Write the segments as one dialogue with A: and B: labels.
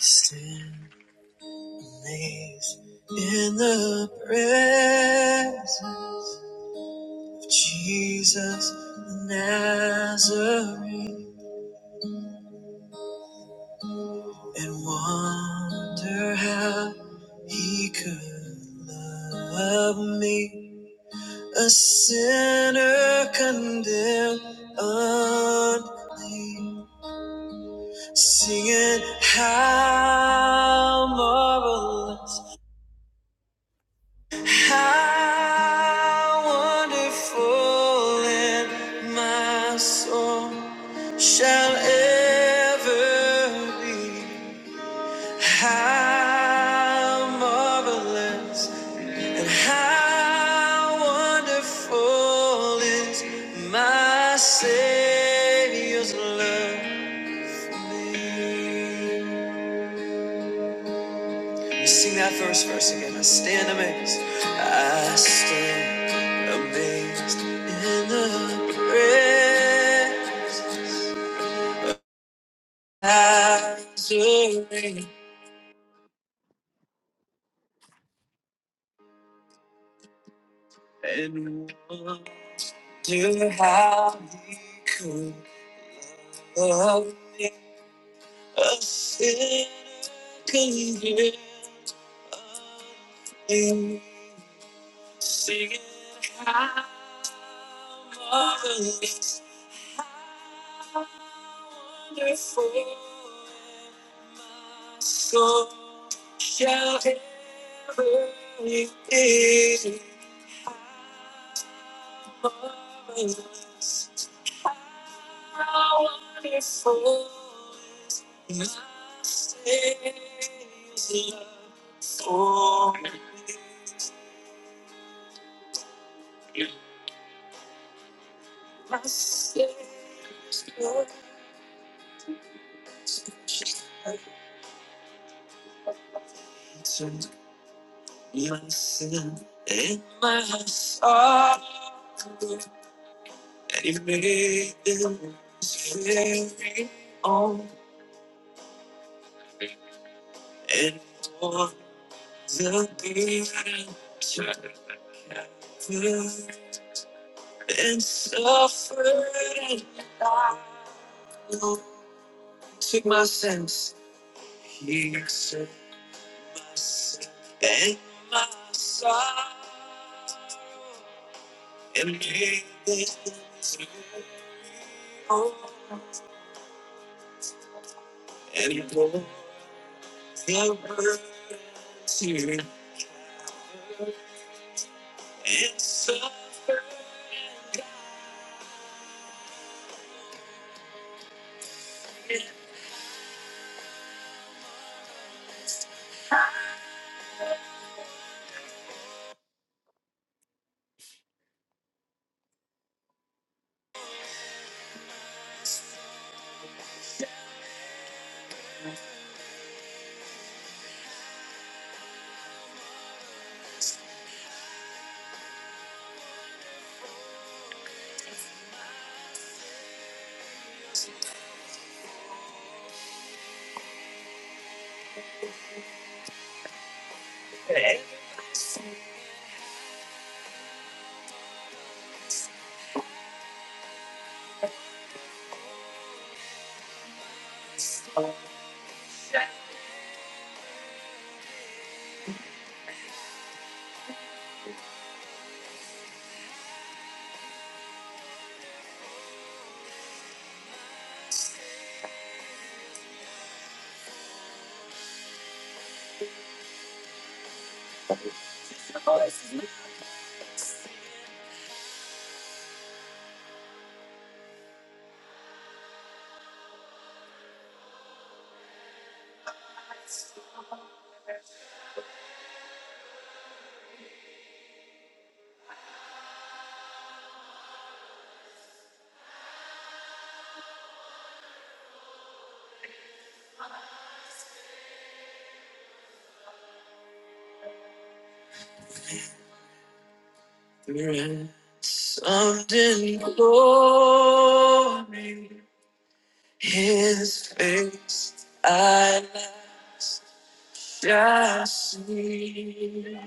A: Stand amazed in the presence of Jesus the Nazarene and wonder how he could love me, a sinner condemned, unclean, singing how marvelous. How wonderful in my soul shall ever be. How marvelous and how wonderful is my Savior's love for me. Sing that first verse again. I stand amazed. I stand amazed in the presence and wonder how he could love me. A sinner can give singing marvelous, wonderful. Peace and glory. Something glory, His face I shall see.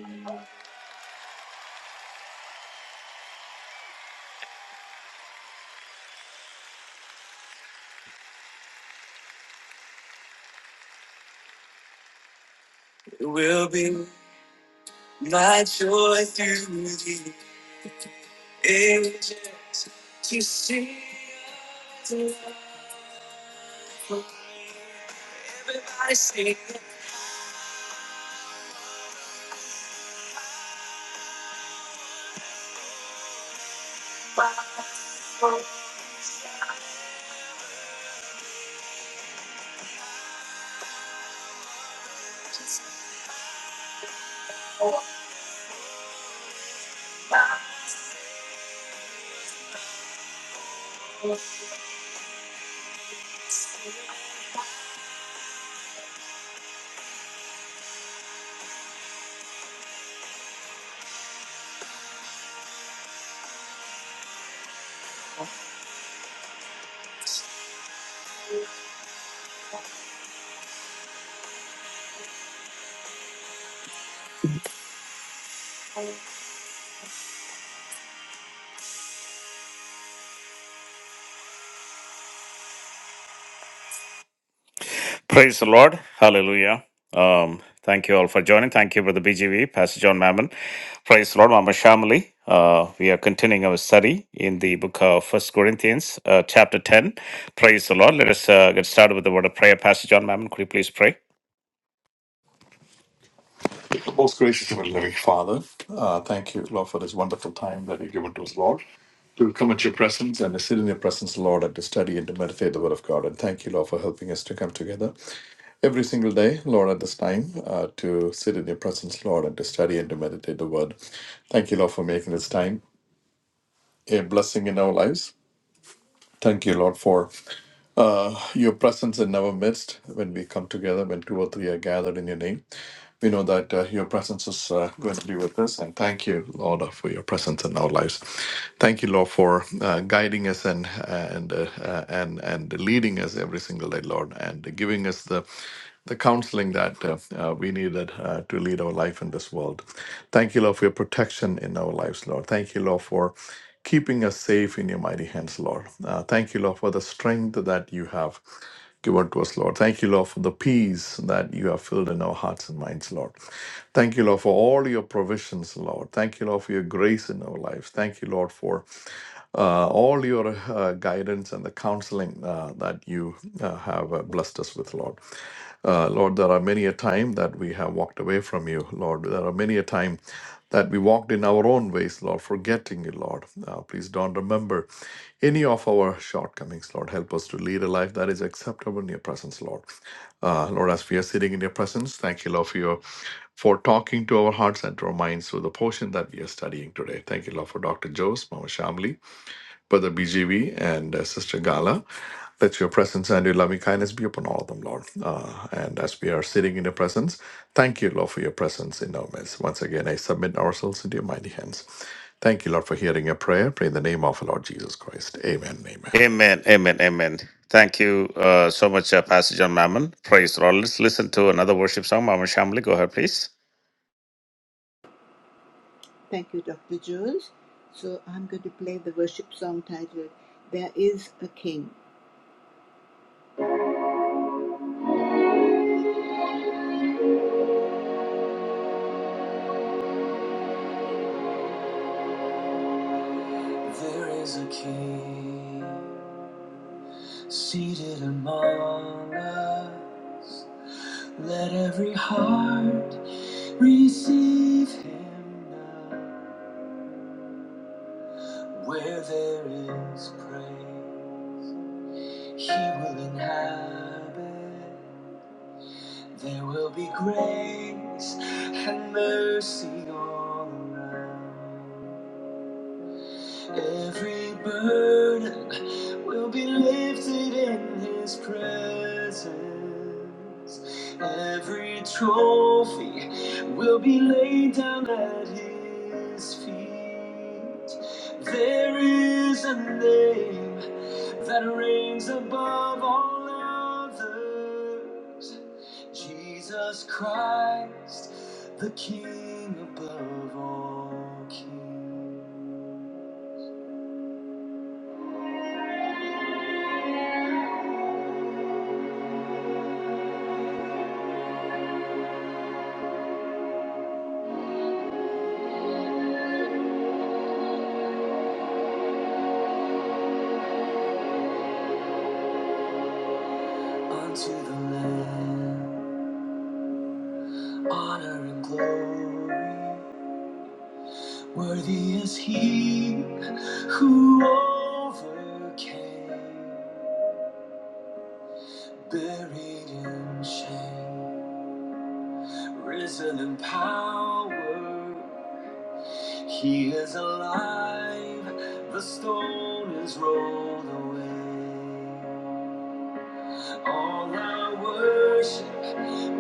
A: It will be my joy through the ages. Praise the Lord. Hallelujah. Um, thank you all for joining. Thank you, Brother BGV, Pastor John Mammon. Praise the Lord, Mama Shamali. Uh, we are continuing our study in the book of First Corinthians, uh, chapter 10. Praise the Lord. Let us uh, get started with the word of prayer. Pastor John Mammon, could you please pray?
B: Most gracious and loving Father, uh, thank you, Lord, for this wonderful time that you've given to us, Lord, to come at your presence and to sit in your presence, Lord, and to study and to meditate the Word of God. And thank you, Lord, for helping us to come together every single day, Lord, at this time, uh, to sit in your presence, Lord, and to study and to meditate the Word. Thank you, Lord, for making this time a blessing in our lives. Thank you, Lord, for your presence in our midst when we come together, when two or three are gathered in your name. We know that uh, your presence is uh, going to be with us. And thank you, Lord, uh, for your presence in our lives. Thank you, Lord, for uh, guiding us and and uh, uh, and and leading us every single day, Lord, and giving us the the counseling that uh, uh, we needed uh, to lead our life in this world. Thank you, Lord, for your protection in our lives, Lord. Thank you, Lord, for keeping us safe in your mighty hands, Lord. Uh, thank you, Lord, for the strength that you have given to us, Lord. Thank you, Lord, for the peace that you have filled in our hearts and minds, Lord. Thank you, Lord, for all your provisions, Lord. Thank you, Lord, for your grace in our lives. Thank you, Lord, for uh, all your uh, guidance and the counseling uh, that you uh, have uh, blessed us with, Lord. Uh, Lord, there are many a time that we have walked away from you, Lord. There are many a time that we walked in our own ways, Lord, forgetting you, Lord. Uh, please don't remember any of our shortcomings, Lord. Help us to lead a life that is acceptable in your presence, Lord. Uh, Lord, as we are sitting in your presence, thank you, Lord, for your for talking to our hearts and to our minds through the portion that we are studying today. Thank you, Lord, for Dr. Jose, Mama Shamli. Brother BGV and uh, Sister Gala. Let your presence and your loving kindness be upon all of them, Lord. Uh, and as we are sitting in your presence, thank you, Lord, for your presence in our midst. Once again, I submit ourselves into your mighty hands. Thank you, Lord, for hearing your prayer. Pray in the name of our Lord Jesus Christ. Amen. Amen.
A: Amen. Amen. Amen. Thank you uh, so much, uh, Pastor John Mammon. Praise the Lord. Let's listen to another worship song. Mama Shamali, go ahead, please.
C: Thank you, Dr. Jules. So I'm going to play the worship song titled There Is a King. There is a king seated among us. Let every heart receive him now. Where there is praise, he will inhabit. There will be grace and mercy all around. Every burden will be lifted in His presence. Every trophy will be laid down at His feet. There is a name that reigns above all others. Jesus Christ, the King above all kings. unto the Lamb, honor and glory. Worthy is He who overcame, buried in shame, risen in power. He is alive, the stone is rolled away. All our worship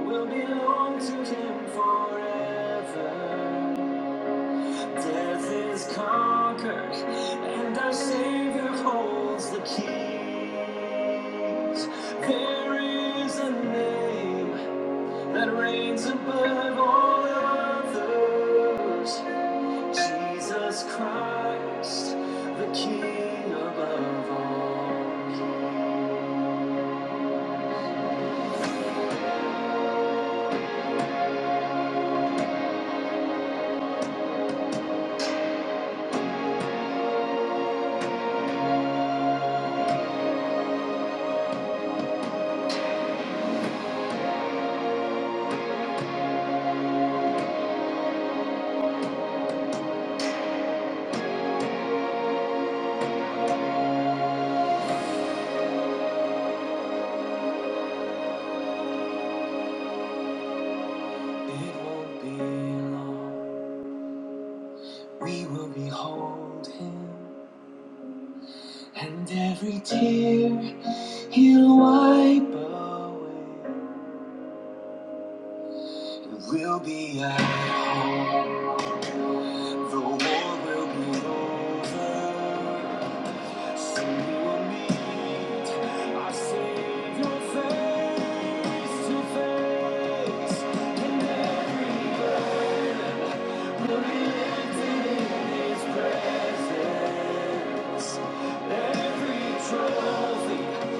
C: will belong to Him forever. Death is conquered, and our Savior holds the keys. There is a name that reigns above all others. Jesus Christ, the King above all. It won't be long. We will behold Him, and every tear He'll wipe away. We'll be at home. The war will be over. Soon we will meet our Savior face to face. And every burden will be lifted in His presence. Every trophy.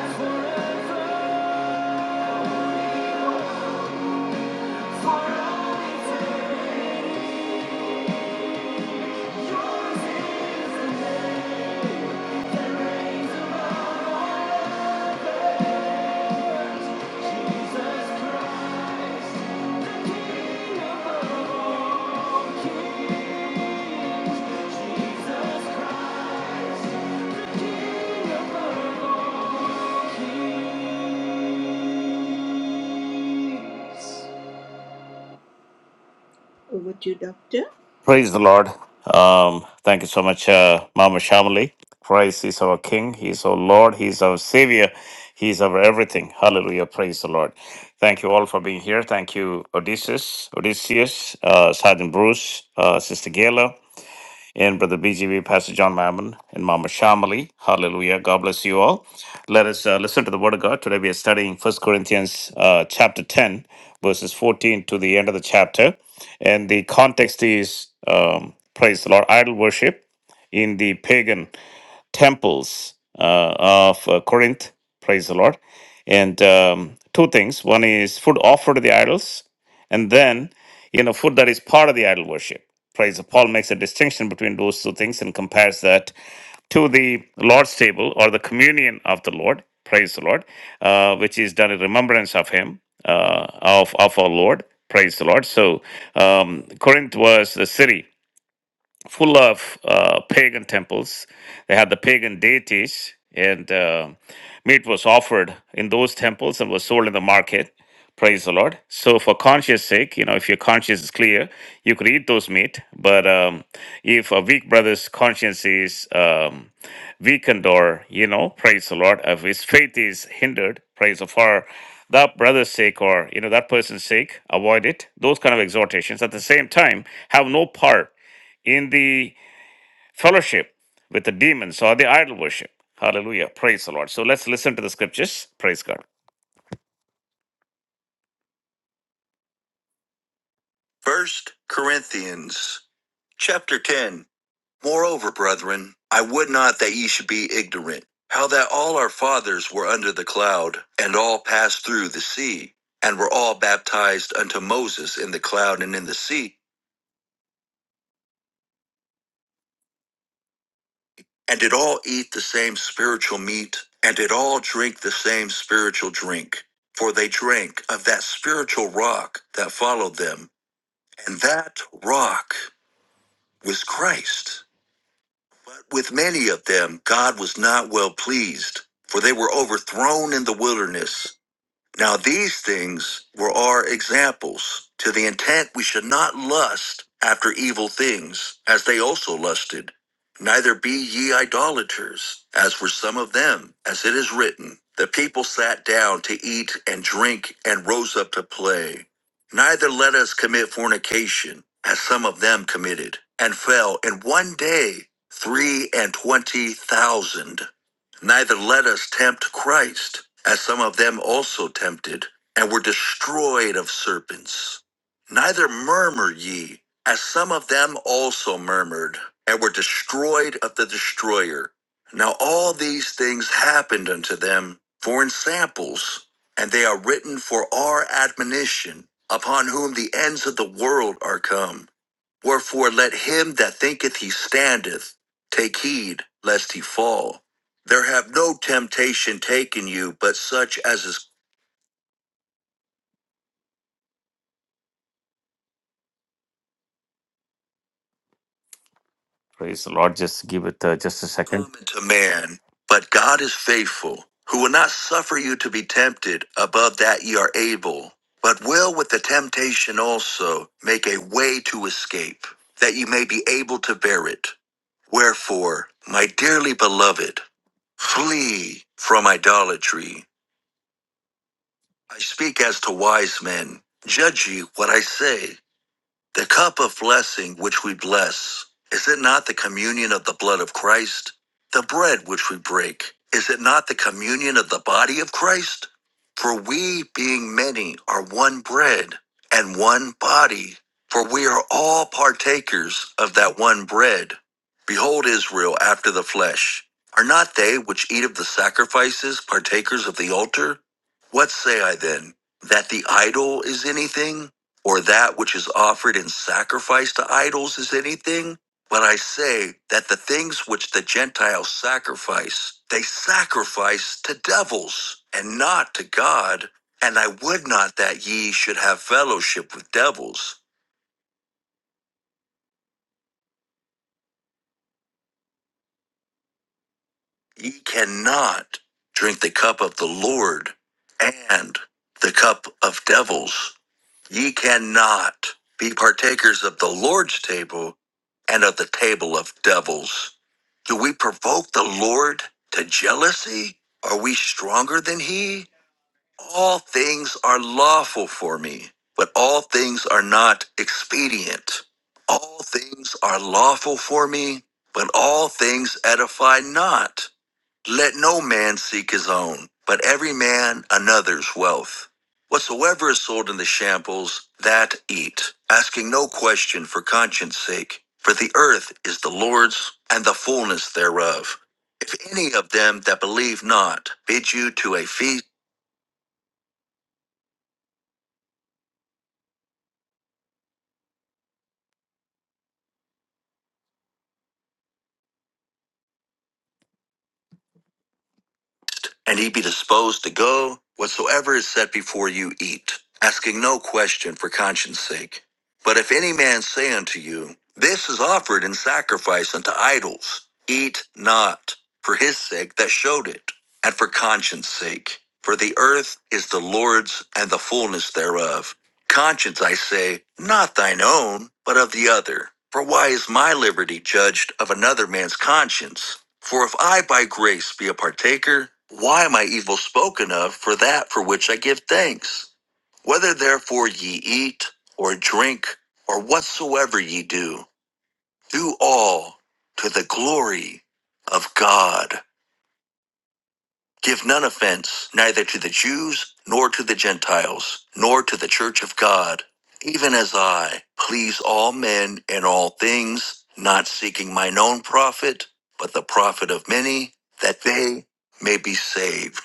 C: Forever, forever, yours is the name. Over to you, Doctor.
A: Praise the Lord. Um, thank you so much, uh, Mama Shamali. Christ is our King. He is our Lord. He is our Savior. He is our everything. Hallelujah. Praise the Lord. Thank you all for being here. Thank you, Odysseus, Odysseus, uh, Sergeant Bruce, uh, Sister Gayla and Brother BGV, Pastor John Mammon, and Mama Shamali. Hallelujah. God bless you all. Let us uh, listen to the Word of God. Today we are studying First Corinthians uh, chapter 10, verses 14 to the end of the chapter. And the context is, um, praise the Lord, idol worship in the pagan temples uh, of uh, Corinth. Praise the Lord. And um, two things one is food offered to the idols, and then, you know, food that is part of the idol worship. Praise the Paul makes a distinction between those two things and compares that to the Lord's table or the communion of the Lord. Praise the Lord, uh, which is done in remembrance of Him, uh, of, of our Lord. Praise the Lord. So um, Corinth was the city full of uh, pagan temples. They had the pagan deities, and uh, meat was offered in those temples and was sold in the market. Praise the Lord. So, for conscience sake, you know, if your conscience is clear, you could eat those meat. But um, if a weak brother's conscience is um, weakened or, you know, praise the Lord, if his faith is hindered, praise the for that brother's sake or, you know, that person's sake, avoid it. Those kind of exhortations at the same time have no part in the fellowship with the demons or the idol worship. Hallelujah. Praise the Lord. So let's listen to the scriptures. Praise God. First Corinthians chapter 10. Moreover, brethren, I would not that ye should be ignorant, how that all our fathers were under the cloud, and all passed through the sea, and were all baptized unto Moses in the cloud and in the sea and did all eat the same spiritual meat, and did all drink the same spiritual drink. For they drank of that spiritual rock that followed them, and that rock was Christ. But with many of them, God was not well pleased, for they were overthrown in the wilderness. Now these things were our examples, to the intent we should not lust after evil things, as they also lusted. Neither be ye idolaters, as were some of them, as it is written. The people sat down to eat and drink and rose up to play. Neither let us commit fornication, as some of them committed, and fell in one day three and twenty thousand. Neither let us tempt Christ, as some of them also tempted, and were destroyed of serpents. Neither murmur ye, as some of them also murmured, and were destroyed of the destroyer. Now all these things happened unto them for in samples, and they are written for our admonition, upon whom the ends of the world are come. Wherefore let him that thinketh he standeth take heed lest he fall. There have no temptation taken you, but such as is Praise the Lord. Just give it uh, just a second. Common to man, but God is faithful, who will not suffer you to be tempted above that ye are able, but will with the temptation also make a way to escape, that ye may be able to bear it. Wherefore, my dearly beloved, flee from idolatry. I speak as to wise men. Judge ye what I say. The cup of blessing which we bless, is it not the communion of the blood of Christ? The bread which we break, is it not the communion of the body of Christ? For we, being many, are one bread and one body, for we are all partakers of that one bread. Behold, Israel after the flesh. Are not they which eat of the sacrifices partakers of the altar? What say I then? That the idol is anything? or that which is offered in sacrifice to idols is anything? But I say that the things which the Gentiles sacrifice, they sacrifice to devils and not to God. And I would not that ye should have fellowship with devils. Ye cannot drink the cup of the Lord and the cup of devils. Ye cannot be partakers of the Lord's table and of the table of devils. Do we provoke the Lord to jealousy? Are we stronger than he? All things are lawful for me, but all things are not expedient. All things are lawful for me, but all things edify not. Let no man seek his own, but every man another's wealth. Whatsoever is sold in the shambles, that eat, asking no question for conscience sake. For the earth is the Lord's, and the fullness thereof. If any of them that believe not bid you to a feast, and ye be disposed to go, whatsoever is set before you eat, asking no question for conscience sake. But if any man say unto you, This is offered in sacrifice unto idols, eat not, for his sake that showed it, and for conscience sake. For the earth is the Lord's and the fullness thereof. Conscience, I say, not thine own, but of the other. For why is my liberty judged of another man's conscience? For if I by grace be a partaker, why am I evil spoken of for that for which I give thanks? Whether therefore ye eat, or drink, or whatsoever ye do, do all to the glory of God. Give none offense, neither to the Jews, nor to the Gentiles, nor to the church of God, even as I please all men in all things, not seeking mine own profit, but the profit of many, that they may be saved.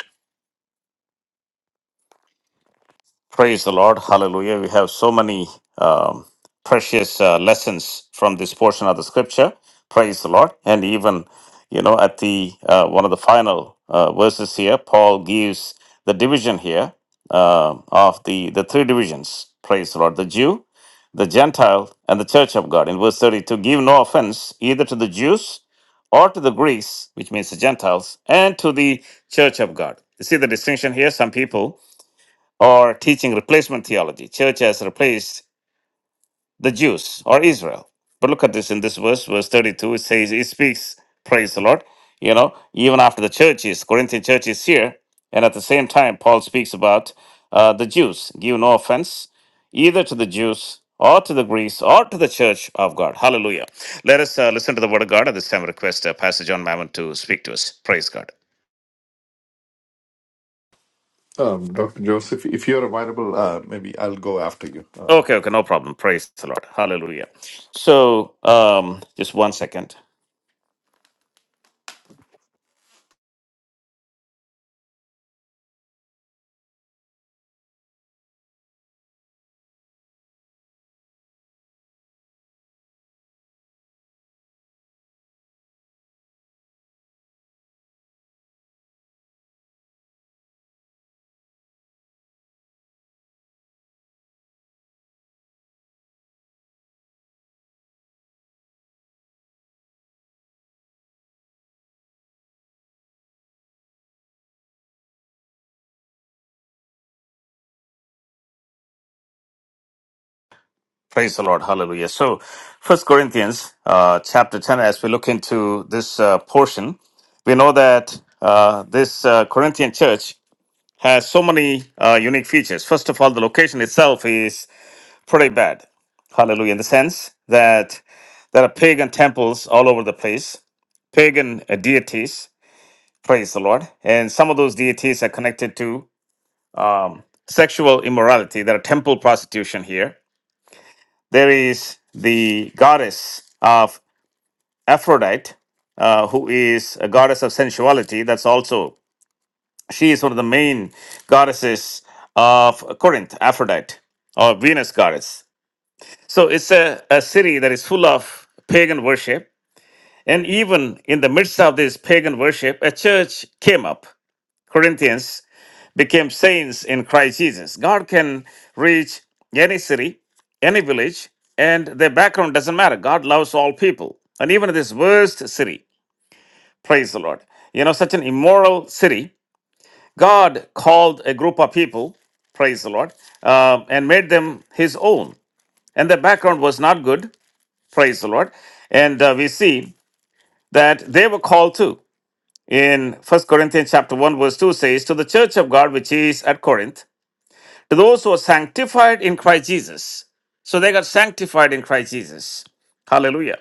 A: Praise the Lord. Hallelujah. We have so many um, precious uh, lessons from this portion of the scripture. Praise the Lord. And even, you know, at the uh, one of the final uh, verses here, Paul gives the division here uh, of the, the three divisions. Praise the Lord. The Jew, the Gentile, and the church of God. In verse 32, give no offense either to the Jews or to the Greeks, which means the Gentiles, and to the church of God. You see the distinction here? Some people or teaching replacement theology. Church has replaced the Jews or Israel. But look at this in this verse, verse 32, it says, it speaks, praise the Lord. You know, even after the church is, Corinthian church is here, and at the same time, Paul speaks about uh, the Jews. Give no offense either to the Jews or to the Greeks or to the church of God. Hallelujah. Let us uh, listen to the word of God at this time. I Request uh, Pastor John Mammon to speak to us. Praise God.
B: Um, Dr. Joseph, if you're available, uh, maybe I'll go after you. Uh,
A: Okay, okay, no problem. Praise the Lord. Hallelujah. So, um, just one second. Praise the Lord. Hallelujah. So, First Corinthians uh, chapter 10, as we look into this uh, portion, we know that uh, this uh, Corinthian church has so many uh, unique features. First of all, the location itself is pretty bad. Hallelujah. In the sense that there are pagan temples all over the place pagan uh, deities. Praise the Lord. And some of those deities are connected to um, sexual immorality. There are temple prostitution here. There is the goddess of Aphrodite, uh, who is a goddess of sensuality. That's also, she is one of the main goddesses of Corinth, Aphrodite, or Venus goddess. So it's a, a city that is full of pagan worship. And even in the midst of this pagan worship, a church came up, Corinthians became saints in Christ Jesus. God can reach any city, any village, and their background doesn't matter. God loves all people, and even this worst city. Praise the Lord. You know, such an immoral city, God called a group of people, praise the Lord, uh, and made them his own. And their background was not good, praise the Lord. And uh, we see that they were called too. In First Corinthians chapter 1, verse 2 says, To the church of God which is at Corinth, Those who are sanctified in Christ Jesus. So they got sanctified in Christ Jesus. Hallelujah.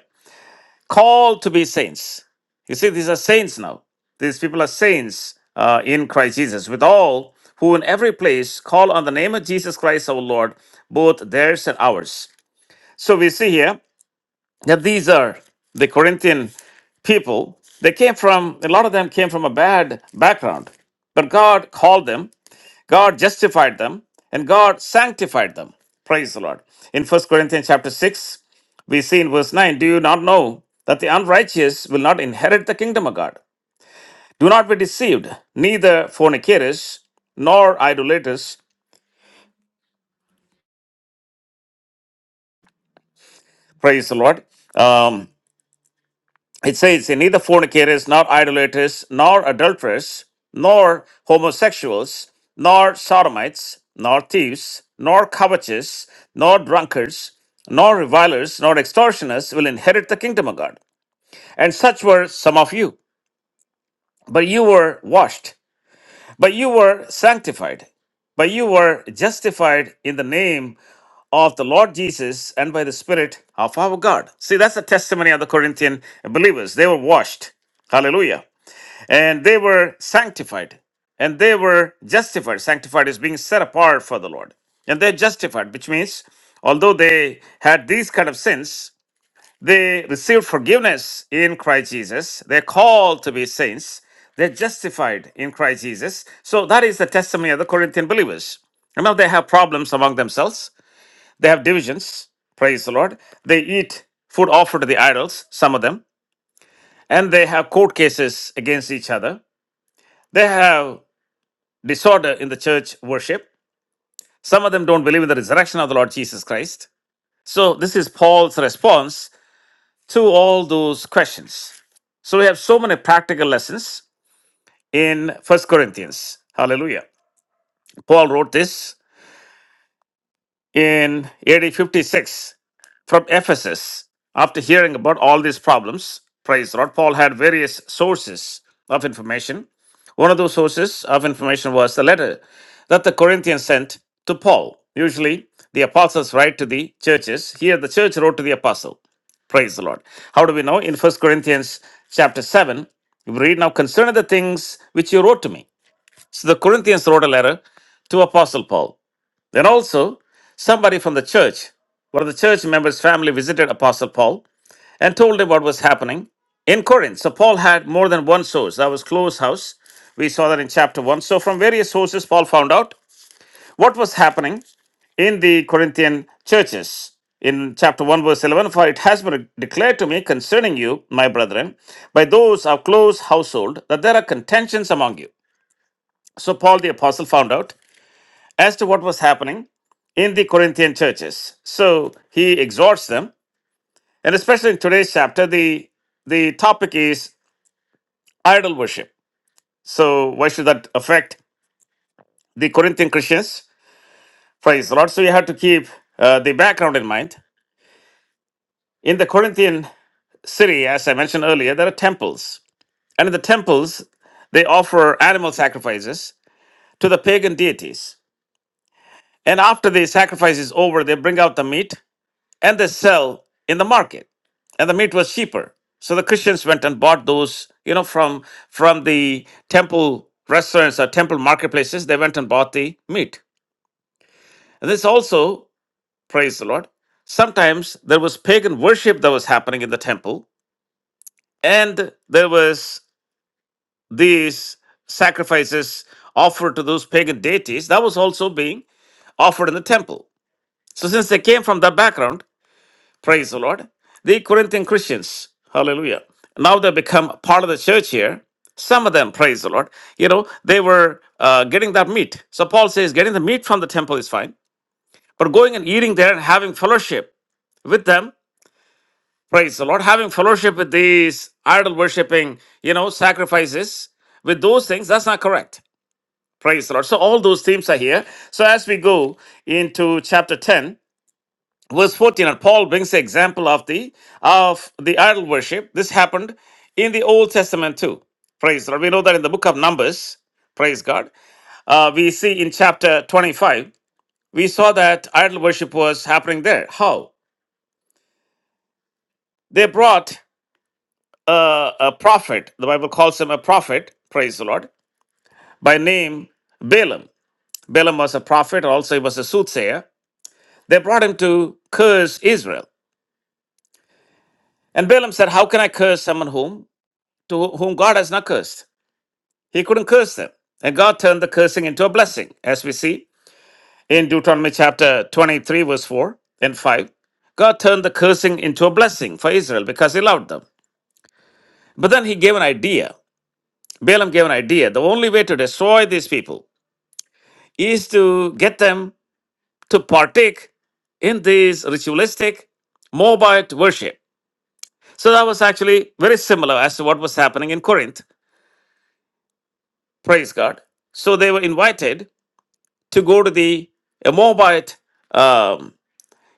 A: Called to be saints. You see, these are saints now. These people are saints uh, in Christ Jesus, with all who in every place call on the name of Jesus Christ our Lord, both theirs and ours. So we see here that these are the Corinthian people. They came from, a lot of them came from a bad background, but God called them God justified them and God sanctified them. Praise the Lord. In First Corinthians chapter 6, we see in verse 9, do you not know that the unrighteous will not inherit the kingdom of God? Do not be deceived, neither fornicators nor idolaters. Praise the Lord. um, It says, neither fornicators, nor idolaters, nor adulterers, nor homosexuals, nor sodomites, nor thieves, nor covetous, nor drunkards, nor revilers, nor extortioners will inherit the kingdom of God. And such were some of you. But you were washed, but you were sanctified, but you were justified in the name of the Lord Jesus and by the Spirit of our God. See, that's the testimony of the Corinthian believers. They were washed. Hallelujah and they were sanctified and they were justified sanctified is being set apart for the lord and they're justified which means although they had these kind of sins they received forgiveness in christ jesus they're called to be saints they're justified in christ jesus so that is the testimony of the corinthian believers Remember, they have problems among themselves they have divisions praise the lord they eat food offered to the idols some of them and they have court cases against each other they have disorder in the church worship. Some of them don't believe in the resurrection of the Lord Jesus Christ. So, this is Paul's response to all those questions. So, we have so many practical lessons in First Corinthians. Hallelujah. Paul wrote this in AD 56 from Ephesus. After hearing about all these problems, praise the Lord, Paul had various sources of information. One of those sources of information was the letter that the Corinthians sent to Paul. Usually, the apostles write to the churches. Here, the church wrote to the apostle. Praise the Lord. How do we know? In First Corinthians chapter 7, we read now concerning the things which you wrote to me. So the Corinthians wrote a letter to Apostle Paul. Then also, somebody from the church, one of the church members' family, visited Apostle Paul and told him what was happening in Corinth. So Paul had more than one source. That was close house. We saw that in chapter 1. So from various sources, Paul found out what was happening in the Corinthian churches. In chapter 1, verse 11, for it has been declared to me concerning you, my brethren, by those of close household, that there are contentions among you. So Paul the apostle found out as to what was happening in the Corinthian churches. So he exhorts them, and especially in today's chapter, the the topic is idol worship. So why should that affect the Corinthian Christians? Praise the Lord. So you have to keep uh, the background in mind. In the Corinthian city, as I mentioned earlier, there are temples, and in the temples they offer animal sacrifices to the pagan deities. And after the sacrifice is over, they bring out the meat and they sell in the market and the meat was cheaper so the christians went and bought those you know from from the temple restaurants or temple marketplaces they went and bought the meat and this also praise the lord sometimes there was pagan worship that was happening in the temple and there was these sacrifices offered to those pagan deities that was also being offered in the temple so since they came from that background Praise the Lord. The Corinthian Christians, hallelujah. Now they become part of the church here. Some of them, praise the Lord, you know, they were uh, getting that meat. So Paul says, getting the meat from the temple is fine, but going and eating there and having fellowship with them, praise the Lord, having fellowship with these idol worshiping, you know, sacrifices, with those things, that's not correct. Praise the Lord. So all those themes are here. So as we go into chapter 10, verse 14 and paul brings the example of the of the idol worship this happened in the old testament too praise god we know that in the book of numbers praise god uh, we see in chapter 25 we saw that idol worship was happening there how they brought a, a prophet the bible calls him a prophet praise the lord by name balaam balaam was a prophet also he was a soothsayer they brought him to curse israel and balaam said how can i curse someone whom to whom God has not cursed. He couldn't curse them. And God turned the cursing into a blessing, as we see in Deuteronomy chapter 23, verse 4 and 5. God turned the cursing into a blessing for Israel because he loved them. But then he gave an idea. Balaam gave an idea. The only way to destroy these people is to get them to partake in this ritualistic Moabite worship. So that was actually very similar as to what was happening in Corinth. Praise God. So they were invited to go to the uh, Moabite. Um,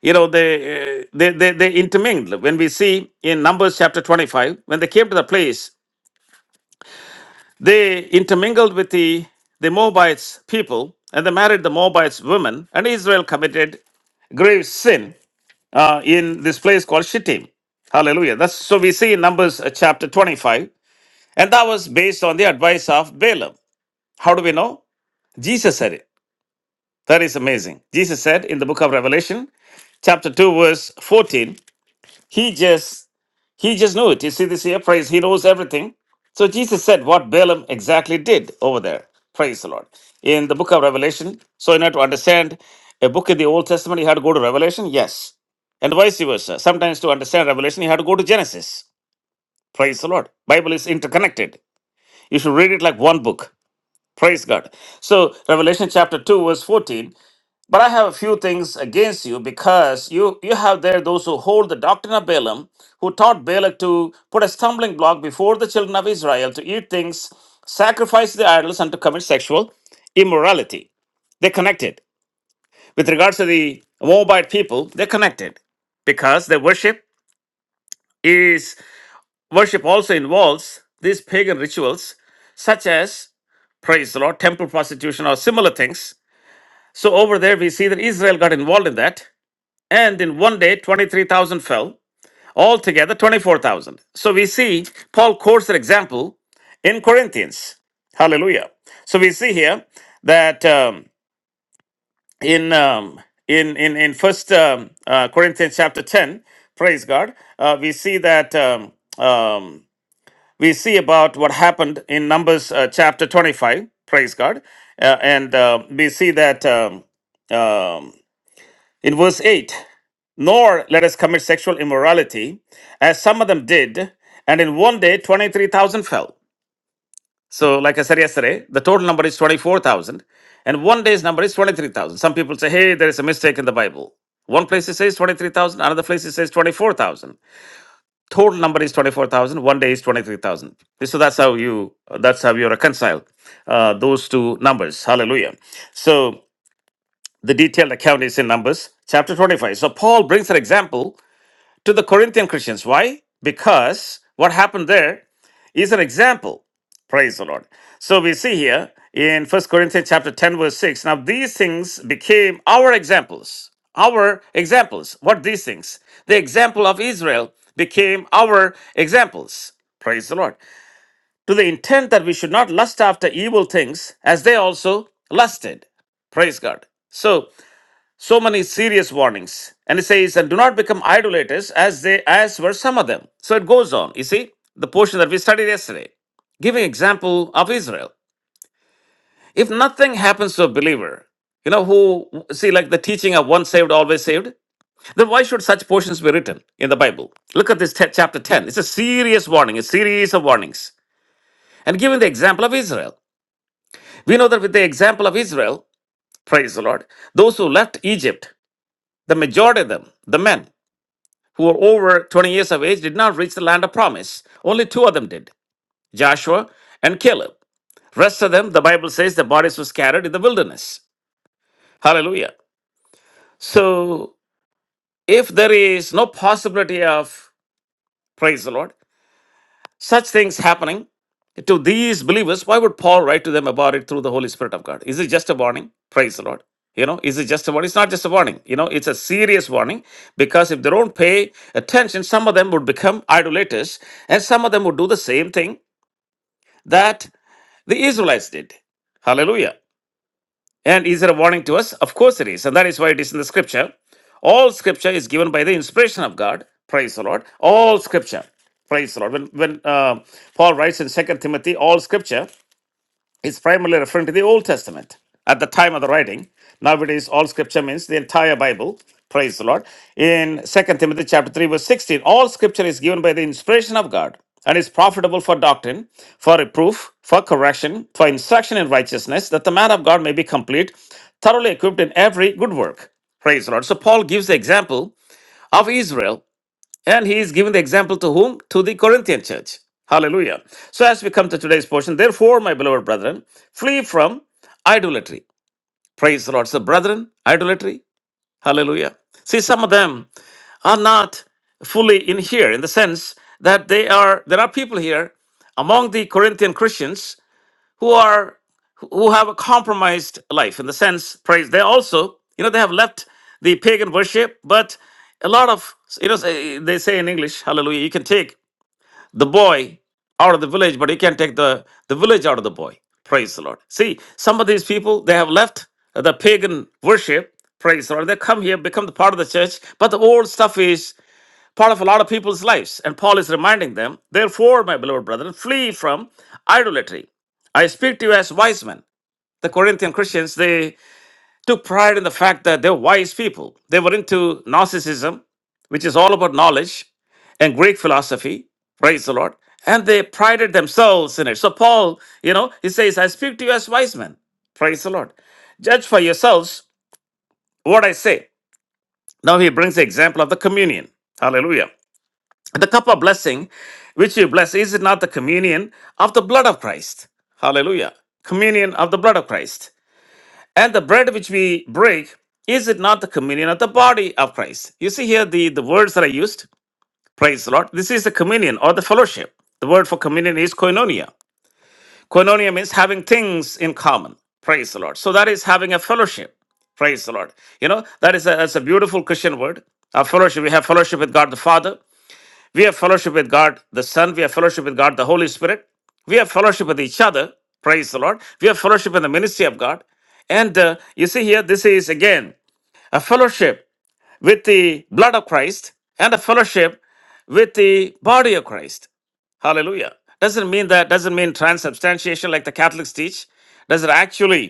A: you know, they, uh, they, they, they intermingled. When we see in Numbers chapter 25, when they came to the place, they intermingled with the, the Moabites people and they married the Moabites women, and Israel committed grave sin uh, in this place called Shittim. Hallelujah. That's so we see in Numbers uh, chapter 25, and that was based on the advice of Balaam. How do we know? Jesus said it. That is amazing. Jesus said in the book of Revelation, chapter 2 verse 14 he just he just knew it you see this here praise he knows everything so jesus said what balaam exactly did over there praise the lord in the book of revelation so in order to understand a book in the old testament you had to go to revelation yes and vice versa sometimes to understand revelation you had to go to genesis praise the lord bible is interconnected you should read it like one book praise god so revelation chapter 2 verse 14 but I have a few things against you because you, you have there those who hold the doctrine of Balaam, who taught Balak to put a stumbling block before the children of Israel to eat things, sacrifice the idols, and to commit sexual immorality. They connected. With regards to the Moabite people, they connected because their worship is worship also involves these pagan rituals, such as praise the Lord, temple prostitution, or similar things. So over there, we see that Israel got involved in that. And in one day, 23,000 fell. Altogether, 24,000. So we see Paul quotes an example in Corinthians. Hallelujah. So we see here that um, in, um, in in in First um, uh, Corinthians chapter 10, praise God, uh, we see that um, um, we see about what happened in Numbers uh, chapter 25, praise God, uh, and uh, we see that. Um, um, in verse 8, nor let us commit sexual immorality, as some of them did, and in one day 23,000 fell. So, like I said yesterday, the total number is twenty-four thousand, and one day's number is 23,000. Some people say, hey, there is a mistake in the Bible. One place it says 23,000, another place it says 24,000. Total number is 24,000, one day is 23,000. So that's how you that's how you reconcile uh, those two numbers. Hallelujah. So the detailed account is in Numbers chapter 25. So Paul brings an example to the Corinthian Christians. Why? Because what happened there is an example. Praise the Lord. So we see here in First Corinthians chapter 10, verse 6. Now these things became our examples. Our examples. What these things? The example of Israel became our examples. Praise the Lord. To the intent that we should not lust after evil things as they also lusted. Praise God. So so many serious warnings and it says and do not become idolaters as they as were some of them so it goes on you see the portion that we studied yesterday giving example of israel if nothing happens to a believer you know who see like the teaching of once saved always saved then why should such portions be written in the bible look at this te- chapter 10 it's a serious warning a series of warnings and giving the example of israel we know that with the example of israel praise the lord those who left egypt the majority of them the men who were over 20 years of age did not reach the land of promise. Only two of them did Joshua and Caleb. Rest of them, the Bible says, the bodies were scattered in the wilderness. Hallelujah. So, if there is no possibility of, praise the Lord, Such things happening to these believers, why would Paul write to them about it through the Holy Spirit of God? Is it just a warning? Praise the Lord. You know, is it just a warning? It's not just a warning. You know, it's a serious warning because if they don't pay attention, some of them would become idolaters and some of them would do the same thing that the Israelites did. Hallelujah. And is it a warning to us? Of course it is. And that is why it is in the scripture. All scripture is given by the inspiration of God. Praise the Lord. All scripture. Praise the Lord. When, when uh, Paul writes in Second Timothy, all scripture is primarily referring to the Old Testament at the time of the writing. Nowadays, all scripture means the entire Bible. Praise the Lord. In Second Timothy chapter 3, verse 16, all scripture is given by the inspiration of God and is profitable for doctrine, for reproof, for correction, for instruction in righteousness, that the man of God may be complete, thoroughly equipped in every good work. Praise the Lord. So Paul gives the example of Israel and he is giving the example to whom? To the Corinthian church. Hallelujah. So, as we come to today's portion, therefore, my beloved brethren, flee from idolatry. Praise the Lord. So, brethren, idolatry. Hallelujah. See, some of them are not fully in here in the sense that they are, there are people here among the Corinthian Christians who are who have a compromised life in the sense praise they also you know they have left the pagan worship but a lot of you know say- they say in english hallelujah you can take the boy out of the village but you can't take the the village out of the boy praise the lord see some of these people they have left the pagan worship praise the lord they come here become the part of the church but the old stuff is part of a lot of people's lives. And Paul is reminding them, therefore, my beloved brethren, flee from idolatry. I speak to you as wise men. The Corinthian Christians, they took pride in the fact that they're wise people. They were into narcissism, which is all about knowledge, and Greek philosophy, praise the Lord. And they prided themselves in it. So Paul, you know, he says, I speak to you as wise men. Praise the Lord. Judge for yourselves what I say. Now he brings the example of the communion. Hallelujah. The cup of blessing which you bless, is it not the communion of the blood of Christ? Hallelujah. Communion of the blood of Christ. And the bread which we break, is it not the communion of the body of Christ? You see here the, the words that I used. Praise the Lord. This is the communion or the fellowship. The word for communion is koinonia. Koinonia means having things in common. Praise the Lord. So that is having a fellowship. Praise the Lord. You know, that is a, that's a beautiful Christian word. Our fellowship, we have fellowship with God the Father. We have fellowship with God the Son. We have fellowship with God the Holy Spirit. We have fellowship with each other. Praise the Lord. We have fellowship in the ministry of God. And uh, you see here, this is again a fellowship with the blood of Christ and a fellowship with the body of Christ. Hallelujah. Doesn't mean that, doesn't mean transubstantiation like the Catholics teach. Does it actually?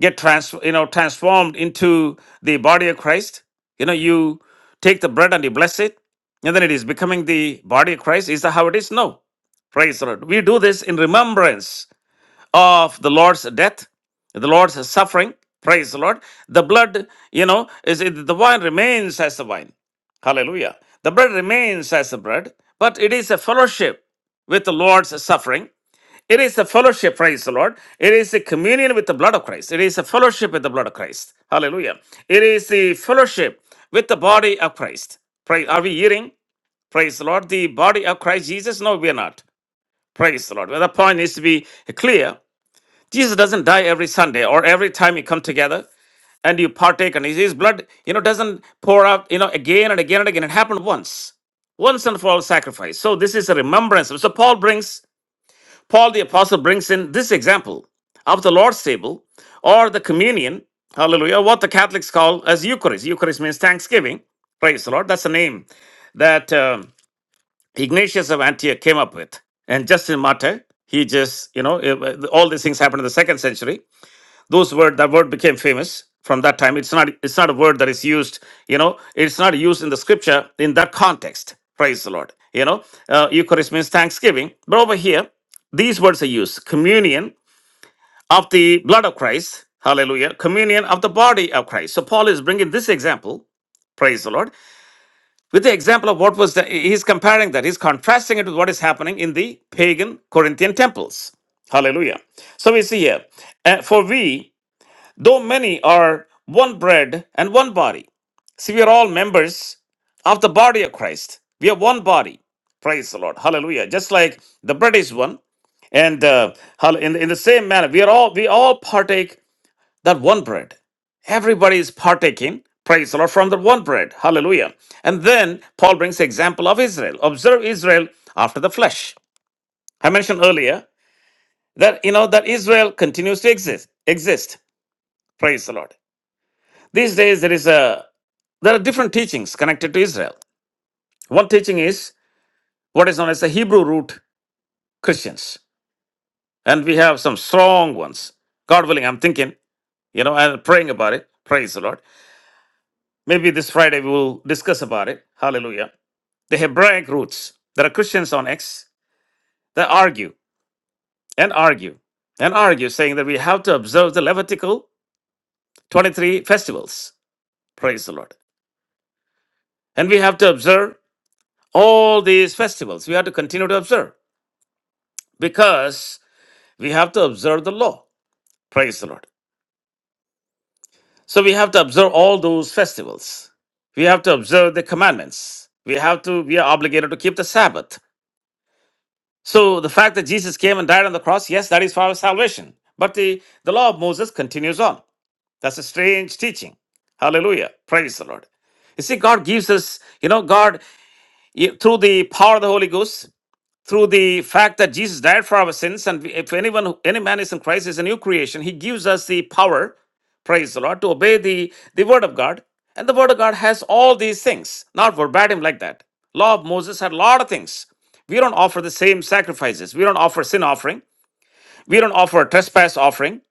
A: get trans you know transformed into the body of Christ. You know, you take the bread and you bless it, and then it is becoming the body of Christ. Is that how it is? No. Praise the Lord. We do this in remembrance of the Lord's death, the Lord's suffering. Praise the Lord. The blood, you know, is it, the wine remains as the wine. Hallelujah. The bread remains as the bread, but it is a fellowship with the Lord's suffering it is a fellowship, praise the Lord. It is a communion with the blood of Christ. It is a fellowship with the blood of Christ. Hallelujah. It is the fellowship with the body of Christ. Praise. Are we eating? Praise the Lord. The body of Christ Jesus? No, we are not. Praise the Lord. Well, the point needs to be clear. Jesus doesn't die every Sunday or every time you come together and you partake and his his blood, you know, doesn't pour out, you know, again and again and again. It happened once once and for all sacrifice. So this is a remembrance. So Paul brings Paul the Apostle brings in this example of the Lord's table or the communion, hallelujah, what the Catholics call as Eucharist. Eucharist means thanksgiving. Praise the Lord. That's the name that um, Ignatius of Antioch came up with. And Justin Martyr, he just, you know, eh, all these things happened in the second century those word that word became famous from that time it's not it's not a word that is used you know it's not used in the scripture in that context praise the lord you know uh, eucharist means thanksgiving but over here these words are used communion of the blood of christ hallelujah communion of the body of christ so paul is bringing this example praise the lord with the example of what was the he's comparing that he's contrasting it with what is happening in the pagan corinthian temples hallelujah so we see here uh, for we though many are one bread and one body. See, we are all members of the body of Christ. We are one body. Praise the Lord. Hallelujah. Just like the bread is one, and uh, hall- in, in the same manner, we are all we all partake that one bread. Everybody is partaking. Praise the Lord from the one bread. Hallelujah. And then Paul brings the example of Israel. Observe Israel after the flesh. I mentioned earlier that you know that Israel continues to exist. Exist. Praise the Lord. These days there is a There are different teachings connected to Israel. One teaching is what is known as the Hebrew root Christians. And we have some strong ones. God willing, I'm thinking, you know, and praying about it. Praise the Lord. Maybe this Friday we will discuss about it. Hallelujah. The Hebraic roots. There are Christians on X that argue and argue and argue, saying that we have to observe the Levitical 23 festivals. Praise the Lord. And we have to observe all these festivals. We have to continue to observe because We have to observe the law. Praise the Lord. So we have to observe all those festivals. We have to observe the commandments. We have to, we are obligated to keep the Sabbath. So the fact that Jesus came and died on the cross, yes, that is for our salvation. But the, the law of Moses continues on. That's a strange teaching. Hallelujah. Praise the Lord. You see, God gives us, you know, God, you- through the power of the Holy Ghost, through the fact that Jesus died for our sins, and if anyone, who- any man is in Christ, is a new creation. He gives us the power, praise the Lord, to obey the the Word of God, and the Word of God has all these things, not verbatim like that. Law of Moses had a lot of things. We don't offer the same sacrifices. We don't offer sin offering. We don't offer a trespass offering.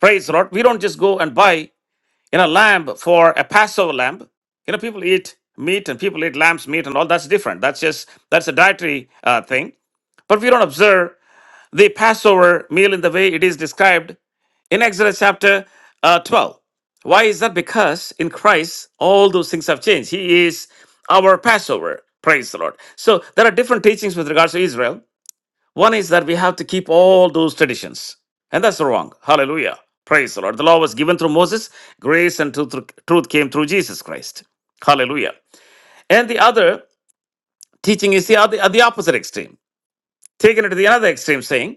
A: Praise the Lord. We don't just go and buy in a lamb for a Passover lamb. You know, people eat meat and people eat lamb's meat and all that's different. That's just that's a dietary uh, thing. But we don't observe the Passover meal in the way it is described in Exodus chapter uh, 12. Why is that? Because in Christ, all those things have changed. He is our Passover. Praise the Lord. So there are different teachings with regards to Israel. One is that we have to keep all those traditions, and that's wrong. Hallelujah. Praise the Lord. The law was given through Moses, grace and truth, truth came through Jesus Christ. Hallelujah. And the other teaching is the, other, the opposite extreme, taken it to the other extreme, saying,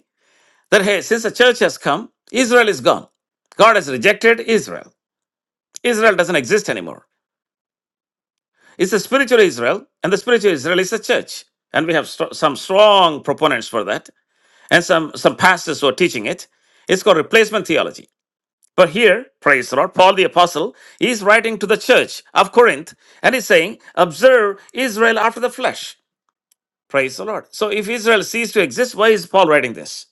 A: that hey, since the church has come, Israel is gone. God has rejected Israel. Israel doesn't exist anymore. It's the spiritual Israel, and the spiritual Israel is the church. And we have stro- some strong proponents for that, and some, some pastors who are teaching it. It's called replacement theology. But here, praise the Lord, Paul the Apostle is writing to the church of Corinth, and he's saying, Observe Israel after the flesh. Praise the Lord. So if Israel ceased to exist, why is Paul writing this?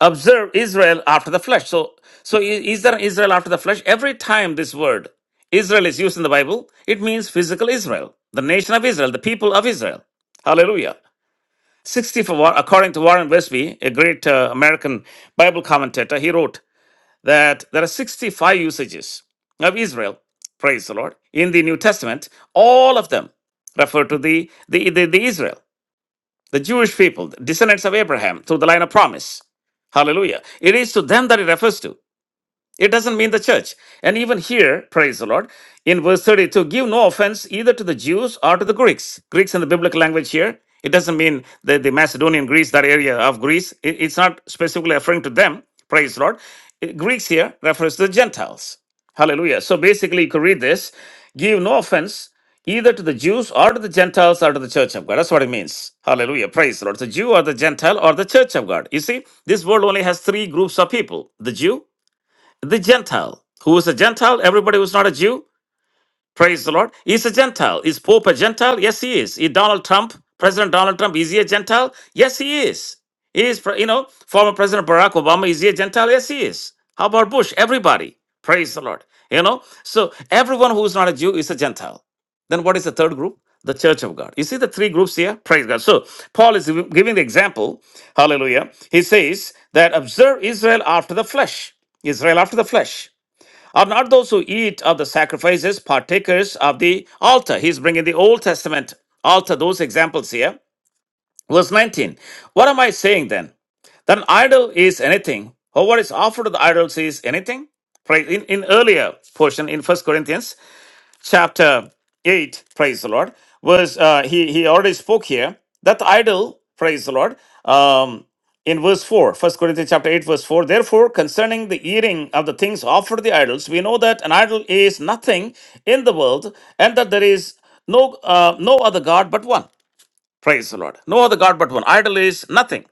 A: observe Israel after the flesh. So, so i- is there Israel after the flesh? Every time this word Israel is used in the Bible, it means physical Israel, the nation of Israel, the people of Israel. Hallelujah. 60 for War- according to Warren Wiersbe, a great uh, American Bible commentator, he wrote that there are 65 usages of Israel, praise the Lord, in the New Testament. All of them refer to the, the, the the Israel the Jewish people, descendants of Abraham, through the line of promise. Hallelujah. It is to them that it refers to. It doesn't mean the church. And even here, praise the Lord, in verse 32, give no offense either to the Jews or to the Greeks. Greeks in the biblical language here, it doesn't mean the, the Macedonian Greece, that area of Greece. It- it's not specifically referring to them, praise the Lord. Uh, Greeks here refers to the Gentiles. Hallelujah. So basically, you could read this give no offense either to the Jews or to the Gentiles or to the church of God. That's what it means. Hallelujah. Praise the Lord. The Jew or the Gentile or the church of God. You see, this world only has three groups of people the Jew, the Gentile. Who is a Gentile? Everybody who's not a Jew, praise the Lord, is a Gentile. Is Pope a Gentile? Yes, he is. Is Donald Trump, President Donald Trump, is he a Gentile? Yes, he is. He is, pre- you know, former President Barack Obama, is he a Gentile? Yes, he is. How about Bush? Everybody, praise the Lord. You know, so everyone who is not a Jew is a Gentile. Then what is the third group? The Church of God. You see the three groups here? Praise God. So Paul is giving the example. Hallelujah. He says that observe Israel after the flesh. Israel after the flesh. Are not those who eat of the sacrifices partakers of the altar? He's bringing the Old Testament altar, those examples here. Verse 19. What am I saying then? Then idol is anything, or what is offered to the idols is anything. Right? In, in earlier portion in First Corinthians, chapter 8, praise the Lord, verse, uh, he, he already spoke here. That idol, praise the Lord, um, in verse 4, First Corinthians chapter 8, verse 4, therefore, concerning the eating of the things offered the idols, we know that an idol is nothing in the world and that there is no, uh, no other God but one. Praise the Lord. No other God but one. Idol is nothing.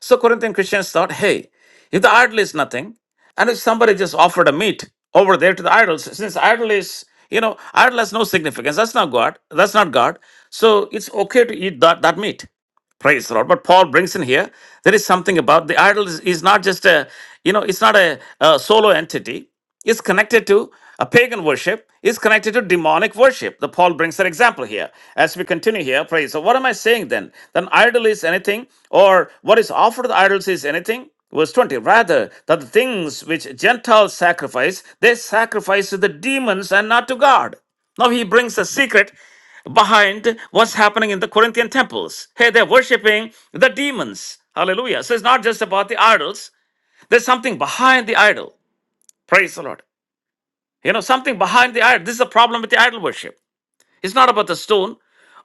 A: So Corinthian Christians thought, hey, if the idol is nothing, and if somebody just offered a meat over there to the idols, since idol is, you know, idol has no significance. That's not God. That's not God. So it's okay to eat that, that meat. Praise the Lord. But Paul brings in here, there is something about the idol is, is not just a, you know, it's not a, a solo entity is connected to a pagan worship is connected to demonic worship the paul brings an example here as we continue here praise so what am i saying then then idol is anything or what is offered to the idols is anything verse 20 rather that the things which gentiles sacrifice they sacrifice to the demons and not to god now he brings a secret behind what's happening in the Corinthian temples. Hey, they're worshiping the demons. Hallelujah. So it's not just about the idols, there's something behind the idol. Praise the Lord. You know, something behind the idol. This is the problem with the idol worship. It's not about the stone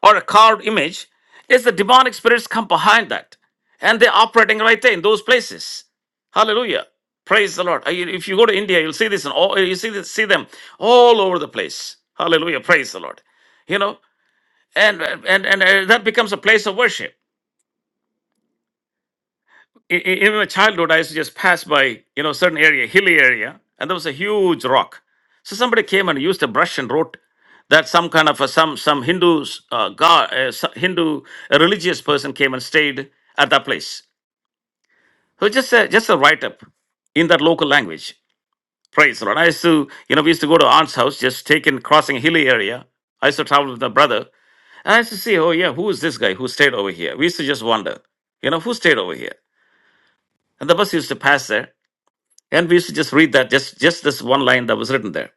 A: or a carved image. It's the demonic spirits come behind that. And they're operating right there in those places. Hallelujah. Praise the Lord. Uh, you- If you go to India, you'll see this and all you see this, see them all over the place. Hallelujah. Praise the Lord. You know, and and and uh, that becomes a place of worship. in, in my childhood, I used to just pass by, you know, certain area, hilly area, and there was a huge rock. So somebody came and used a brush and wrote that some kind of a, some some Hindu uh, god, uh, so- Hindu a religious person came and stayed at that place. So just a just a write up in that local language. Praise the Lord. I used to, you know, we used to go to aunt's house, just taking crossing a hilly area. I used to travel with my brother, and I used to see, oh yeah, who is this guy who stayed over here? We used to just wonder, you know, who stayed over here. And the bus used to pass there. And we used to just read that, just, just this one line that was written there.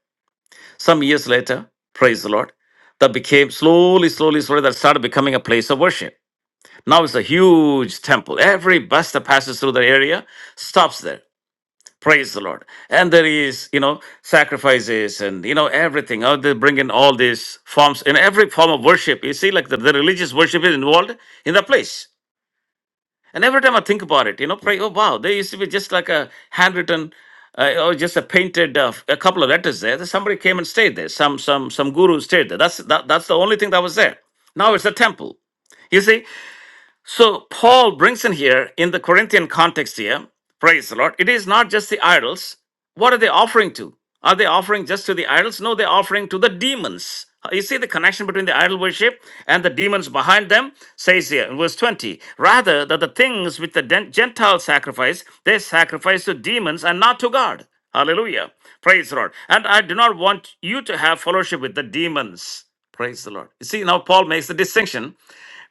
A: Some years later, praise the Lord, that became slowly, slowly, slowly, that started becoming a place of worship. Now it's a huge temple. Every bus that passes through the area stops there. Praise the Lord. And there is, you know, sacrifices and, you know, everything. How they bring in all these forms, in every form of worship. You see, like the, the religious worship is involved in that place. And every time I think about it, you know, pray, oh, wow, there used to be just like a handwritten uh, or just a painted uh, a couple of letters there. That Somebody came and stayed there. Some some some guru stayed there. That's that, that's the only thing that was there. Now it's a temple. You see, so Paul brings in here in the Corinthian context here, praise the Lord, it is not just the idols. What are they offering to? Are they offering just to the idols? No, they're offering to the demons. Uh, You see the connection between the idol worship and the demons behind them, says here in verse 20. Rather, that the things which the den- Gentiles sacrifice, they sacrifice to demons and not to God. Hallelujah. Praise the Lord. And I do not want you to have fellowship with the demons. Praise the Lord. You see, now Paul makes the distinction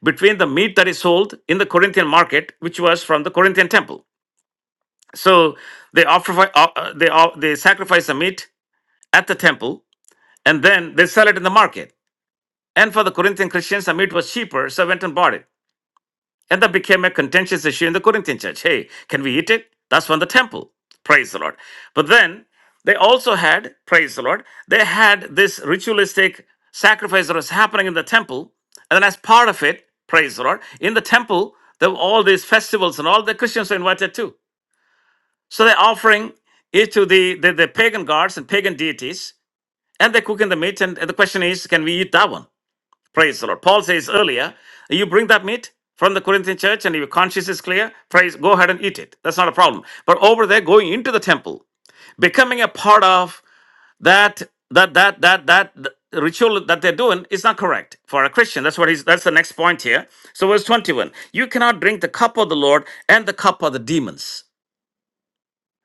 A: between the meat that is sold in the Corinthian market, which was from the Corinthian temple. So they offer, uh, uh, they uh, they sacrifice the meat at the temple, and then they sell it in the market. And for the Corinthian Christians, the meat was cheaper, so they went and bought it. And that became a contentious issue in the Corinthian church. Hey, can we eat it? That's from the temple. Praise the Lord. But then they also had, praise the Lord, they had this ritualistic sacrifice that was happening in the temple. And then as part of it, praise the Lord, in the temple, there were all these festivals and all the Christians were invited too. So they're offering it to the, the, the pagan gods and pagan deities, and they're cooking the meat. And the question is, can we eat that one? Praise the Lord. Paul says earlier, you bring that meat from the Corinthian church and your conscience is clear, praise, go ahead and eat it. That's not a problem. But over there, going into the temple, becoming a part of that, that, that, that, that ritual that they're doing is not correct for a Christian. That's what he's, that's the next point here. So verse 21, you cannot drink the cup of the Lord and the cup of the demons.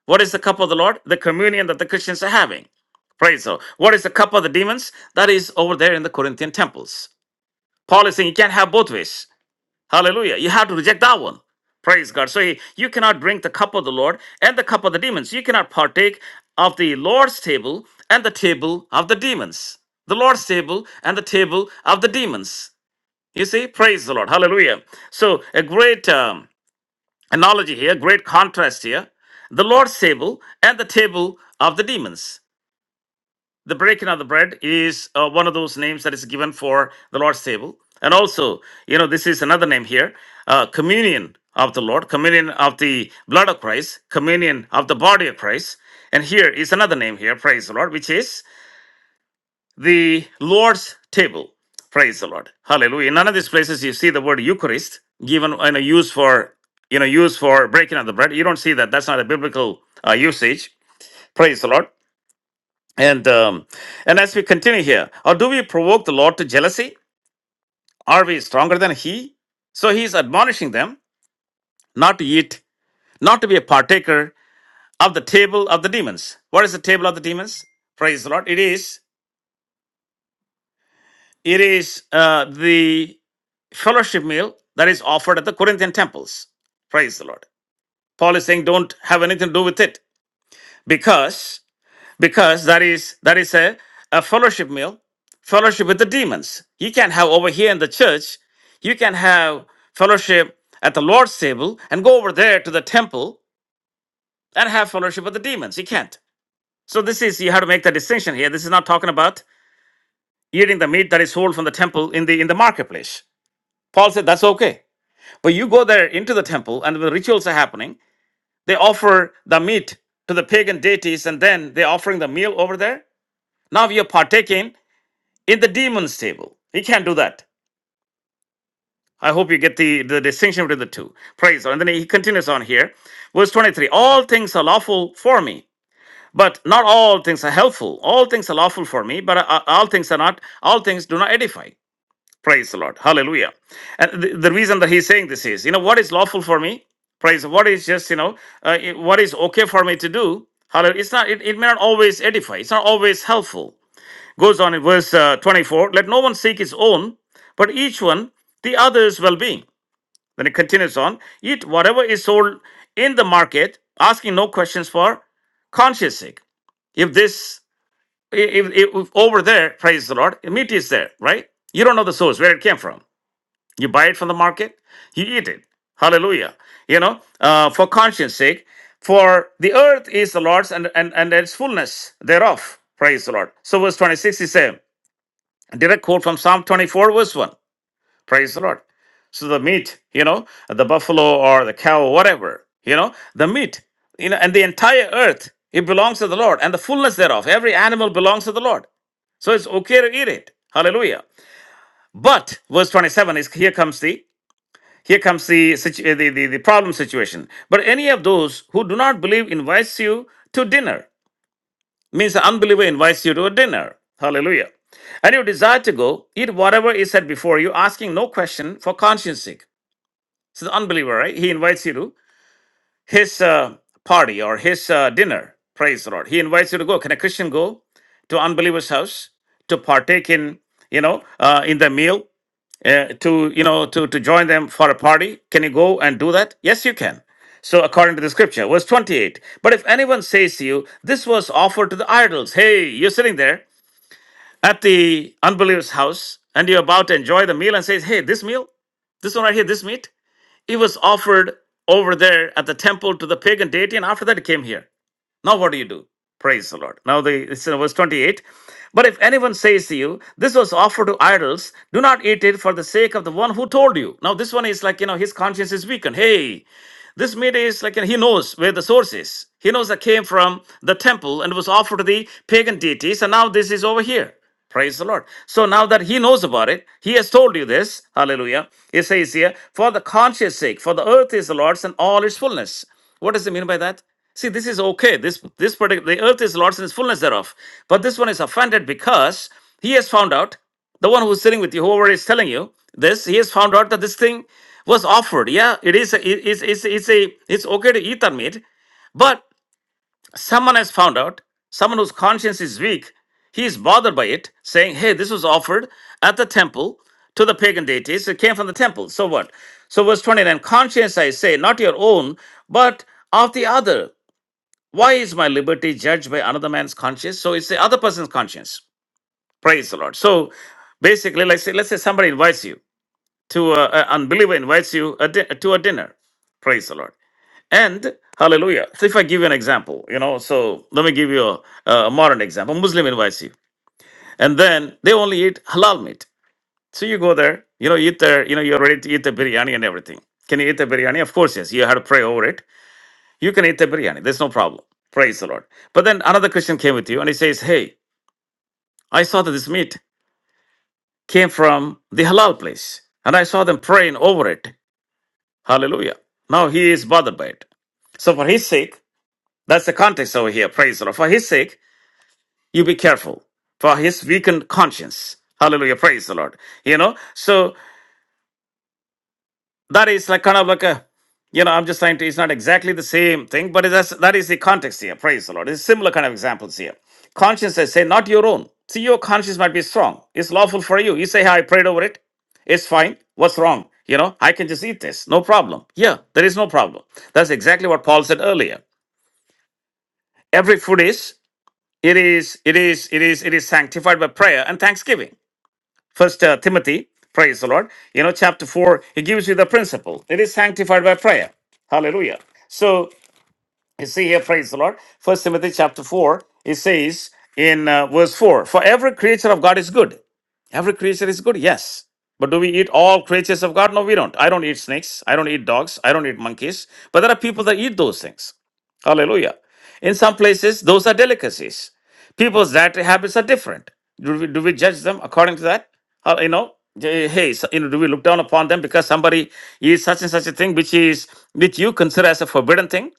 A: What is the cup of the Lord? The communion that the Christians are having. Praise the Lord. What is the cup of the demons? That is over there in the Corinthian temples. Paul is saying you can't have both ways. Hallelujah. You have to reject that one. Praise God. So he- you cannot drink the cup of the Lord and the cup of the demons. You cannot partake of the Lord's table and the table of the demons. The Lord's table and the table of the demons. You see, praise the Lord. Hallelujah. So a great um, analogy here, great contrast here. The Lord's table and the table of the demons the breaking of the bread is uh, one of those names that is given for the Lord's table. And also, you know, this is another name here uh, communion of the Lord, communion of the blood of Christ, communion of the body of Christ. And here is another name here, praise the Lord, which is the Lord's table. Praise the Lord. Hallelujah. In none of these places you see the word Eucharist given and used for you know used for breaking of the bread. You don't see that. That's not a biblical uh, usage. Praise the Lord. And um, and as we continue here, or do we provoke the Lord to jealousy? Are we stronger than He? So He's admonishing them not to eat, not to be a partaker of the table of the demons. What is the table of the demons? Praise the Lord! It is it is uh, the fellowship meal that is offered at the Corinthian temples. Praise the Lord! Paul is saying, don't have anything to do with it because because that is that is a, a fellowship meal, fellowship with the demons. You can have over here in the church, you can have fellowship at the Lord's table and go over there to the temple and have fellowship with the demons. You can't. So this is you have to make the distinction here. This is not talking about eating the meat that is sold from the temple in the in the marketplace. Paul said that's okay. But you go there into the temple and the rituals are happening. They offer the meat to the pagan deities and then they're offering the meal over there. Now you're partaking in the demon's table. He can't do that. I hope you get the, the distinction between the two. Praise. God. And then he continues on here. Verse 23 All things are lawful for me, but not all things are helpful. All things are lawful for me, but uh, all things are not, all things do not edify. Praise the Lord. Hallelujah. And the, the reason that he's saying this is, you know, what is lawful for me? Praise. God. What is just, you know, uh, what is okay for me to do? Hallelujah. It's not, it, it may not always edify, it's not always helpful. Goes on in verse uh, 24 Let no one seek his own, but each one the other's well being. Then it continues on Eat whatever is sold in the market, asking no questions for conscience sake. If this, if, if, if over there, praise the Lord, meat is there, right? You don't know the source, where it came from. You buy it from the market, you eat it. Hallelujah. You know, uh, for conscience sake, for the earth is the Lord's and, and, and its fullness thereof. Praise the Lord. So verse 26 is saying, a direct quote from Psalm 24, verse 1. Praise the Lord. So the meat, you know, the buffalo or the cow, whatever, you know, the meat, you know, and the entire earth, it belongs to the Lord, and the fullness thereof. Every animal belongs to the Lord. So it's okay to eat it. Hallelujah. But verse 27 is here comes the here comes the, situ- the, the, the problem situation. But any of those who do not believe invites you to dinner. Means the unbeliever invites you to a dinner. Hallelujah. And you desire to go, eat whatever is set before you, asking no question for conscience sake. So the unbeliever, right? He invites you to his uh, party or his uh, dinner. Praise the Lord. He invites you to go. Can a Christian go to unbeliever's house to partake in, you know, uh, in the meal? uh, to you know to to join them for a party can you go and do that yes you can so according to the scripture verse 28 but if anyone says to you this was offered to the idols hey you're sitting there at the unbeliever's house and you're about to enjoy the meal and says hey this meal this one right here this meat it was offered over there at the temple to the pagan deity and after that it came here now, what do you do? Praise the Lord. Now, the, it's in verse 28. But if anyone says to you, This was offered to idols, do not eat it for the sake of the one who told you. Now, this one is like, you know, his conscience is weakened. Hey, this meat is like he knows where the source is. He knows that came from the temple and was offered to the pagan deities, and now this is over here. Praise the Lord. So now that he knows about it, he has told you this. Hallelujah. It says here, for the conscience sake, for the earth is the Lord's and all its fullness. What does it mean by that? See, this is okay. This this particular the earth is the Lord's and its fullness thereof. But this one is offended because he has found out the one who's sitting with you, whoever is telling you this, he has found out that this thing was offered. Yeah, it is. A, It is. It's, it's a. It's okay to eat that meat, but someone has found out. Someone whose conscience is weak, he is bothered by it, saying, "Hey, this was offered at the temple to the pagan deities. It came from the temple. So what?" So verse twenty-nine: Conscience, I say, not your own, but of the other. Why is my liberty judged by another man's conscience? So it's the other person's conscience. Praise the Lord. So basically, let's say, let's say somebody invites you to a, a unbeliever invites you a di- to a dinner. Praise the Lord. And hallelujah. So if I give you an example, you know, so let me give you a, a modern example. Muslim invites you, and then they only eat halal meat. So you go there, you know, eat there, you know, you're ready to eat the biryani and everything. Can you eat the biryani? Of course, yes. You have to pray over it. You can eat the biryani. There's no problem. Praise the Lord. But then another Christian came with you and he says, Hey, I saw that this meat. came from the halal place. And I saw them praying over it. Hallelujah. Now he is bothered by it. So for his sake, that's the context over here. Praise the Lord. For his sake, you be careful. For his weakened conscience. Hallelujah. Praise the Lord. You know, so that is like kind of like a you know i'm just trying to it's not exactly the same thing but that's that is the context here praise the lord it's similar kind of examples here conscience says, say not your own see your conscience might be strong it's lawful for you you say "Hey, i prayed over it it's fine what's wrong you know i can just eat this no problem yeah there is no problem that's exactly what paul said earlier every food is it is it is it is it is sanctified by prayer and thanksgiving First uh, Timothy, praise the Lord. You know, chapter four, it gives you the principle. It is sanctified by prayer. Hallelujah. So you see here, praise the Lord. First Timothy chapter four, it says in uh, verse four, for every creature of God is good. Every creature is good, yes. But do we eat all creatures of God? No, we don't. I don't eat snakes. I don't eat dogs. I don't eat monkeys. But there are people that eat those things. Hallelujah. In some places, those are delicacies. People's dietary habits are different. Do we, do we judge them according to that? Uh, you know, eh, hey, so, you know, do we look down upon them because somebody eats such and such a thing which is which you consider as a forbidden thing?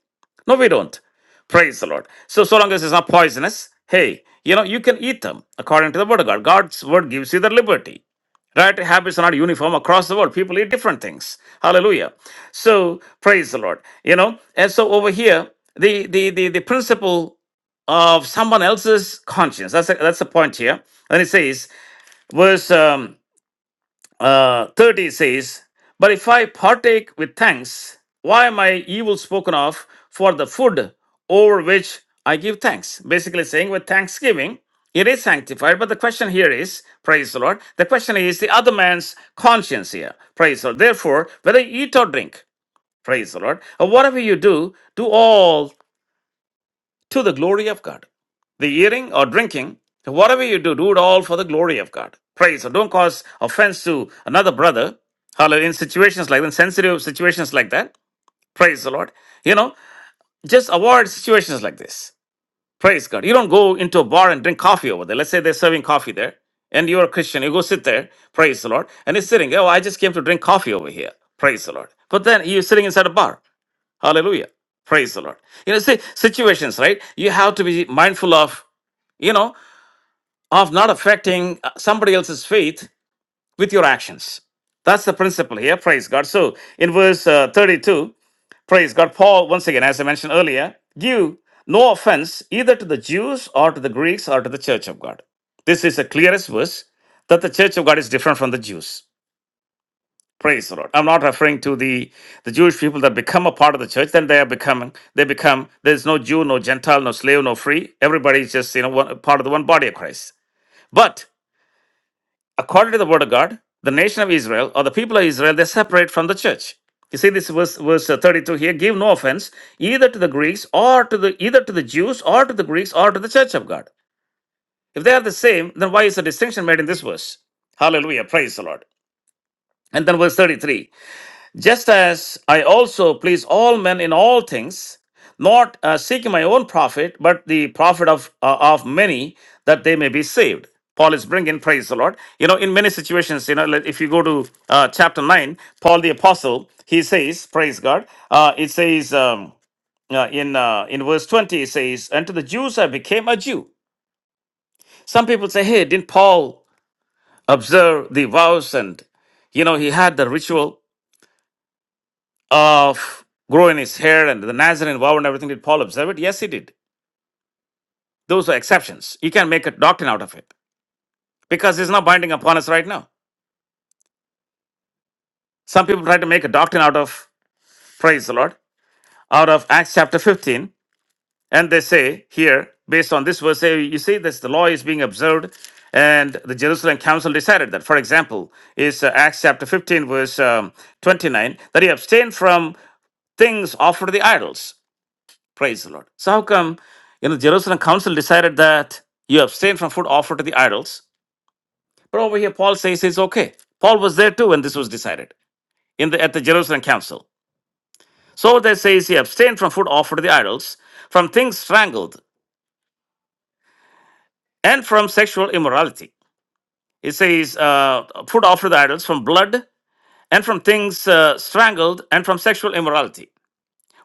A: No, we don't. Praise the Lord. So, so long as it's not poisonous, hey, you know, you can eat them according to the word of God. God's word gives you the liberty. Right? Habits are not uniform across the world. People eat different things. Hallelujah. So praise the Lord. You know, and so over here, the the the, the principle of someone else's conscience. That's a, that's the point here. And it says, verse um, uh, 30 says, But if I partake with thanks, why am I evil spoken of for the food over which I give thanks? Basically saying, with thanksgiving, it is sanctified. But the question here is, praise the Lord, the question is the other man's conscience here, praise the Lord. Therefore, whether you eat or drink, praise the Lord, or whatever you do, do all to the glory of God. The eating or drinking, whatever you do, do it all for the glory of God. Praise. So don't cause offense to another brother. Hallelujah. In situations like that, sensitive situations like that. Praise the Lord. You know, just avoid situations like this. Praise God. You don't go into a bar and drink coffee over there. Let's say they're serving coffee there. And you're a Christian. You go sit there. Praise the Lord. And he's sitting. Oh, I just came to drink coffee over here. Praise the Lord. But then you're sitting inside a bar. Hallelujah. Praise the Lord. You know, see, situations, right? You have to be mindful of, you know, of not affecting uh, somebody else's faith with your actions. That's the principle here. Praise God. So in verse uh, 32, praise God, Paul, once again, as I mentioned earlier, give no offense either to the Jews or to the Greeks or to the church of God. This is the clearest verse that the church of God is different from the Jews. Praise the Lord. I'm not referring to the, the Jewish people that become a part of the church, then they are becoming, they become, there's no Jew, no Gentile, no slave, no free. Everybody is just, you know, one, part of the one body of Christ. But according to the word of God, the nation of Israel or the people of Israel, they separate from the church. You see this verse, verse uh, 32 here, give no offense either to the Greeks or to the, either to the Jews or to the Greeks or to the church of God. If they are the same, then why is the distinction made in this verse? Hallelujah. Praise the Lord. And then verse 33. Just as I also please all men in all things, not uh, seeking my own profit, but the profit of, uh, of many, that they may be saved. Paul is bringing, praise the Lord. You know, in many situations, you know, like if you go to uh, chapter 9, Paul the Apostle, he says, praise God, uh, it says um, uh, in, uh, in verse 20, it says, And to the Jews I became a Jew. Some people say, hey, didn't Paul observe the vows and you know he had the ritual of growing his hair and the Nazarene vow and everything, did Paul observe it? Yes, he did. Those are exceptions. You can make a doctrine out of it because it's not binding upon us right now. Some people try to make a doctrine out of, praise the Lord, out of Acts chapter 15, and they say here, based on this verse, say, you see, this the law is being observed, and the Jerusalem council decided that. For example, is uh, Acts chapter 15, verse um, 29, that he abstained from things offered to the idols. Praise the Lord. So how come you know Jerusalem Council decided that you abstain from food offered to the idols? But over here, Paul says it's okay. Paul was there too when this was decided in the at the Jerusalem Council. So they says he abstained from food offered to the idols, from things strangled, and from sexual immorality. It says uh, food offered to the idols from blood and from things uh, strangled and from sexual immorality.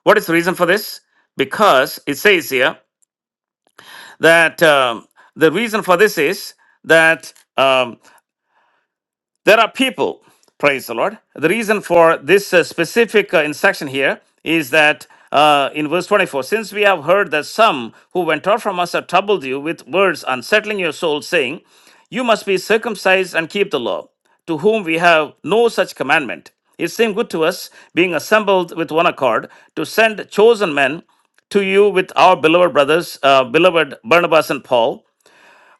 A: What is the reason for this? Because it says here that um, the reason for this is that um, There are people, praise the Lord. The reason for this uh, specific uh, instruction here is that uh, in verse 24, since we have heard that some who went out from us have troubled you with words unsettling your soul, saying, You must be circumcised and keep the law, to whom we have no such commandment. It seemed good to us, being assembled with one accord, to send chosen men to you with our beloved brothers, uh, beloved Barnabas and Paul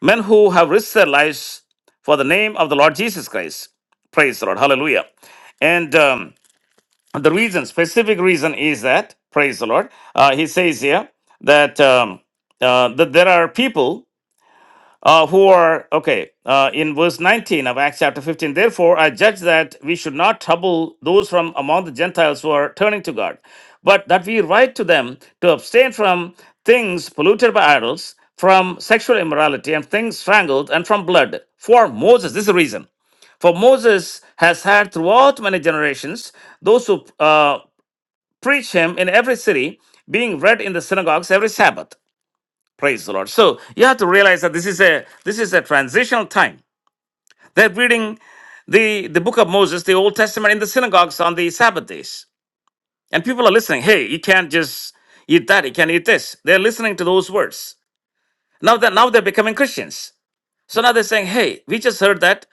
A: men who have risked their lives for the name of the Lord Jesus Christ. Praise the Lord. Hallelujah. And um, the reason, specific reason, is that, praise the Lord, uh, he says here that, um, uh, that there are people uh, who are okay uh, in verse 19 of acts chapter 15 therefore i judge that we should not trouble those from among the gentiles who are turning to god but that we write to them to abstain from things polluted by idols from sexual immorality and things strangled and from blood for moses this is the reason for moses has had throughout many generations those who uh, preach him in every city being read in the synagogues every sabbath Praise the Lord. So you have to realize that this is a this is a transitional time. They're reading the the book of Moses, the Old Testament, in the synagogues on the Sabbath days, and people are listening. Hey, you can't just eat that. You can't eat this. They're listening to those words. Now that now they're becoming Christians. So now they're saying, Hey, we just heard that.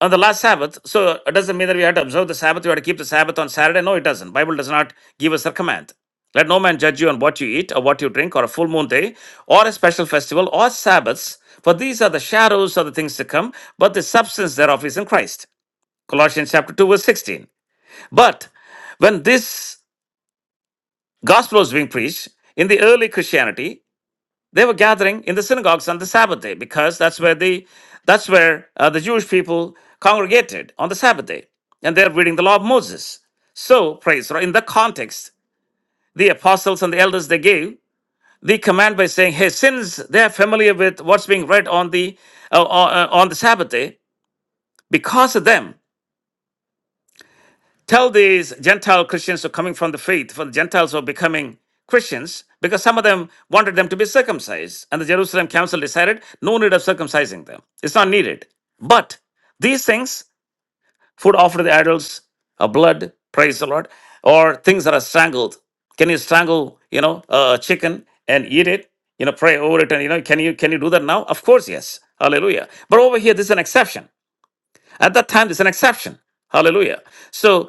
A: on the last Sabbath. So it doesn't mean that we have to observe the Sabbath. We have to keep the Sabbath on Saturday. No, it doesn't. Bible does not give us a command. Let no man judge you on what you eat or what you drink or a full moon day or a special festival or Sabbaths, for these are the shadows of the things to come, but the substance thereof is in Christ. Colossians chapter 2, verse 16. But when this gospel was being preached in the early Christianity, they were gathering in the synagogues on the Sabbath day because that's where the that's where uh, the Jewish people congregated on the Sabbath day, and they're reading the law of Moses. So praise the Lord. In the context, the apostles and the elders they gave the command by saying, "Hey, since they are familiar with what's being read on the uh, uh, uh, on the Sabbath day, because of them." Tell these Gentile Christians who are coming from the faith, for the Gentiles who are becoming Christians, because some of them wanted them to be circumcised. And the Jerusalem council decided no need of circumcising them. It's not needed. But these things, food offered to the idols, or blood, praise the Lord, or things that are strangled. Can you strangle, you know, a chicken and eat it? You know, pray over it and you know, can you can you do that now? Of course, yes. Hallelujah. But over here, this is an exception. At that time, this is an exception. Hallelujah. So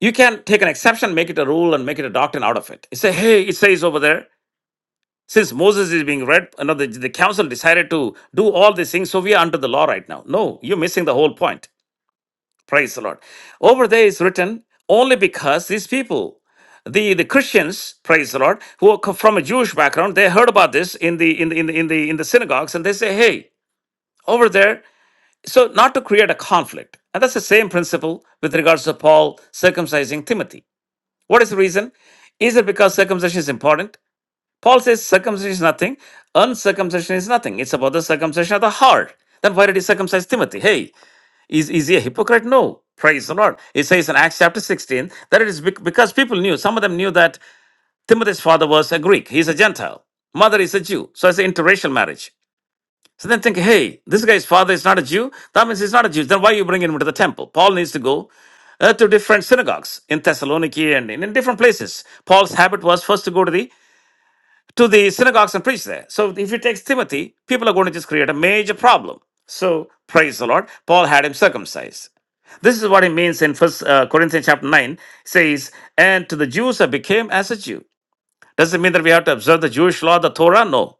A: you can take an exception, make it a rule, and make it a doctrine out of it. You say, hey, it says over there, since Moses is being read, you know, the, the council decided to do all these things, so we are under the law right now. No, you're missing the whole point. Praise the Lord. Over there is written only because these people, the, the Christians, praise the Lord, who are co- from a Jewish background, they heard about this in the in the, in the in the in the synagogues, and they say, hey, over there. So not to create a conflict, and that's the same principle with regards to Paul circumcising Timothy. What is the reason? Is it because circumcision is important? Paul says circumcision is nothing, uncircumcision is nothing. It's about the circumcision of the heart. Then why did he circumcise Timothy? Hey, is, is he a hypocrite? No. Praise the Lord. It says in Acts chapter 16 that it is bec- because people knew, some of them knew that Timothy's father was a Greek, he's a Gentile, mother is a Jew. So it's an interracial marriage. So then think, hey, this guy's father is not a Jew. That means he's not a Jew. Then why are you bringing him into the temple? Paul needs to go uh, to different synagogues in Thessaloniki and in, in different places. Paul's habit was first to go to the to the synagogues and preach there. So if he takes Timothy, people are going to just create a major problem. So praise the Lord. Paul had him circumcised. This is what he means in First uh, Corinthians chapter nine. Says, and to the Jews I became as a Jew doesn't mean that we have to observe the Jewish law, the Torah. No.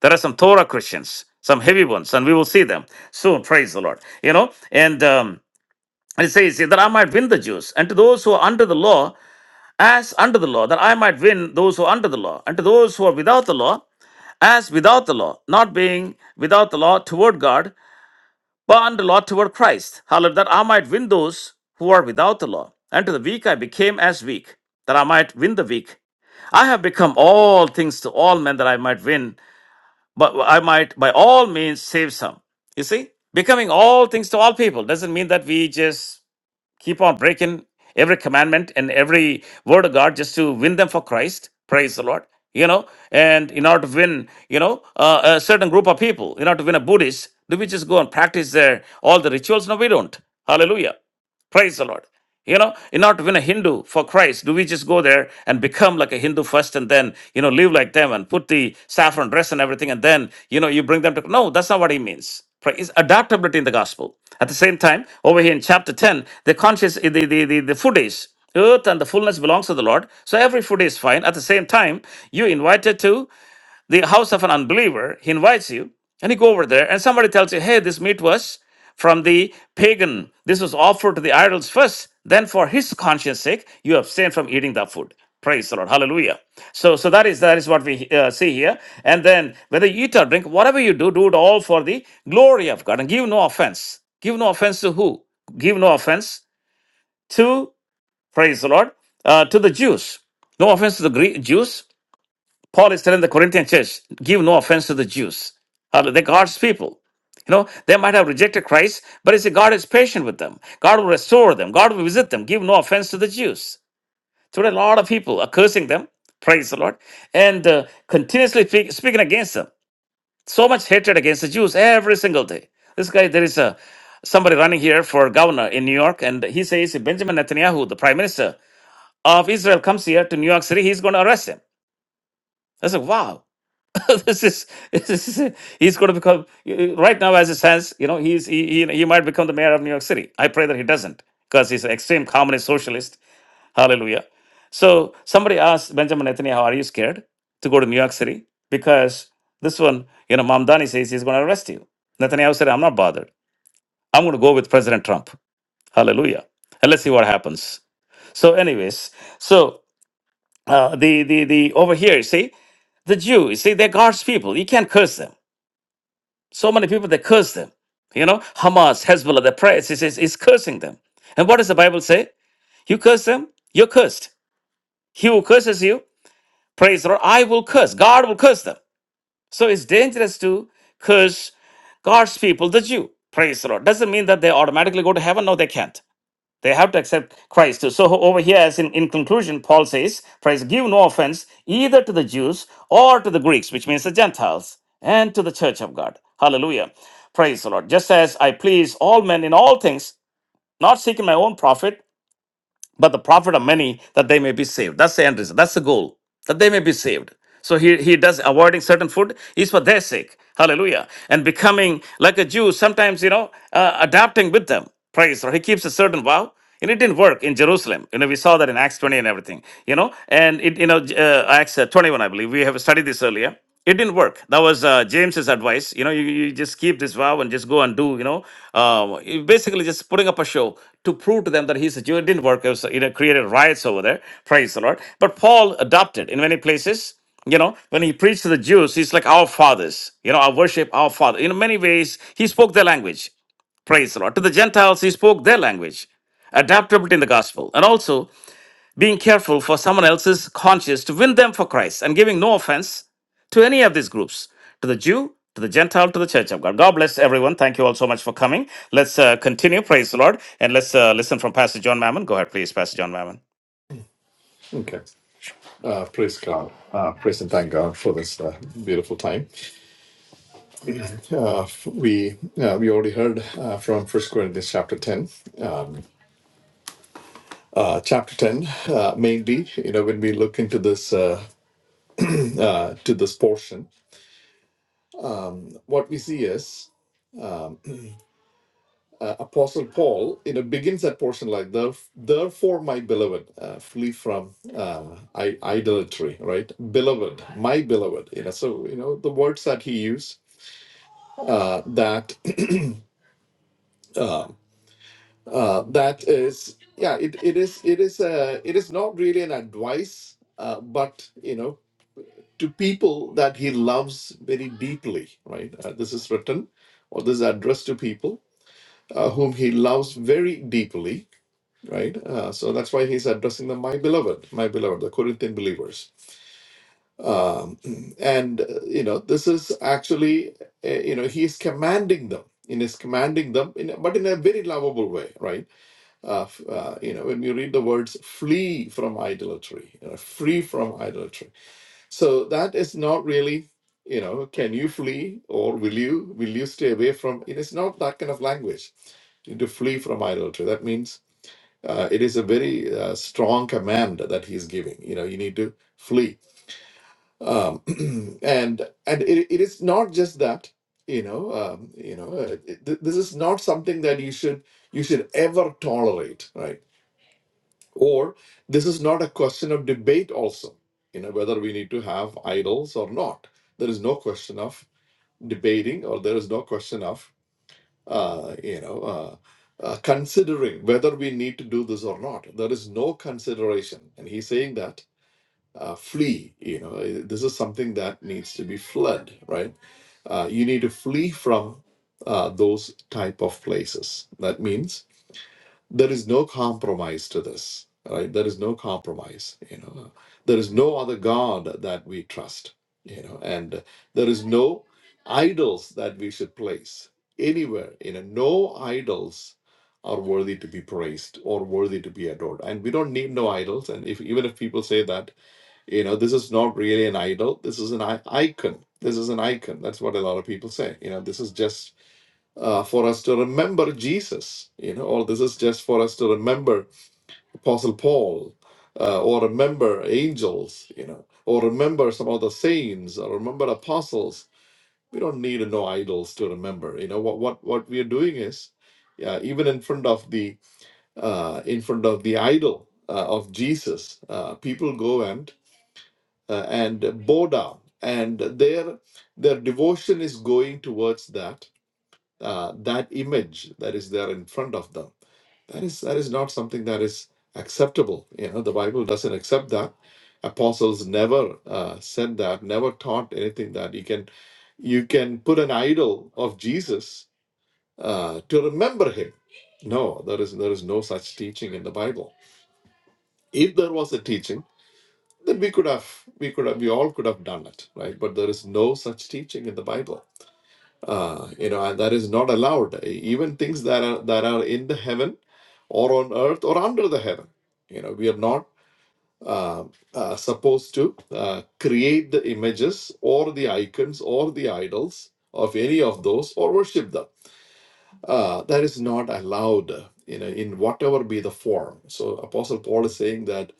A: There are some Torah Christians, some heavy ones, and we will see them soon. Praise the Lord. You know, and um, it says that I might win the Jews, and to those who are under the law, as under the law, that I might win those who are under the law, and to those who are without the law, as without the law, not being without the law toward God, but under law toward Christ. Hallelujah, that I might win those who are without the law. And to the weak I became as weak, that I might win the weak. I have become all things to all men that I might win, but I might by all means save some. You see? Becoming all things to all people doesn't mean that we just keep on breaking every commandment and every word of God just to win them for Christ. Praise the Lord. You know, and in order to win, you know, uh, a certain group of people, in order to win a Buddhist, do we just go and practice their all the rituals? No, we don't. Hallelujah. Praise the Lord. You know, in order to win a Hindu for Christ, do we just go there and become like a Hindu first and then, you know, live like them and put the saffron dress and everything and then, you know, you bring them to. No, that's not what he means. It's adaptability in the gospel. At the same time, over here in chapter 10, the conscious, the, the, the, the food is earth and the fullness belongs to the Lord. So every food is fine. At the same time, you invited to the house of an unbeliever, he invites you, and you go over there, and somebody tells you, hey, this meat was from the pagan. This was offered to the idols first. Then, for his conscience sake, you abstain from eating that food. Praise the Lord. Hallelujah. So, so that is that is what we uh, see here. And then, whether you eat or drink, whatever you do, do it all for the glory of God, and give no offense. Give no offense to who? Give no offense to praise the Lord uh, to the Jews. No offense to the Greek Jews Paul is telling the Corinthian church, give no offense to the Jews. Uh, They're God's people. You know, they might have rejected Christ, but you see, God is patient with them. God will restore them. God will visit them. Give no offense to the Jews. Today, a lot of people are cursing them, praise the Lord, and uh, continuously speak, speaking against them. So much hatred against the Jews every single day. This guy, there is a somebody running here for governor in New York, and he says if Benjamin Netanyahu, the prime minister of Israel, comes here to New York City, he's going to arrest him. I said, wow. this is this is he's going to become right now as it stands you know he's he, he he might become the mayor of new york city i pray that he doesn't because he's an extreme communist socialist hallelujah so somebody asked benjamin netanyahu are you scared to go to new york city because this one you know mamdani says he's going to arrest you netanyahu said i'm not bothered i'm going to go with president trump hallelujah and let's see what happens so anyways so uh, the the the over here you see the jews you see they're god's people you can't curse them So many people they curse them. You know, Hamas, Hezbollah, their prayers is, is, is cursing them. And what does the Bible say? You curse them, you're cursed. He who curses you, praise the Lord, I will curse. God will curse them. So it's dangerous to curse God's people, the Jew. Praise the Lord. Doesn't mean that they automatically go to heaven. No, they can't. They have to accept Christ. So over here, as in, in conclusion, Paul says, Christ give no offense either to the Jews or to the Greeks, which means the Gentiles, and to the church of God. Hallelujah. Praise the Lord. Just as I please all men in all things, not seeking my own profit, but the profit of many that they may be saved. That's the end result. That's the goal that they may be saved. So he, he does avoiding certain food is for their sake. Hallelujah. And becoming like a Jew, sometimes, you know, uh, adapting with them. Praise. Or he keeps a certain vow. And it didn't work in Jerusalem. You know, we saw that in Acts 20 and everything, you know, and it, you know, uh, Acts uh, 21, I believe. We have studied this earlier it didn't work that was uh, james's advice you know you, you just keep this vow and just go and do you know um, you basically just putting up a show to prove to them that he's a jew it didn't work it was you know created riots over there praise the lord but paul adopted in many places you know when he preached to the jews he's like our fathers you know i worship our father in many ways he spoke their language praise the lord to the gentiles he spoke their language adaptability in the gospel and also being careful for someone else's conscience to win them for Christ and giving no offense to any of these groups, to the Jew, to the Gentile, to the Church of God. God bless everyone. Thank you all so much for coming. Let's uh, continue. Praise the Lord. And let's uh, listen from Pastor John Mammon. Go ahead, please, Pastor John Mammon.
B: okay. Uh, praise God. Uh, praise and thank God for this uh, beautiful time. Uh, we uh, we already heard uh, from First Corinthians chapter ten. uh, chapter 10 uh, mainly you know when we look into this uh, uh, to this portion what we see is apostle paul you know begins that portion like "Theref- therefore my beloved uh, flee from uh, I- idolatry right beloved my beloved you know so you know the words that he used uh, that uh, that is yeah it, it is it is uh, it is not really an advice uh, but you know to people that he loves very deeply, right? Uh, this is written, or this is addressed to people uh, whom he loves very deeply, right? Uh, so that's why he's addressing them, my beloved, my beloved, the Corinthian believers. And, uh, you know, this is actually, uh, you know, he's commanding them. In his commanding them, in, but in a very lovable way, right? Uh, f- uh, you know, when you read the words "flee from idolatry," you know, free from idolatry So that is not really, you know, can you flee or will you will you stay away from? It is not that kind of language. To flee from idolatry, that means uh, it is a very uh, strong command that he's giving. You know, you need to flee, um, and and it, it is not just that. You know, um, you know, uh, it- th- this is not something that you should you should ever tolerate, right? Or this is not a question of debate, also, you know, whether we need to have idols or not. There is no question of debating, or there is no question of, uh, you know, uh, uh, considering whether we need to do this or not. There is no consideration. And he's saying that uh, flee, you know, eh, this is something that needs to be fled, right? Uh, you need to flee from uh, those type of places. That means there is no compromise to this right there is no compromise you know there is no other god that we trust you know and there is no idols that we should place anywhere you know no idols are worthy to be praised or worthy to be adored and we don't need no idols and if even if people say that you know this is not really an idol this is an i- icon this is an icon that's what a lot of people say you know this is just uh, for us to remember Jesus. You know, all this is just for us to remember Apostle Paul, uh, or remember angels. You know, or remember some of the saints, or remember apostles. We don't need no idols to remember. You know what what what we are doing is, uh, even in front of the uh, in front of the idol uh, of Jesus, uh, people go and uh, and bow down, and their their devotion is going towards that uh, that image that is there in front of them. That is that is not something that is acceptable. You know, the Bible doesn't accept that. Apostles never uh, said that. Never taught anything that you can you can put an idol of Jesus uh, to remember him. No, there is there is no such teaching in the Bible. If there was a teaching, then we could have we could have we all could have done it, right? But there is no such teaching in the Bible uh, you know, and that is not allowed. E, Even things that are that are in the heaven, or on earth, or under the heaven. You know, we are not uh, uh, supposed to uh, create the images or the icons or the idols of any of those or worship them. Uh, that is not allowed. You know, in whatever be the form. So Apostle Paul is saying that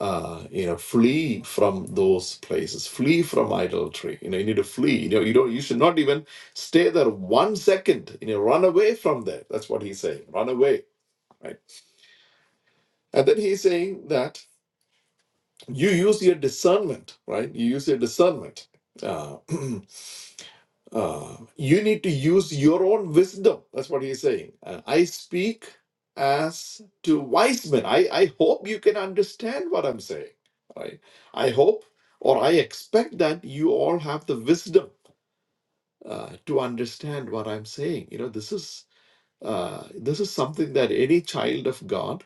B: uh, you know, flee from those places, flee from idolatry. You know, you need to flee. You know, you don't, you should not even stay there one second. You know, run away from there. That's what he's saying. Run away, right? And then he's saying that you use your discernment, right? You use your discernment. Uh, Uh, you need to use your own wisdom. That's what he's saying. Uh, I speak as to wise men. I, I hope you can understand what I'm saying. Right? I hope or I expect that you all have the wisdom uh, to understand what I'm saying. You know, this is uh, this is something that any child of God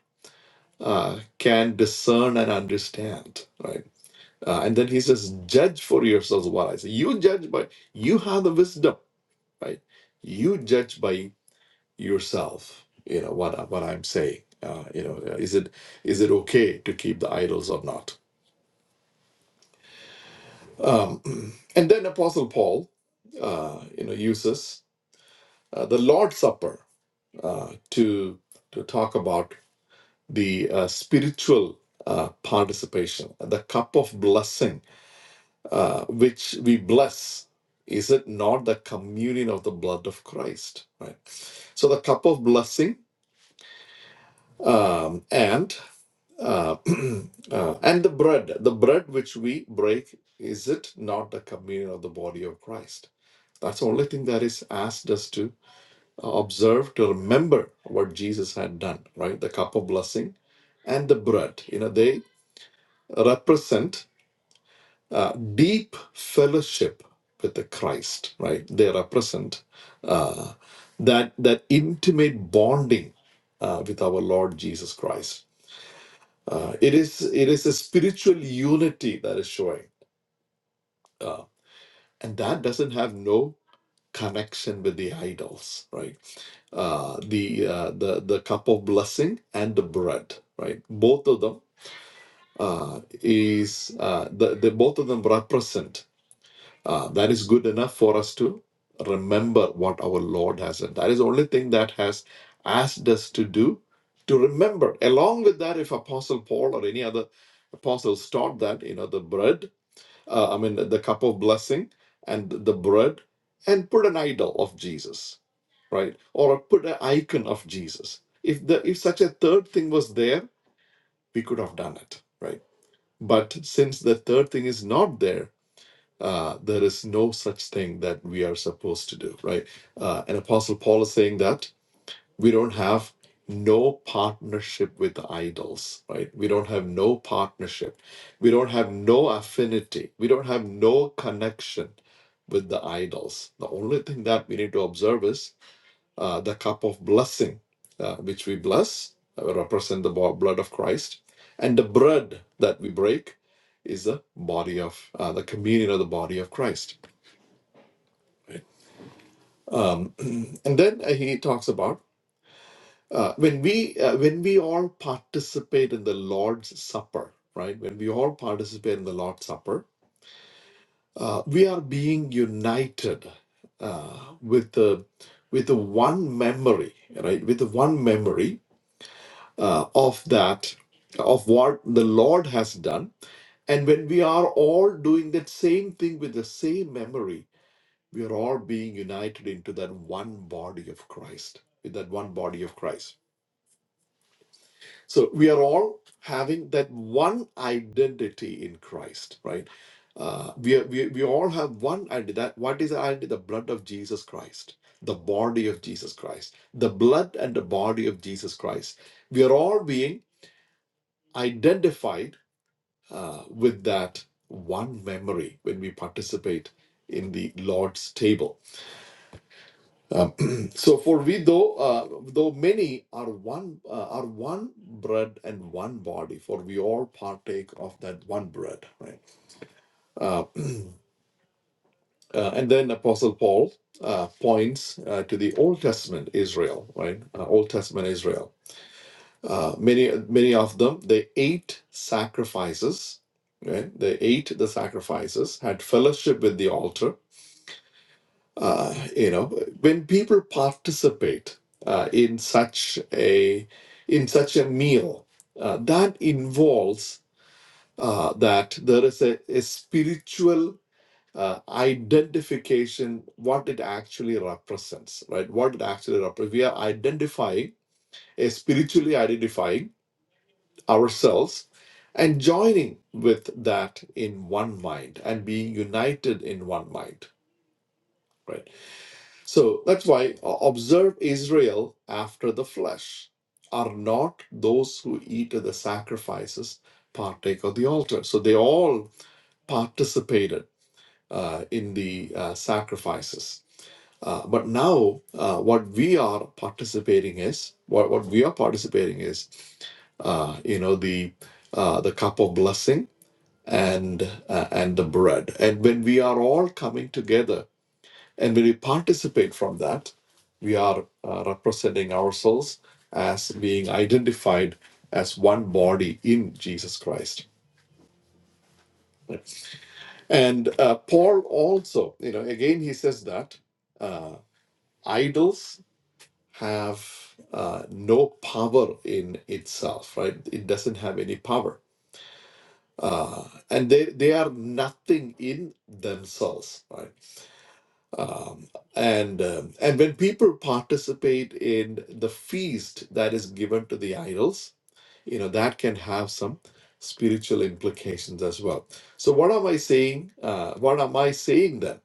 B: uh, can discern and understand. Right? Uh, and then he says, judge for yourselves what I say. You judge, but you have the wisdom right? You judge by yourself, you know, what, what I'm saying. Uh, you know, uh, is it is it okay to keep the idols or not? Um, and then Apostle Paul, uh, you know, uses uh, the Lord's Supper uh, to to talk about the uh, spiritual uh, participation, the cup of blessing uh, which we bless. Is it not the communion of the blood of Christ? Right. So the cup of blessing um, and uh, uh, and the bread the bread which we break is it not the communion of the body of christ that's the only thing that is asked us to uh, observe to remember what jesus had done right the cup of blessing and the bread you know they represent uh, deep fellowship with the christ right they represent uh, that that intimate bonding uh, with our lord jesus christ Uh, it is it is a spiritual unity that is showing, uh, and that doesn't have no connection with the idols, right? Uh, the uh, the the cup of blessing and the bread, right? Both of them uh, is uh, the, the both of them represent. Uh, that is good enough for us to remember what our Lord has done. That is the only thing that has asked us to do to remember. Along with that, if Apostle Paul or any other apostles taught that you know the bread uh, I mean, the cup of blessing and the bread, and put an idol of Jesus, right? Or put an icon of Jesus. If the if such a third thing was there, we could have done it, right? But since the third thing is not there, uh, there is no such thing that we are supposed to do, right? Uh, and Apostle Paul is saying that we don't have no partnership with the idols right we don't have no partnership we don't have no affinity we don't have no connection with the idols the only thing that we need to observe is uh, the cup of blessing uh, which we bless uh, represent the bo- blood of christ and the bread that we break is the body of uh, the communion of the body of christ and then uh, he talks about Uh, when we uh, when we all participate in the Lord's Supper, right? When we all participate in the Lord's Supper, uh, we are being united uh, with the with the one memory, right? With the one memory uh, of that of what the Lord has done, and when we are all doing that same thing with the same memory, we are all being united into that one body of Christ, with that one body of Christ So we are all having that one identity in Christ, right? Uh, we, are, we we all have one identity. That what is the identity? The blood of Jesus Christ, the body of Jesus Christ, the blood and the body of Jesus Christ. We are all being identified uh, with that one memory when we participate in the Lord's table um, so for we though uh, though many are one uh, are one bread and one body for we all partake of that one bread right uh, uh, and then apostle paul uh, points uh, to the old testament israel right uh, old testament israel uh, many many of them they ate sacrifices right they ate the sacrifices had fellowship with the altar uh, you know when people participate uh, in such a in such a meal uh, that involves uh, that there is a, a spiritual uh, identification what it actually represents right what it actually represents we are identifying a spiritually identifying ourselves and joining with that in one mind and being united in one mind right So that's why uh, observe Israel after the flesh. Are not those who eat of the sacrifices partake of the altar? So they all participated uh, in the uh, sacrifices. Uh, but now, uh, what we are participating is what, what we are participating is, uh, you know, the uh, the cup of blessing and uh, and the bread. And when we are all coming together and when we participate from that, we are uh, representing ourselves as being identified as one body in Jesus Christ. And uh, Paul also, you know, again, he says that uh, idols have uh, no power in itself, right? It doesn't have any power. Uh, and they, they are nothing in themselves, right? Um, and um, and when people participate in the feast that is given to the idols, you know that can have some spiritual implications as well. So what am I saying? Uh, what am I saying then?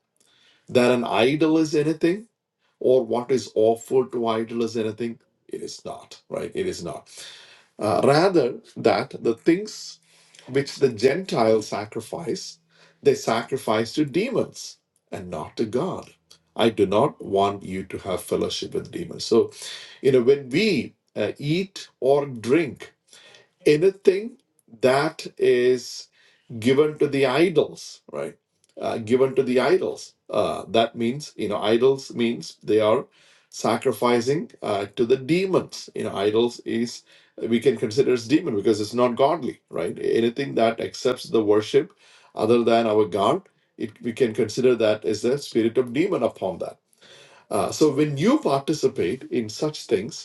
B: That an idol is anything, or what is offered to idol is anything? It is not, right? It is not. Uh, rather, that the things which the Gentiles sacrifice, they sacrifice to demons and not to God. I do not want you to have fellowship with demons. So, you know, when we uh, eat or drink anything that is given to the idols, right? Uh, given to the idols. Uh, that means, you know, idols means they are sacrificing uh, to the demons. You know, idols is we can consider as demon because it's not godly, right? Anything that accepts the worship other than our God, it, we can consider that as the spirit of demon upon that. Uh, so when you participate in such things,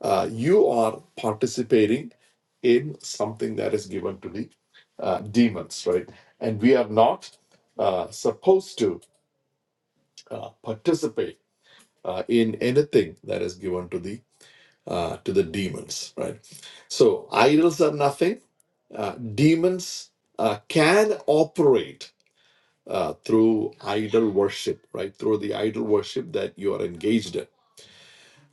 B: uh, you are participating in something that is given to the uh, demons, right? And we are not uh, supposed to uh, participate uh, in anything that is given to the uh, to the demons, right? So idols are nothing. Uh, demons uh, can operate uh, through idol worship, right? Through the idol worship that you are engaged in.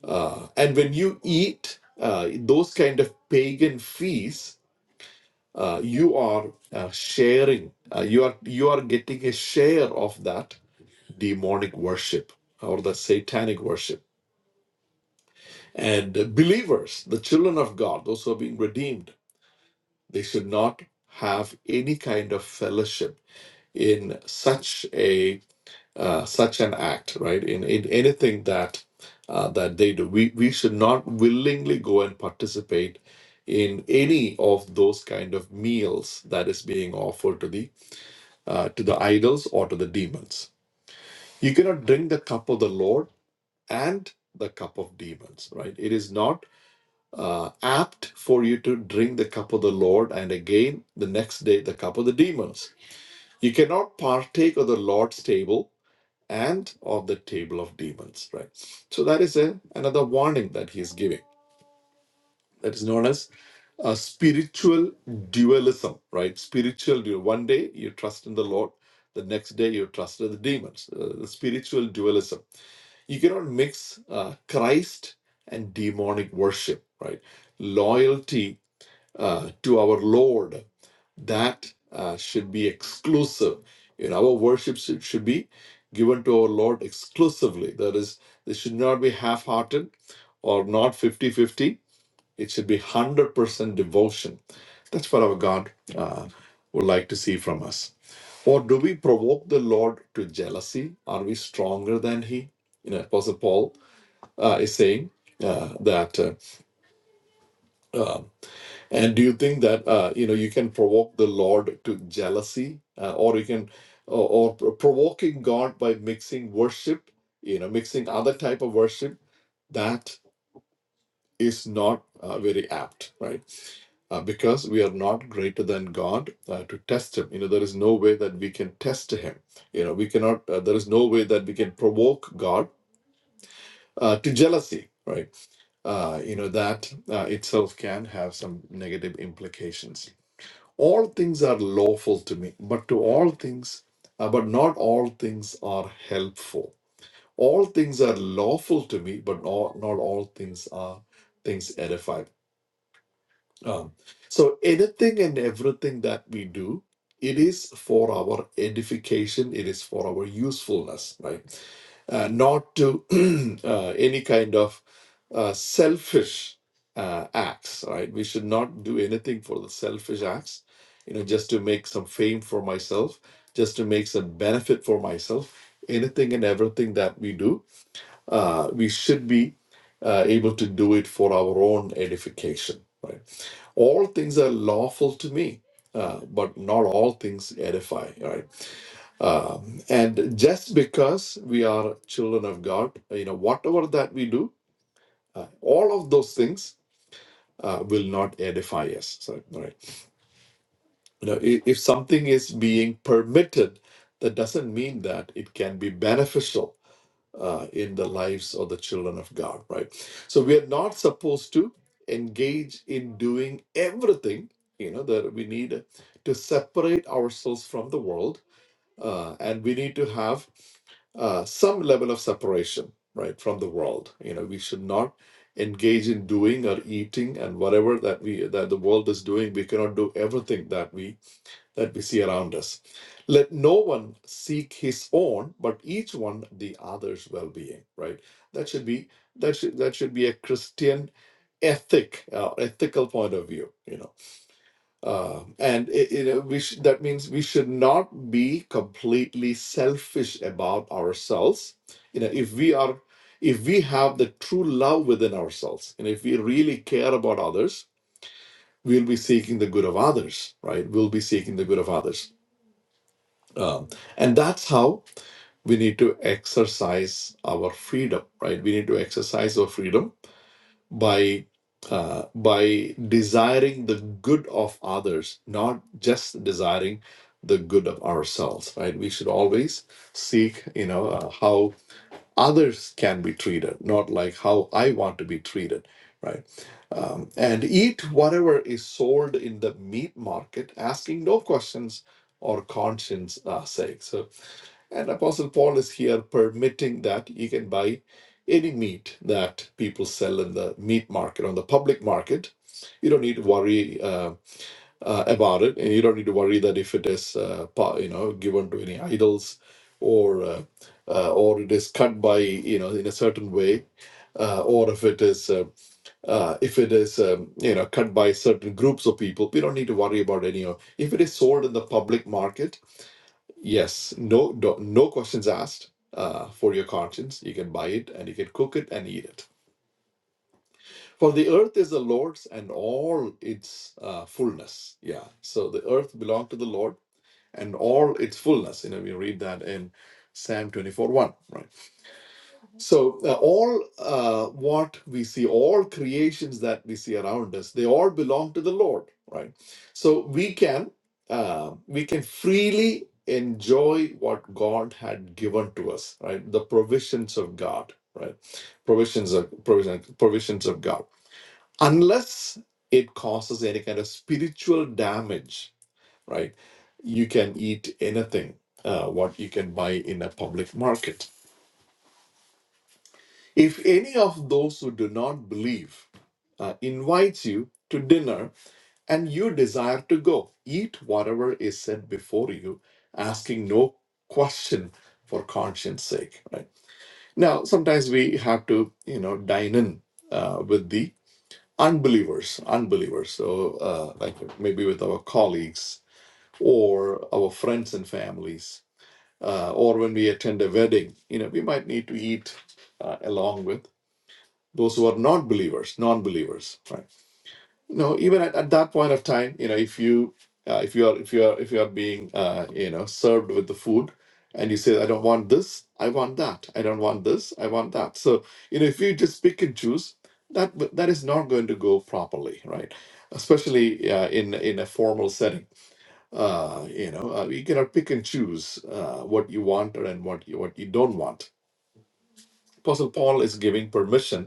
B: Uh, and when you eat uh, those kind of pagan feasts, uh, you are uh, sharing uh, you are you are getting a share of that demonic worship or the satanic worship and believers the children of god those who are being redeemed they should not have any kind of fellowship in such a uh, such an act right in, in anything that uh, that they do we we should not willingly go and participate in any of those kind of meals that is being offered to the uh, to the idols or to the demons. You cannot drink the cup of the Lord and the cup of demons, right? It is not uh, apt for you to drink the cup of the Lord and again the next day the cup of the demons. You cannot partake of the Lord's table and of the table of demons, right? So that is a, another warning that he is giving that is known as uh, spiritual dualism, right? Spiritual dual. One day you trust in the Lord, the next day you trust in the demons. Uh, the spiritual dualism. You cannot mix uh, Christ and demonic worship, right? Loyalty uh, to our Lord that uh, should be exclusive. You know, our worship should, should be given to our Lord exclusively. That is, they should not be half-hearted or not fifty-fifty. It should be 100% devotion. That's what our God uh, would like to see from us. Or do we provoke the Lord to jealousy? Are we stronger than He? You know, Apostle Paul uh, is saying uh, that. Uh, and do you think that uh, you know you can provoke the Lord to jealousy, uh, or you can, or, or provoking God by mixing worship, you know, mixing other type of worship? That is not uh, very apt, right? uh, because we are not greater than God uh, to test Him. You know, there is no way that we can test Him. You know, we cannot, uh, there is no way that we can provoke God uh, to jealousy, right? Uh, you know, that uh, itself can have some negative implications. All things are lawful to me, but to all things, uh, but not all things are helpful. All things are lawful to me, but not, not all things are things edify Um, so anything and everything that we do, it is for our edification. It is for our usefulness, right? Uh, not to uh, any kind of uh, selfish uh, acts, right? We should not do anything for the selfish acts, you know, just to make some fame for myself, just to make some benefit for myself. Anything and everything that we do uh, we should be uh, able to do it for our own edification. Right? All things are lawful to me, uh, but not all things edify. Right? Um, and just because we are children of God, you know, whatever that we do, uh, all of those things uh, will not edify us. So, right? You know, i- if something is being permitted, that doesn't mean that it can be beneficial uh, in the lives of the children of God, right? So we are not supposed to engage in doing everything, you know, that we need to separate ourselves from the world, uh, and we need to have uh, some level of separation, right, from the world. You know, we should not engage in doing or eating and whatever that we that the world is doing we cannot do everything that we that we see around us. Let no one seek his own, but each one the other's well-being. Right? That should be that should that should be a Christian ethic, uh, ethical point of view. You know, Um and it, you know, we sh- that means we should not be completely selfish about ourselves. You know, if we are if we have the true love within ourselves and if we really care about others we'll be seeking the good of others right we'll be seeking the good of others um, and that's how we need to exercise our freedom, right? We need to exercise our freedom by uh, by desiring the good of others, not just desiring the good of ourselves, right? We should always seek, you know, uh, how others can be treated, not like how I want to be treated, right? Um, and eat whatever is sold in the meat market, asking no questions or conscience uh, sake. So and Apostle Paul is here permitting that you can buy any meat that people sell in the meat market, on the public market. You don't need to worry uh, uh, about it, and you don't need to worry that if it is, uh, pa- you know, given to any idols, or uh, uh, or it is cut by, you know, in a certain way, uh, or if it is, uh, uh, if it is, um, you know, cut by certain groups of people. We don't need to worry about any of. If it is sold in the public market Yes, no, no, no questions asked uh, for your conscience. You can buy it and you can cook it and eat it. For the earth is the Lord's and all its uh, fullness. Yeah, so the earth belonged to the Lord and all its fullness. You know, we read that in Psalm 24 1, right? So uh, all uh, what we see, all creations that we see around us, they all belong to the Lord, right? So we can uh, we can freely enjoy what God had given to us, right? The provisions of God, right? Provisions of provision, provisions of God, unless it causes any kind of spiritual damage, right? You can eat anything, uh, what you can buy in a public market if any of those who do not believe uh, invites you to dinner and you desire to go, eat whatever is set before you, asking no question for conscience sake. Right? Now, sometimes we have to, you know, dine in uh, with the unbelievers, unbelievers. So, uh, like maybe with our colleagues or our friends and families, uh, or when we attend a wedding, you know, we might need to eat uh, along with those who are not believers non-believers right you know even at, at that point of time you know if you uh, if you are if you are if you are being uh, you know served with the food and you say i don't want this i want that i don't want this i want that so you know if you just pick and choose that that is not going to go properly right especially uh, in in a formal setting uh, you know uh, you cannot pick and choose uh, what you want and what you what you don't want apostle paul is giving permission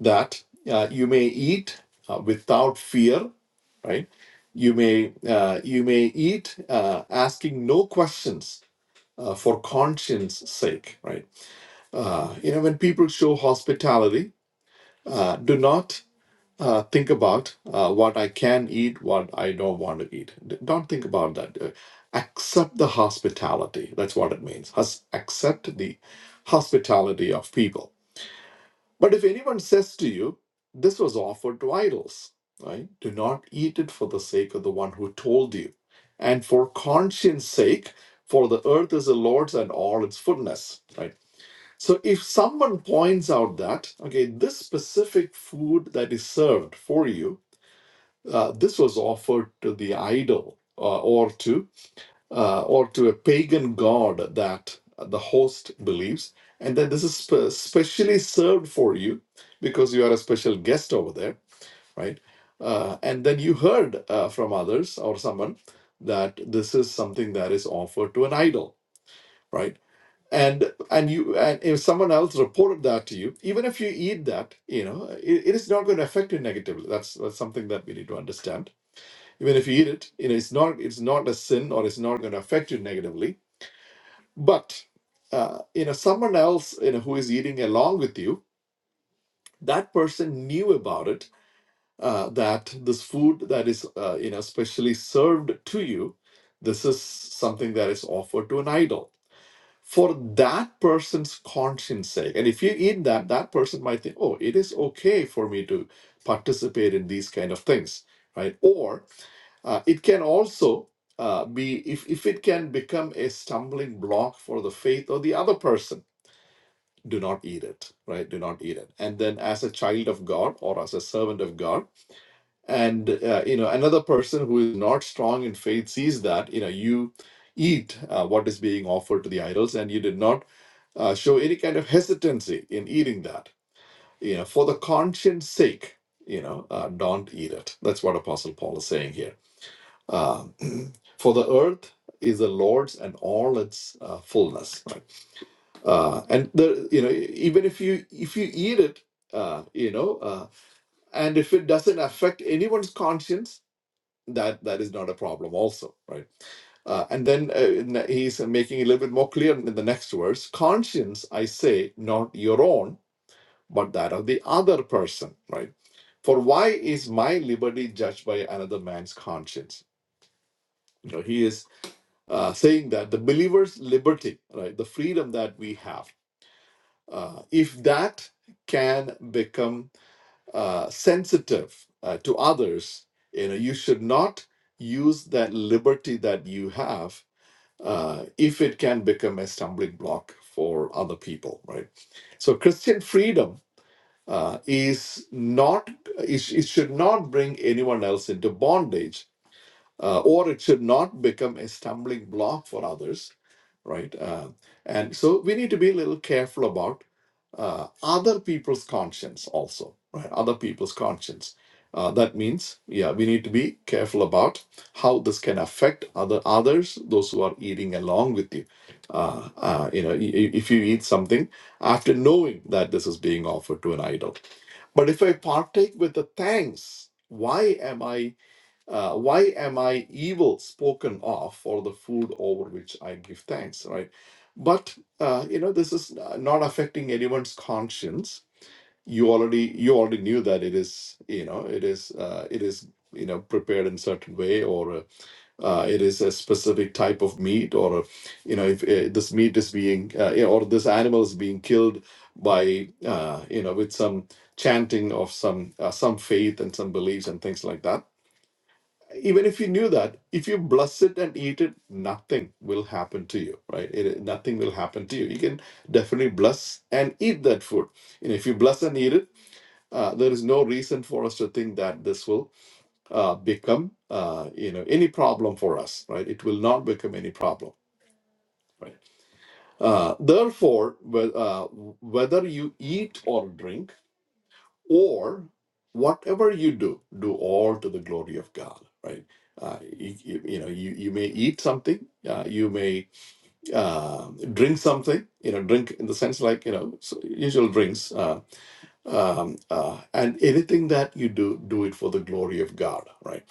B: that uh, you may eat uh, without fear, right? You may uh, you may eat uh, asking no questions uh, for conscience sake, right? Uh, you know, when people show hospitality, uh, do not uh, think about uh, what I can eat, what I don't want to eat. D- Don't think about that. Uh, accept the hospitality. That's what it means. Hus- accept the hospitality of people but if anyone says to you, This was offered to idols, right? Do not eat it for the sake of the one who told you, and for conscience sake, for the earth is the Lord's and all its fullness, right? So if someone points out that, okay, this specific food that is served for you, uh, this was offered to the idol. uh, or to uh, or to a pagan god that the host believes, and then this is spe- specially served for you because you are a special guest over there, right? Uh, and then you heard uh, from others or someone that this is something that is offered to an idol, right? And and you and if someone else reported that to you, even if you eat that, you know, it, it is not going to affect you negatively. That's, that's something that we need to understand. Even if you eat it, you know, it's not it's not a sin or it's not going to affect you negatively but uh, you know, someone else, you know, who is eating along with you, that person knew about it. Uh, that this food that is, uh, you know, specially served to you, this is something that is offered to an idol for that person's conscience sake. And if you eat that, that person might think, oh, it is okay for me to participate in these kind of things, right? Or uh, it can also uh, be if if it can become a stumbling block for the faith of the other person do not eat it right do not eat it and then as a child of god or as a servant of god and uh, you know another person who is not strong in faith sees that you know you eat uh, what is being offered to the idols and you did not uh, show any kind of hesitancy in eating that you know for the conscience sake you know uh, don't eat it that's what apostle paul is saying here um, for the earth is the lord's and all its uh, fullness uh, and the you know even if you if you eat it uh, you know uh, and if it doesn't affect anyone's conscience that that is not a problem also right uh, and then uh, n- he's making it a little bit more clear in the next verse conscience i say not your own but that of the other person right for why is my liberty judged by another man's conscience you know he is uh, saying that the believer's liberty right the freedom that we have Uh, if that can become uh, sensitive uh, to others, you know, you should not use that liberty that you have uh, if it can become a stumbling block for other people, right? So Christian freedom uh, is not it, sh- it should not bring anyone else into bondage, uh, or it should not become a stumbling block for others right? Uh, and so we need to be a little careful about uh, other people's conscience also, right? Other people's conscience. Uh, that means, yeah, we need to be careful about how this can affect other others, those who are eating along with you. Uh, uh, you know, i- i- if you eat something after knowing that this is being offered to an idol, but if I partake with the thanks, why am I? uh, why am I evil spoken of for the food over which I give thanks, right? But uh, you know, this is uh, not affecting anyone's conscience. You already you already knew that it is you know it is uh, it is you know prepared in certain way or uh, uh, it is a specific type of meat or uh, you know if uh, this meat is being uh, you know, or this animal is being killed by uh, you know with some chanting of some uh, some faith and some beliefs and things like that even if you knew that if you bless it and eat it nothing will happen to you right it, nothing will happen to you you can definitely bless and eat that food you know if you bless and eat it uh, there is no reason for us to think that this will uh, become uh, you know any problem for us right it will not become any problem right uh, therefore wh- uh, whether you eat or drink or whatever you do, do all to the glory of God. Right? Uh, you, you, you know, you, you may eat something, uh, you may uh, drink something. You know, drink in the sense like you know so usual drinks, uh, um, uh, and anything that you do, do it for the glory of God. Right?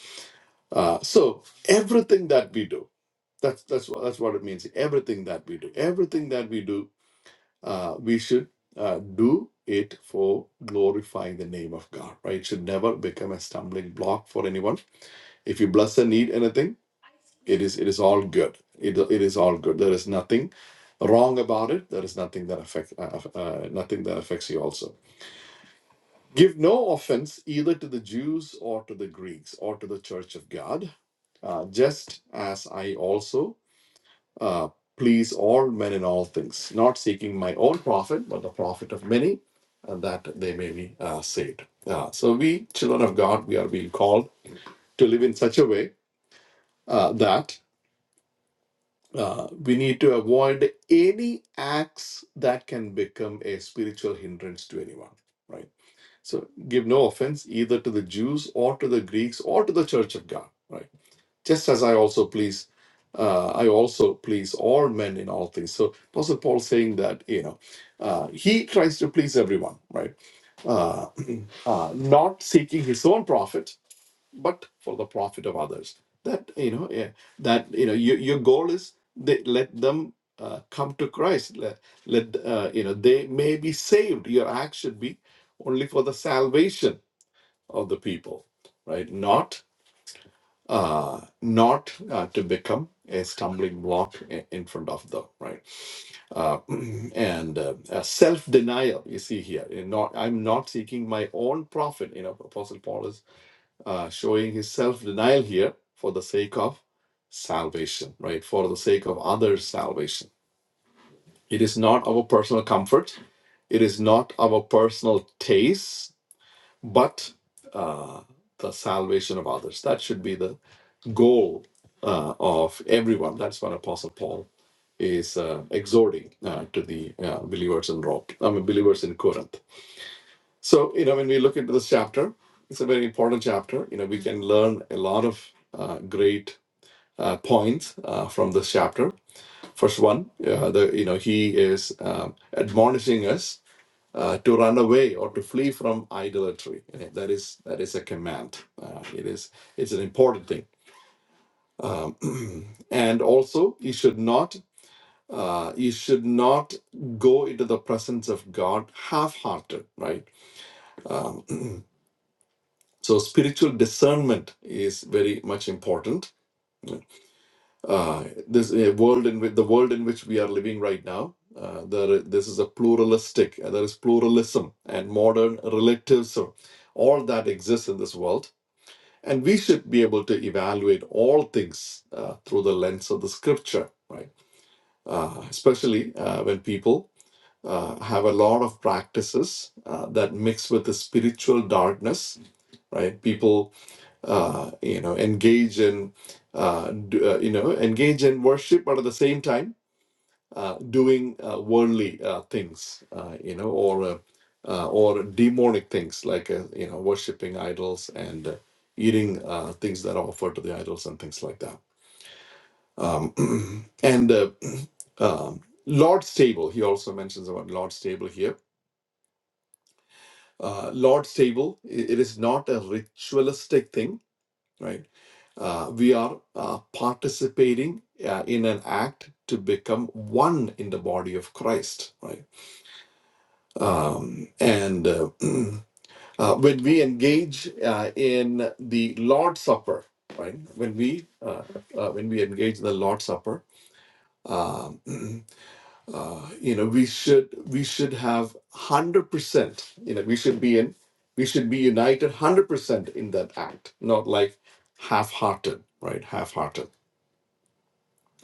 B: Uh, so everything that we do. That's that's what that's what it means. Everything that we do, everything that we do uh, we should uh, do it for glorifying the name of God, right? It should never become a stumbling block for anyone. If you bless and need anything, it is it is all good. It, it is all good. There is nothing wrong about it. There is nothing that affect uh, uh, uh, nothing that affects you. Also, give no offense either to the Jews or to the Greeks or to the Church of God, uh, just as I also uh, please all men in all things, not seeking my own profit, but the profit of many, and that they may be uh, saved. Uh, so, we, children of God, we are being called to live in such a way uh, that uh, we need to avoid any acts that can become a spiritual hindrance to anyone, right? So, give no offense either to the Jews or to the Greeks or to the church of God, right? just as I also please, uh, I also please all men in all things. So Apostle Paul saying that you know, uh, he tries to please everyone, right? Uh, uh, not seeking his own profit, but for the profit of others. That you know, yeah, that you know, your, your goal is that let them uh, come to Christ. Let, let uh, you know they may be saved. Your act should be only for the salvation of the people, right? Not uh, not uh, to become a stumbling block i- in front of them, right? Uh, and uh, uh, self denial, you see here. in Not, I'm not seeking my own profit. You know, Apostle Paul is uh, showing his self denial here for the sake of salvation, right? For the sake of others' salvation. It is not our personal comfort, it is not our personal taste, but uh, the salvation of others. That should be the goal uh, of everyone. That's what Apostle Paul is uh, exhorting uh, to the uh, believers in Rome. I mean, believers in Corinth. So you know, when we look into this chapter, it's a very important chapter. You know, we can learn a lot of uh, great uh, points uh, from this chapter. First one, uh, the you know, he is um, admonishing us. Uh, to run away or to flee from idolatry You know, that is that is a command uh, it is it's an important thing Um, and also, you should not uh, you should not go into the presence of God half-hearted, right? Um, so, spiritual discernment is very much important. Uh, this a world in which, the world in which we are living right now. Uh, there, this is a pluralistic. uh, There is pluralism and modern relativism. All that exists in this world, and we should be able to evaluate all things uh, through the lens of the Scripture, right? uh, especially uh, when people uh, have a lot of practices uh, that mix with the spiritual darkness, right? People, uh, you know, engage in, uh, do, uh, you know, engage in worship, but at the same time, uh, doing uh, worldly uh, things, uh, you know, or uh, uh, or demonic things like uh, you know, worshiping idols and uh, eating uh, things that are offered to the idols and things like that um, and uh, um, Lord's Table, he also mentions about Lord's Table here. Uh, Lord's Table, i- it is not a ritualistic thing, right? Uh, we are uh, participating uh, in an act to become one in the body of Christ, right? Um, and uh, uh, when we engage uh, in the Lord's Supper, right? When we uh, uh, when we engage in the Lord's Supper, um, uh, you know we should we should have 100% you know we should be in we should be united 100% in that act not like half-hearted right half-hearted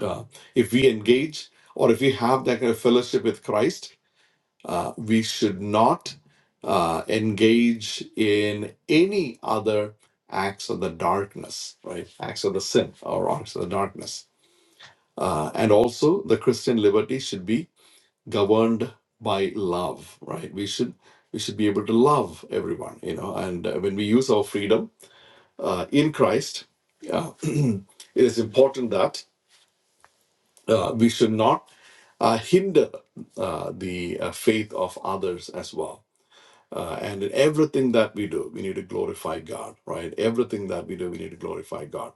B: uh, if we engage or if we have that kind of fellowship with christ uh, we should not uh, engage in any other acts of the darkness right acts of the sin or acts of the darkness uh, and also the christian liberty should be governed by love right we should we should be able to love everyone you know and uh, when we use our freedom uh, in christ uh, it is important that uh, we should not uh, hinder uh, the uh, faith of others as well uh, and in everything that we do we need to glorify god right everything that we do we need to glorify god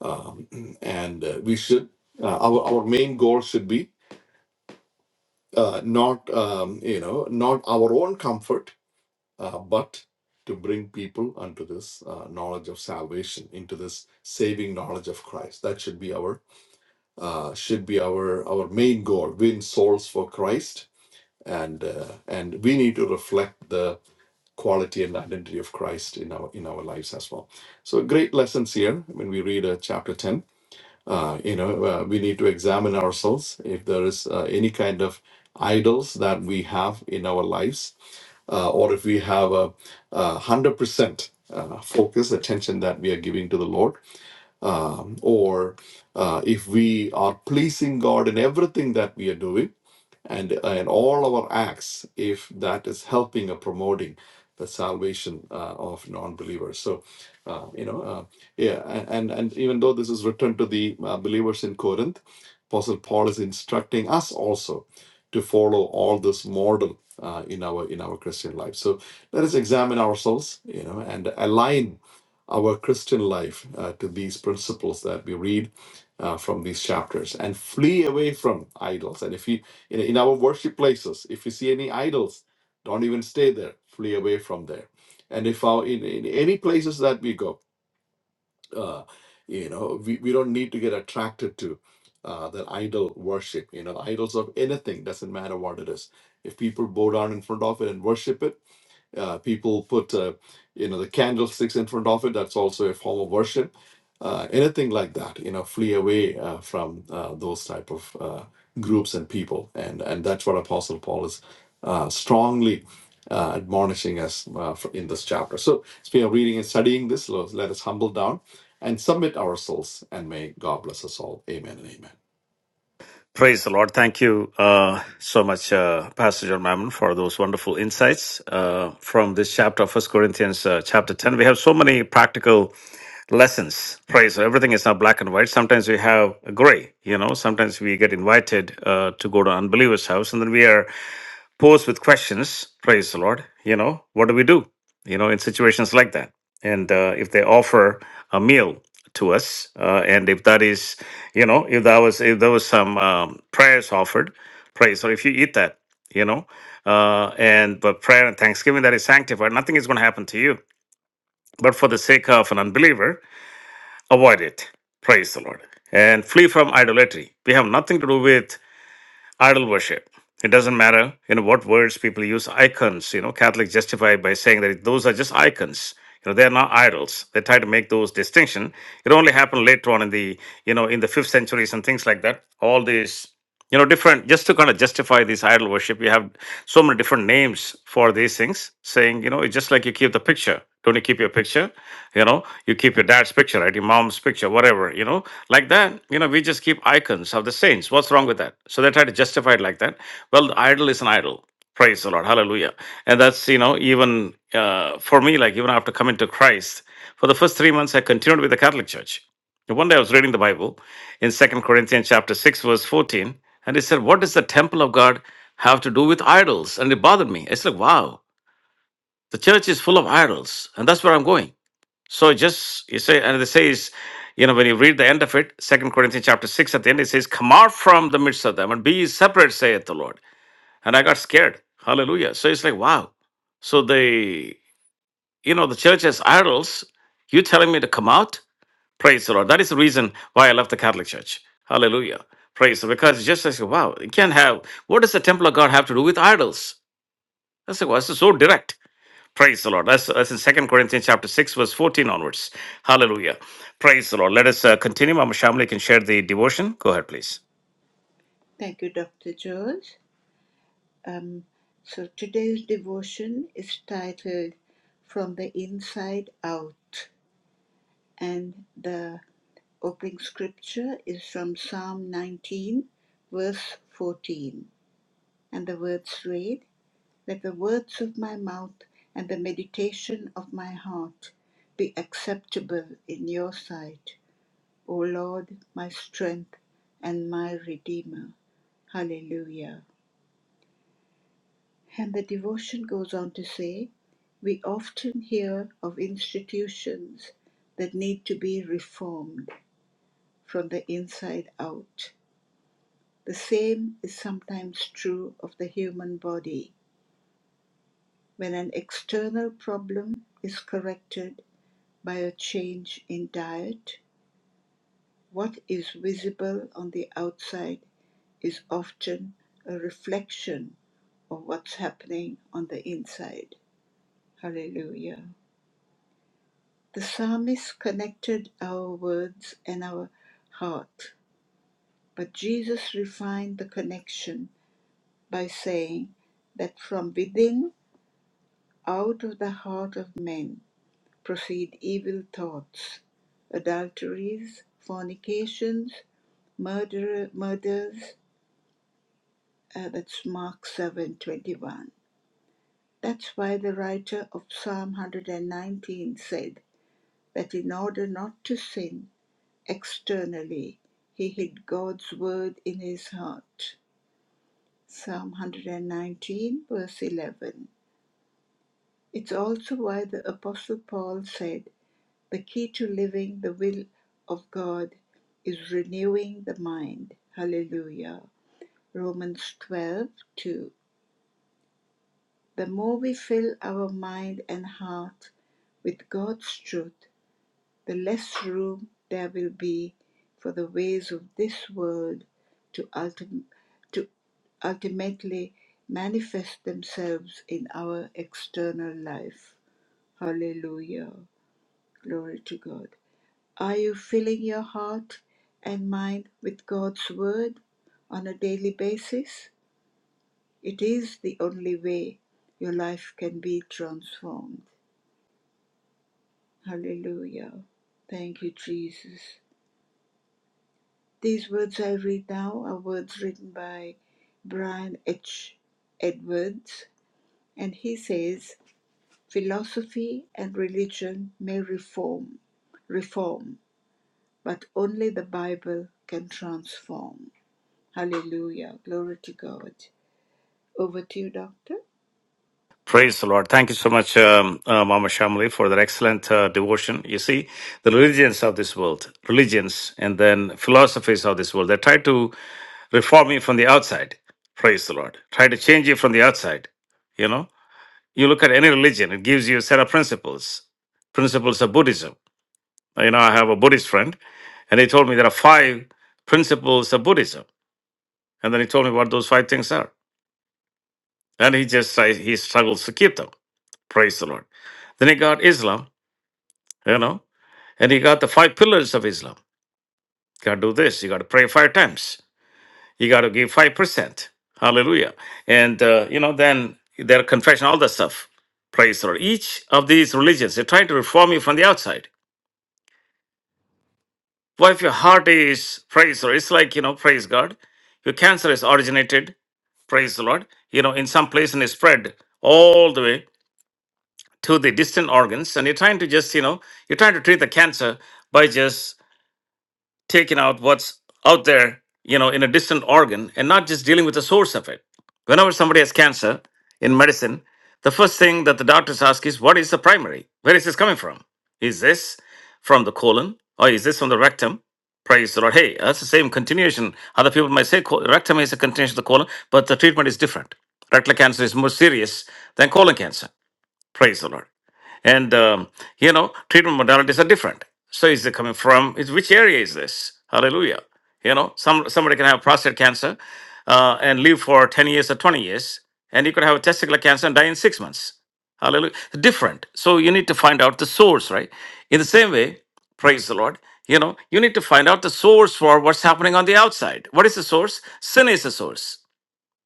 B: um, and uh, we should uh, our, our main goal should be uh, not um, you know not our own comfort uh, but to bring people unto this uh, knowledge of salvation, into this saving knowledge of Christ. That should be our uh, should be our our main goal: win souls for Christ, and uh, and we need to reflect the quality and identity of Christ in our in our lives as well. So great lessons here when we read uh, chapter ten uh, you know, uh, we need to examine ourselves if there is uh, any kind of idols that we have in our lives, uh, or if we have a, a 100% uh, focus, attention that we are giving to the Lord, um, or uh, if we are pleasing God in everything that we are doing and in all our acts if that is helping or promoting the salvation uh, of non-believers so uh, you know uh, yeah and and even though this is returned to the uh, believers in corinth apostle paul is instructing us also to follow all this model uh, in our in our christian life so let us examine ourselves you know and align our christian life uh, to these principles that we read uh, from these chapters and flee away from idols and if you in, in our worship places if you see any idols don't even stay there flee away from there and if our in, in any places that we go uh, you know we, we don't need to get attracted to uh, that idol worship you know the idols of anything doesn't matter what it is if people bow down in front of it and worship it uh, people put, uh, you know, the candlesticks in front of it. That's also a form of worship. Uh, anything like that, you know, flee away uh, from uh, those type of uh, groups and people, and and that's what Apostle Paul is uh, strongly uh, admonishing us uh, for- in this chapter. So, as we are reading and studying this, let let us humble down and submit ourselves, and may God bless us all. Amen and amen.
A: Praise the Lord. Thank you uh, so much, uh, Pastor John Mammon, for those wonderful insights uh, from this chapter of First Corinthians, uh, chapter 10. We have so many practical lessons right so everything is not black and white sometimes we have gray you know sometimes we get invited uh, to go to unbelievers house and then we are posed with questions praise the lord you know what do we do you know in situations like that and uh, if they offer a meal to us uh, and if that is you know if that was if there was some um, prayers offered praise so if you eat that you know uh, and but prayer and thanksgiving that is sanctified nothing is going to happen to you but for the sake of an unbeliever Avoid it. Praise the Lord. And flee from idolatry. We have nothing to do with idol worship. It doesn't matter, you know, what words people use. Icons, you know, Catholics justify by saying that those are just icons. You know, they are not idols. They try to make those distinction. It only happened later on in the, you know, in the fifth centuries and things like that. All these, you know, different just to kind of justify this idol worship. You have so many different names for these things, saying, you know, it's just like you keep the picture. Don't you keep your picture? you know you keep your dad's picture right your mom's picture whatever you know like that you know we just keep icons of the saints what's wrong with that so they try to justify it like that well the idol is an idol praise the lord hallelujah and that's you know even uh, for me like even after coming to christ for the first three months i continued with the catholic church And one day i was reading the bible in second corinthians chapter 6 verse 14 and it said what does the temple of god have to do with idols and it bothered me it's like wow the church is full of idols and that's where i'm going so just you say, and it says, you know, when you read the end of it, Second Corinthians chapter six at the end, it says, "Come out from the midst of them and be ye separate," saith the Lord. And I got scared. Hallelujah. So it's like, wow. So the you know the church has idols. You telling me to come out? Praise the Lord. That is the reason why I left the Catholic Church. Hallelujah. Praise the because it's just like wow, you can't have. What does the temple of God have to do with idols? That's like, well, this is so direct. Praise the Lord. That's, that's in Second Corinthians chapter 6, verse 14 onwards. Hallelujah. Praise the Lord. Let us uh, continue. Mama Shamli can share the devotion. Go ahead, please.
C: Thank you, Dr. George. Um, so today's devotion is titled From the Inside Out, and the Opening scripture is from Psalm 19, verse 14, and the words read, Let the words of my mouth and the meditation of my heart be acceptable in your sight, O Lord, my strength and my redeemer. Hallelujah. And the devotion goes on to say, We often hear of institutions that need to be reformed from the inside out. The same is sometimes true of the human body when an external problem is corrected by a change in diet. What is visible on the outside is often a reflection of what's happening on the inside. Hallelujah. The psalmist connected our words and our heart, but Jesus refined the connection by saying that from within Out of the heart of men proceed evil thoughts, adulteries, fornications, murder, murders. Uh, that's Mark seven twenty one. That's why the writer of Psalm 119 said that in order not to sin externally, he hid God's word in his heart. Psalm 119, verse 11. It's also why the Apostle Paul said The key to living the will of God is renewing the mind. Hallelujah. Romans 12 2. The more we fill our mind and heart with God's truth, the less room there will be for the ways of this world to, ultim- to ultimately manifest themselves in our external life. Hallelujah. Glory to God. Are you filling your heart and mind with God's Word on a daily basis? It is the only way your life can be transformed. Hallelujah. Thank you, Jesus. These words I read now are words written by Brian H. Edwards, and he says, Philosophy and religion may reform, reform, but only the Bible can transform. Hallelujah. Glory to God. Over to you, Doctor.
A: Praise the Lord. Thank you so much, um, uh, Mama Shamli, for that excellent uh, devotion. You see, the religions of this world, religions and then philosophies of this world, they try to reform you from the outside. Praise the Lord. Try to change you from the outside. You know, you look at any religion, it gives you a set of principles, principles of Buddhism You know, I have a Buddhist friend, and he told me there are five principles of Buddhism, and then he told me what those five things are, and he just I, he struggles to keep them. Praise the Lord. Then he got Islam, you know, and he got the five pillars of Islam. You got to do this. You got to pray five times. You got to give five percent. Hallelujah. And uh, you know, then their confession, all that stuff. Praise the Lord. Each of these religions, they're trying to reform you from the outside. Well, if your heart is praise the Lord, it's like you know, praise God. Your cancer is originated, praise the Lord. You know, in some place and it spread all the way to the distant organs, and you're trying to just you know, you're trying to treat the cancer by just taking out what's out there, you know, in a distant organ and not just dealing with the source of it. Whenever somebody has cancer in medicine, the first thing that the doctors ask is, what is the primary? Where is this coming from? Is this from the colon or is this from the rectum? Praise the Lord. Hey, that's the same continuation. Other people might say col- rectum is a continuation of the colon, but the treatment is different. Rectal cancer is more serious than colon cancer. Praise the Lord and um, you know treatment modalities are different so is it coming from is which area is this hallelujah you know some somebody can have prostate cancer uh, and live for 10 years or 20 years and you could have testicular cancer and die in six months hallelujah different so you need to find out the source right in the same way praise the lord you know you need to find out the source for what's happening on the outside what is the source sin is the source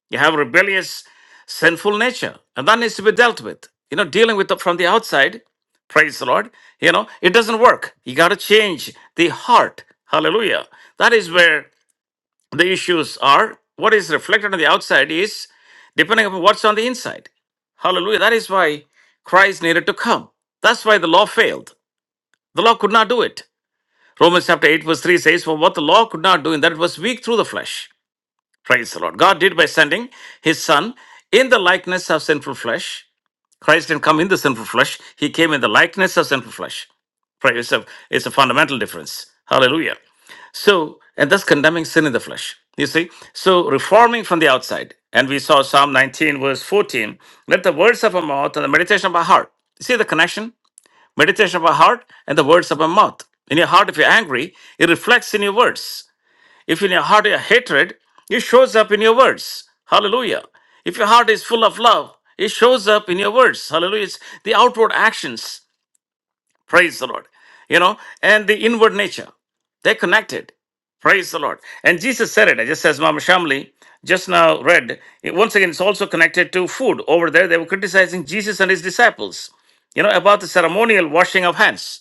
A: you have rebellious, sinful nature, and that needs to be dealt with. You know, dealing with it from the outside, praise the Lord, you know, it doesn't work. You got to change the heart. Hallelujah. That is where the issues are. What is reflected on the outside is depending upon what's on the inside. Hallelujah. That is why Christ needed to come. That's why the law failed. The law could not do it. Romans chapter 8, verse 3 says, For what the law could not do, in that it was weak through the flesh. Praise the Lord. God did by sending his son in the likeness of sinful flesh. Christ didn't come in the sinful flesh, he came in the likeness of sinful flesh. Praise it's a, it's a fundamental difference. Hallelujah. So, and thus condemning sin in the flesh. You see? So, reforming from the outside. And we saw Psalm 19, verse 14. Let the words of our mouth and the meditation of our heart. See the connection? Meditation of our heart and the words of our mouth. In your heart, if you're angry, it reflects in your words. If in your heart you hatred, it shows up in your words. Hallelujah. If your heart is full of love, it shows up in your words. Hallelujah. It's the outward actions. Praise the Lord. You know, and the inward nature. They're connected. Praise the Lord. And Jesus said it, just as Mama Shamli just now read. It- Once again, it's also connected to food. Over there, they were criticizing Jesus and his disciples, you know, about the ceremonial washing of hands.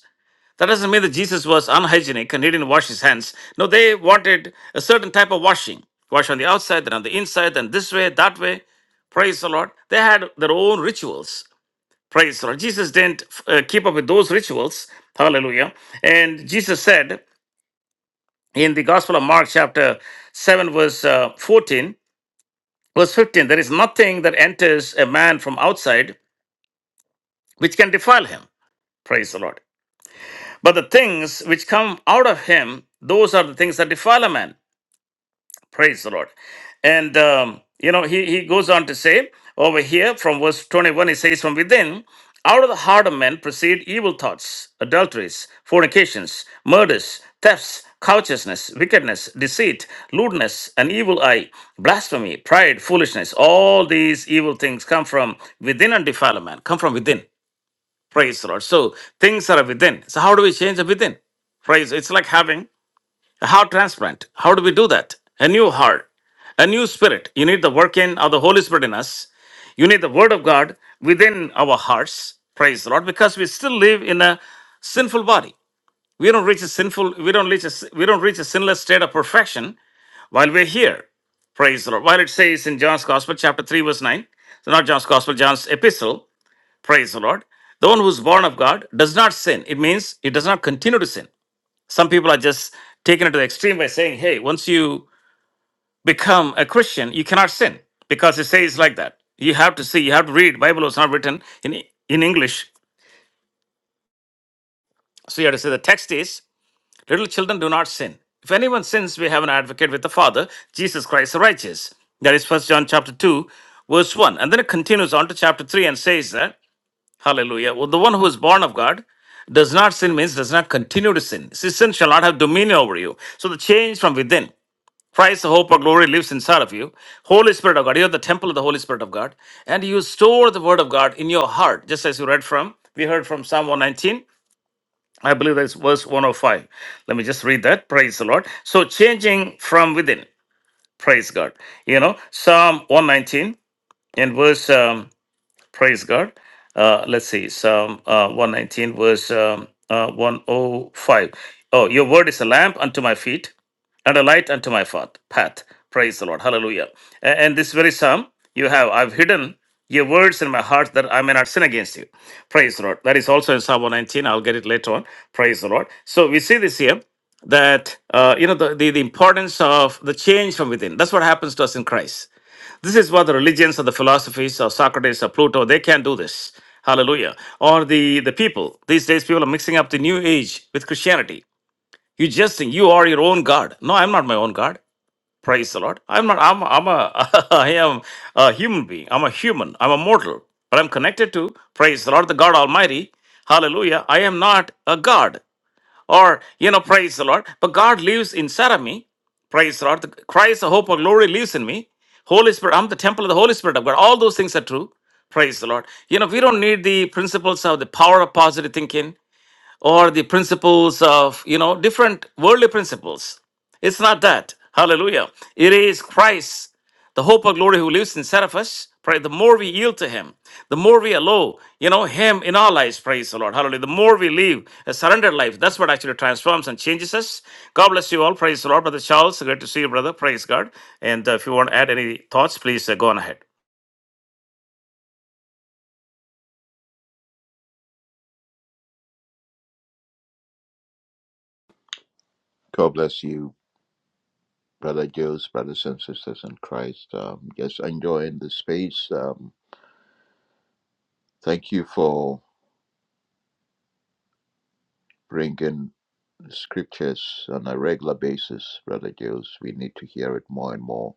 A: That doesn't mean that Jesus was unhygienic and he didn't wash his hands. No, they wanted a certain type of washing. Wash on the outside, then on the inside, then this way, that way. Praise the Lord. They had their own rituals. Praise the Lord. Jesus didn't uh, keep up with those rituals. Hallelujah. And Jesus said in the Gospel of Mark, chapter 7, verse uh, 14, verse 15, there is nothing that enters a man from outside which can defile him. Praise the Lord. But the things which come out of him, those are the things that defile a man. Praise the Lord. And, um, you know, he, he goes on to say over here from verse 21, he says, From within, out of the heart of men proceed evil thoughts, adulteries, fornications, murders, thefts, covetousness, wickedness, deceit, lewdness, an evil eye, blasphemy, pride, foolishness. All these evil things come from within and defile a man, come from within. Praise the Lord. So things are within. So how do we change the within? Praise. It's like having a heart transplant. How do we do that? A new heart, a new spirit. You need the working of the Holy Spirit in us. You need the Word of God within our hearts. Praise the Lord, because we still live in a sinful body. We don't reach a sinful. We don't reach a. We don't reach a sinless state of perfection while we're here. Praise the Lord. While it says in John's Gospel, chapter 3, verse 9, so not John's Gospel, John's Epistle, praise the Lord, the one who's born of God does not sin. It means he does not continue to sin. Some people are just taken it to the extreme by saying, hey, once you become a Christian, you cannot sin because it says like that. You have to see, you have to read. Bible was not written in, in English. So you have to say the text is, little children do not sin. If anyone sins, we have an advocate with the Father, Jesus Christ the righteous. That is First John chapter 2, verse 1. And then it continues on to chapter 3 and says that, hallelujah, well, the one who is born of God does not sin means does not continue to sin. Sin shall not have dominion over you. So the change from within. Christ, the hope of glory, lives inside of you. Holy Spirit of God, you're the temple of the Holy Spirit of God, and you store the Word of God in your heart, just as you read from, we heard from Psalm 119. I believe that's verse 105. Let me just read that. Praise the Lord. So, changing from within. Praise God. You know, Psalm 119 in verse. um, Praise God. Uh, let's see, Psalm uh, 119, verse um, uh, 105. Oh, five. Oh, your word is a lamp unto my feet and a light unto my path. path. Praise the Lord. Hallelujah. A- And, this very psalm you have, I've hidden your words in my heart that I may not sin against you. Praise the Lord. That is also in Psalm 119. I'll get it later on. Praise the Lord. So we see this here that, uh, you know, the, the, the importance of the change from within. That's what happens to us in Christ. This is what the religions or the philosophies of Socrates or Plato, they can't do this. Hallelujah. Or the, the people. These days, people are mixing up the new age with Christianity. You just think you are your own God. No, I'm not my own God. Praise the Lord. I'm not, I'm, I'm a, I am a human being. I'm a human. I'm a mortal. But I'm connected to, praise the Lord, the God Almighty. Hallelujah. I am not a God or you know praise the lord but god lives inside of me praise the lord the christ the hope of glory lives in me holy spirit i'm the temple of the holy spirit of god all those things are true praise the lord you know we don't need the principles of the power of positive thinking or the principles of, you know, different worldly principles. It's not that. Hallelujah. It is Christ, the hope of glory who lives inside of us. Pray the more we yield to him, the more we allow, you know, him in our lives. Praise the Lord. Hallelujah. The more we live a surrendered life, that's what actually transforms and changes us. God bless you all. Praise the Lord. Brother Charles, great to see you, brother. Praise God. And uh, if you want to add any thoughts, please uh, go on ahead.
D: God bless you, brother Jules, brothers and sisters in Christ. Um, just enjoying the space. Um, thank you for bringing scriptures on a regular basis, brother Jules. We need to hear it more and more.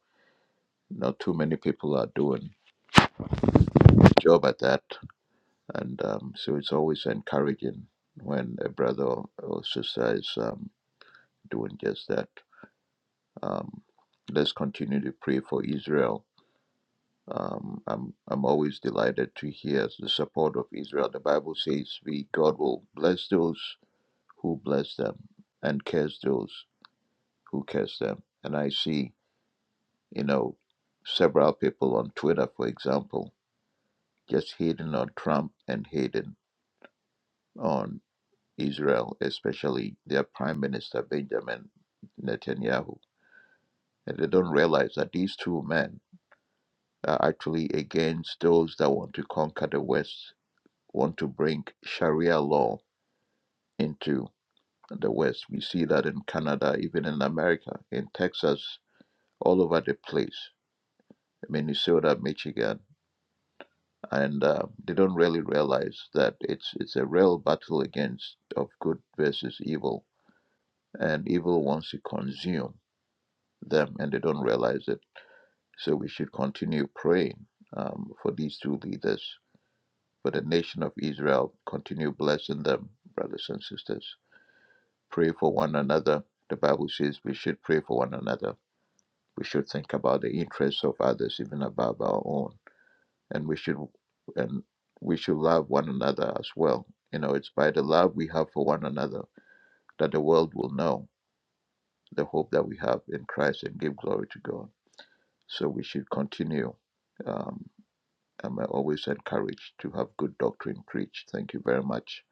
D: Not too many people are doing a job at that, and um, so it's always encouraging when a brother or sister is um, doing just that. Um, let's continue to pray for Israel Um, I'm I'm always delighted to hear the support of Israel. The Bible says, "We God will bless those who bless them, and curse those who curse them." And I see, you know, several people on Twitter, for example, just hating on Trump and hating on Israel, especially their Prime Minister Benjamin Netanyahu. And they don't realize that these two men are actually against those that want to conquer the West want to bring Sharia law into the West. We see that in Canada, even in America, in Texas, all over the place, Minnesota, Michigan, and uh, they don't really realize that it's it's a real battle against of good versus evil, and evil wants to consume them, and they don't realize it. So we should continue praying um, for these two leaders, for the nation of Israel. Continue blessing them, brothers and sisters. Pray for one another. The Bible says we should pray for one another. We should think about the interests of others even above our own. And we should and we should love one another as well. You know, it's by the love we have for one another that the world will know the hope that we have in Christ and give glory to God. So we should continue. Um, I'm always encouraged to have good doctrine preached. Thank you very much,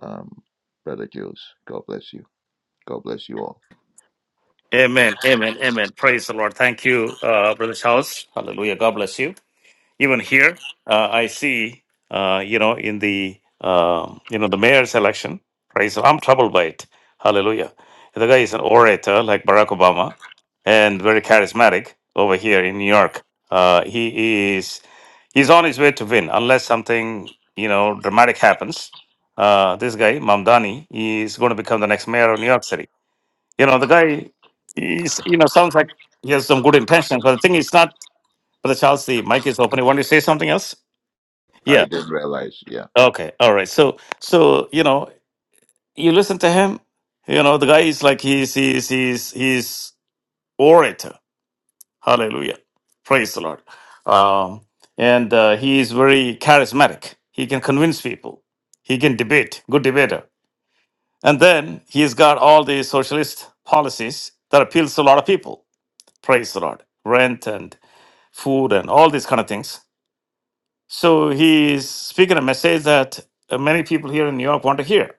D: um, Brother Jules. God bless you. God bless you all.
A: Amen. Amen. Amen. Praise the Lord. Thank you, uh, Brother Charles. Hallelujah. God bless you. even here uh, i see uh, you know in the um you know the mayor's election praise i'm troubled by it hallelujah the guy is an orator like barack obama and very charismatic over here in new york uh, he is he's on his way to win unless something you know dramatic happens uh, this guy mamdani is going to become the next mayor of new york city you know the guy is you know sounds like he has some good intentions but the thing is not Brother Charles, the mic is open. You want to say something else?
D: I
A: Yeah.
D: didn't realize. Yeah.
A: Okay. All right. So, so you know, you listen to him. You know, the guy is like he's he's he's he's orator. Hallelujah. Praise the Lord. Um, and uh, he is very charismatic. He can convince people. He can debate. Good debater. And then he's got all the socialist policies that appeals to a lot of people. Praise the Lord. Rent and food and all these kind of things So he's speaking a message that uh, many people here in New York want to hear.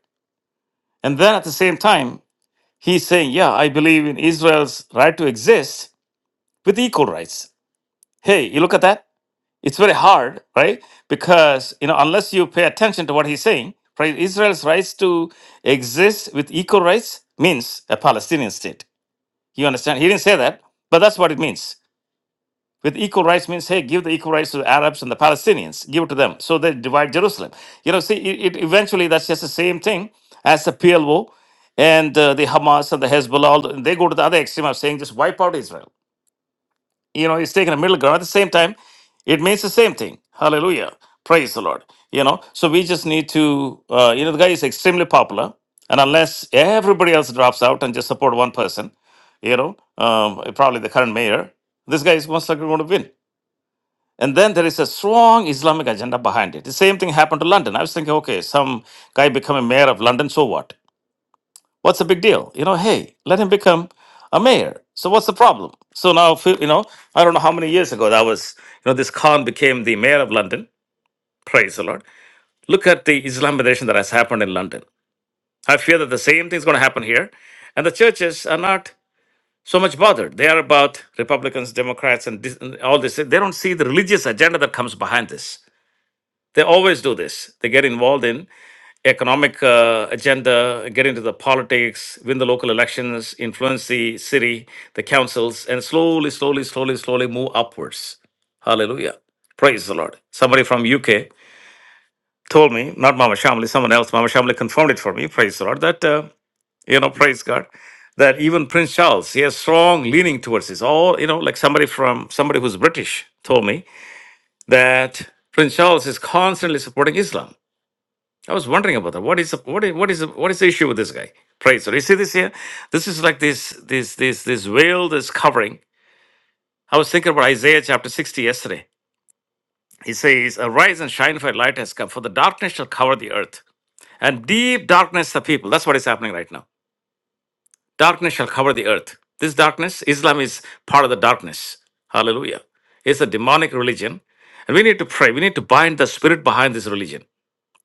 A: And then at the same time, he's saying, Yeah, I believe in Israel's right to exist with equal rights. Hey, you look at that? It's very hard, right? Because, you know, unless you pay attention to what he's saying, right? Israel's rights to exist with equal rights means a Palestinian state. You understand? He didn't say that, but that's what it means. With equal rights means, hey, give the equal rights to the Arabs and the Palestinians. Give it to them. So they divide Jerusalem. You know, see, it, it eventually that's just the same thing as the PLO and uh, the Hamas and the Hezbollah. All the, they go to the other extreme of saying just wipe out Israel. You know, it's taking a middle ground. At the same time, it means the same thing. Hallelujah. Praise the Lord. You know, so we just need to, uh, you know, the guy is extremely popular. And unless everybody else drops out and just support one person, you know, um, probably the current mayor, this guy is most likely going to win. And then there is a strong Islamic agenda behind it. The same thing happened to London. I was thinking, okay, some guy become a mayor of London, so what? What's the big deal? You know, hey, let him become a mayor. So what's the problem? So now, if you you know, I don't know how many years ago that was, you know, this Khan became the mayor of London. Praise the Lord. Look at the Islamization that has happened in London. I fear that the same thing is going to happen here. And the churches are not so much bothered. They are about Republicans, Democrats, and dis- and all this. They don't see the religious agenda that comes behind this. They always do this. They get involved in economic uh, agenda, get into the politics, win the local elections, influence the city, the councils, and slowly, slowly, slowly, slowly move upwards. Hallelujah. Praise the Lord. Somebody from UK told me, not Mama Shamli, someone else, Mama Shamli confirmed it for me, praise the Lord, that, uh, you know, praise God, that even Prince Charles, he has strong leaning towards this. All, you know, like somebody from, somebody who's British told me that Prince Charles is constantly supporting Islam. I was wondering about that. What is the, what is what is the, what is the issue with this guy? Praise the Lord. You see this here? This is like this this this this veil that's covering. I was thinking about Isaiah chapter 60 yesterday. He says, Arise and shine for your light has come, for the darkness shall cover the earth. And deep darkness the people. That's what is happening right now. Darkness shall cover the earth. This darkness, Islam is part of the darkness. Hallelujah. It's a demonic religion. And we need to pray. We need to bind the spirit behind this religion.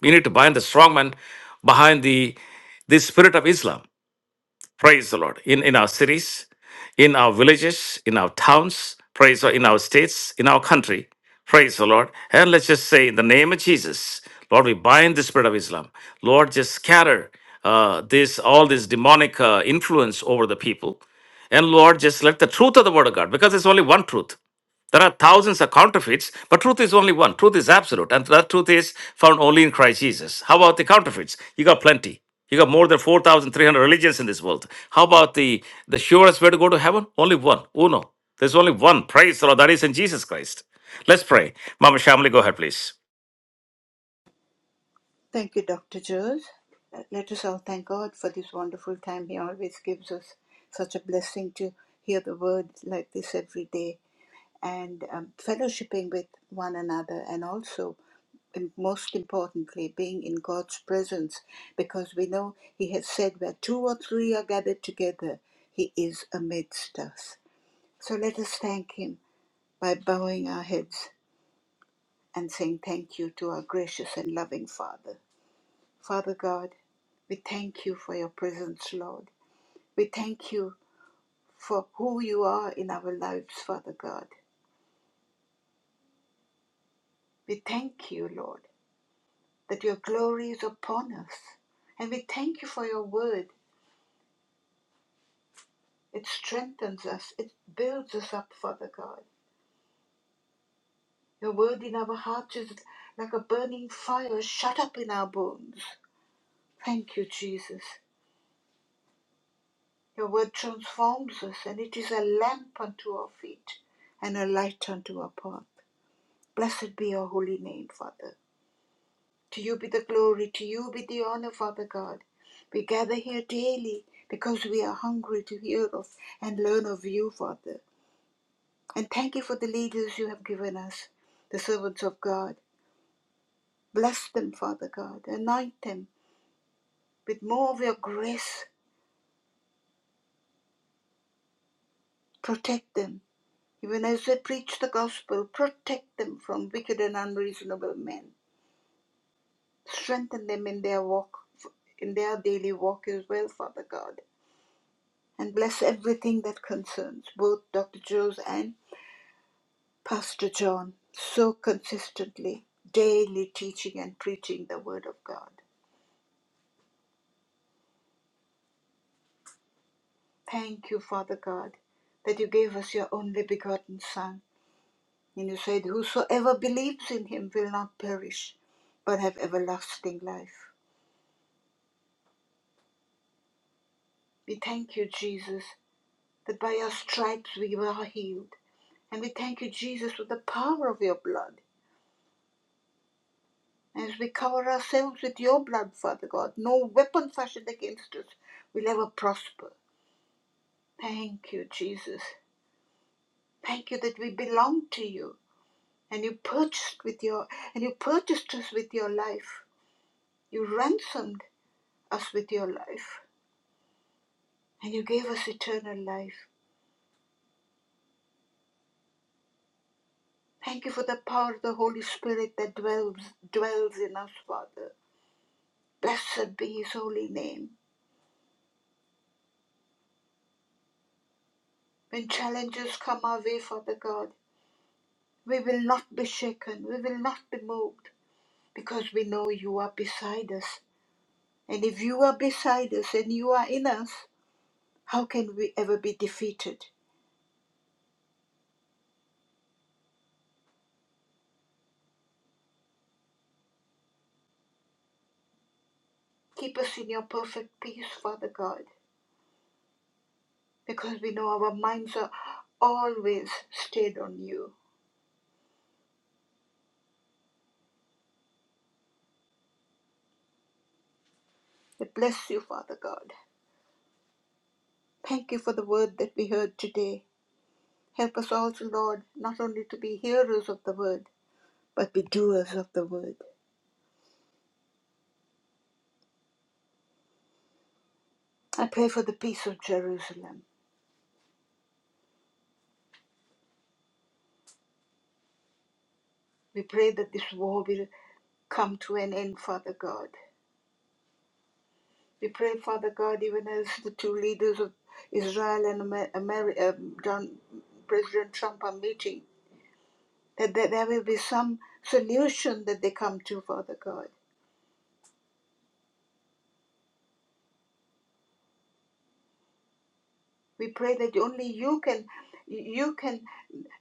A: We need to bind the strong man behind the, the spirit of Islam. Praise the Lord. In, in our cities, in our villages, in our towns, praise the Lord, in our states, in our country. Praise the Lord. And let's just say, in the name of Jesus, Lord, we bind the spirit of Islam. Lord, just scatter uh, this all this demonic uh, influence over the people. And Lord, just let the truth of the word of God, because it's only one truth. There are thousands of counterfeits, but truth is only one. Truth is absolute, and that truth is found only in Christ Jesus. How about the counterfeits? You got plenty. You got more than 4,300 religions in this world. How about the, the surest way to go to heaven? Only one. Uno. There's only one. Praise the Lord. That is in Jesus Christ. Let's pray. Mama Shamli, go ahead, please.
C: Thank you, Dr. Jones. Uh, Let us all thank God for this wonderful time. He always gives us such a blessing to hear the word like this every day and um, fellowshipping with one another and also and most importantly, being in God's presence, because we know He has said, Where two or three are gathered together, He is amidst us. So let us thank Him by bowing our heads and saying thank you to our gracious and loving Father. Father God, we thank you for your presence, Lord. We thank you for who you are in our lives, Father God. We thank you, Lord, that your glory is upon us. And we thank you for your word. It strengthens us, it builds us up, Father God. Your word in our hearts is like a burning fire shut up in our bones. Thank you, Jesus. Your word transforms us, and it is a lamp unto our feet and a light unto our path. Blessed be your holy name, Father. To you be the glory, to you be the honor, Father God. We gather here daily because we are hungry to hear of and learn of you, Father. And thank you for the leaders you have given us, the servants of God. Bless them, Father God. Anoint them with more of your grace. Protect them Even as they preach the gospel, protect them from wicked and unreasonable men. Strengthen them in their walk, in their daily walk as well, Father God. And bless everything that concerns both Dr. Joe's and Pastor John so consistently, daily teaching and preaching the Word of God. Thank you, Father God, that you gave us your only begotten Son. And you said, Whosoever believes in him will not perish, but have everlasting life. We thank you, Jesus, that by your stripes we were healed. And we thank you, Jesus, for the power of your blood. And as we cover ourselves with your blood, Father God, no weapon fashioned against us will ever prosper. Thank you, Jesus. Thank you that we belong to you. And you purchased with your and you purchased us with your life. You ransomed us with your life. And you gave us eternal life. Thank you for the power of the Holy Spirit that dwells dwells in us, Father. Blessed be his holy name. When challenges come our way, Father God, we will not be shaken. We will not be moved because we know you are beside us. And if you are beside us and you are in us, how can we ever be defeated? Keep us in your perfect peace, Father God, because we know our minds are always stayed on you. We bless you, Father God. Thank you for the word that we heard today. Help us also, Lord, not only to be hearers of the word, but be doers of the word. I pray for the peace of Jerusalem. We pray that this war will come to an end, Father God. We pray, Father God, even as the two leaders of Israel and Amer- um, John, President Trump are meeting, that there there will be some solution that they come to, Father God. We pray that only you can, you can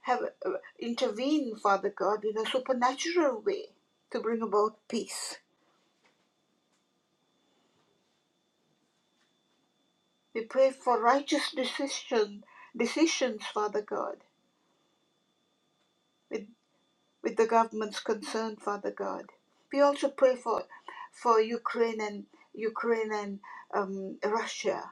C: have uh, intervene, Father God, in a supernatural way to bring about peace. We pray for righteous decision, decisions, Father God, with, with the government's concern, Father God. We also pray for, for Ukraine and Ukraine and um, Russia.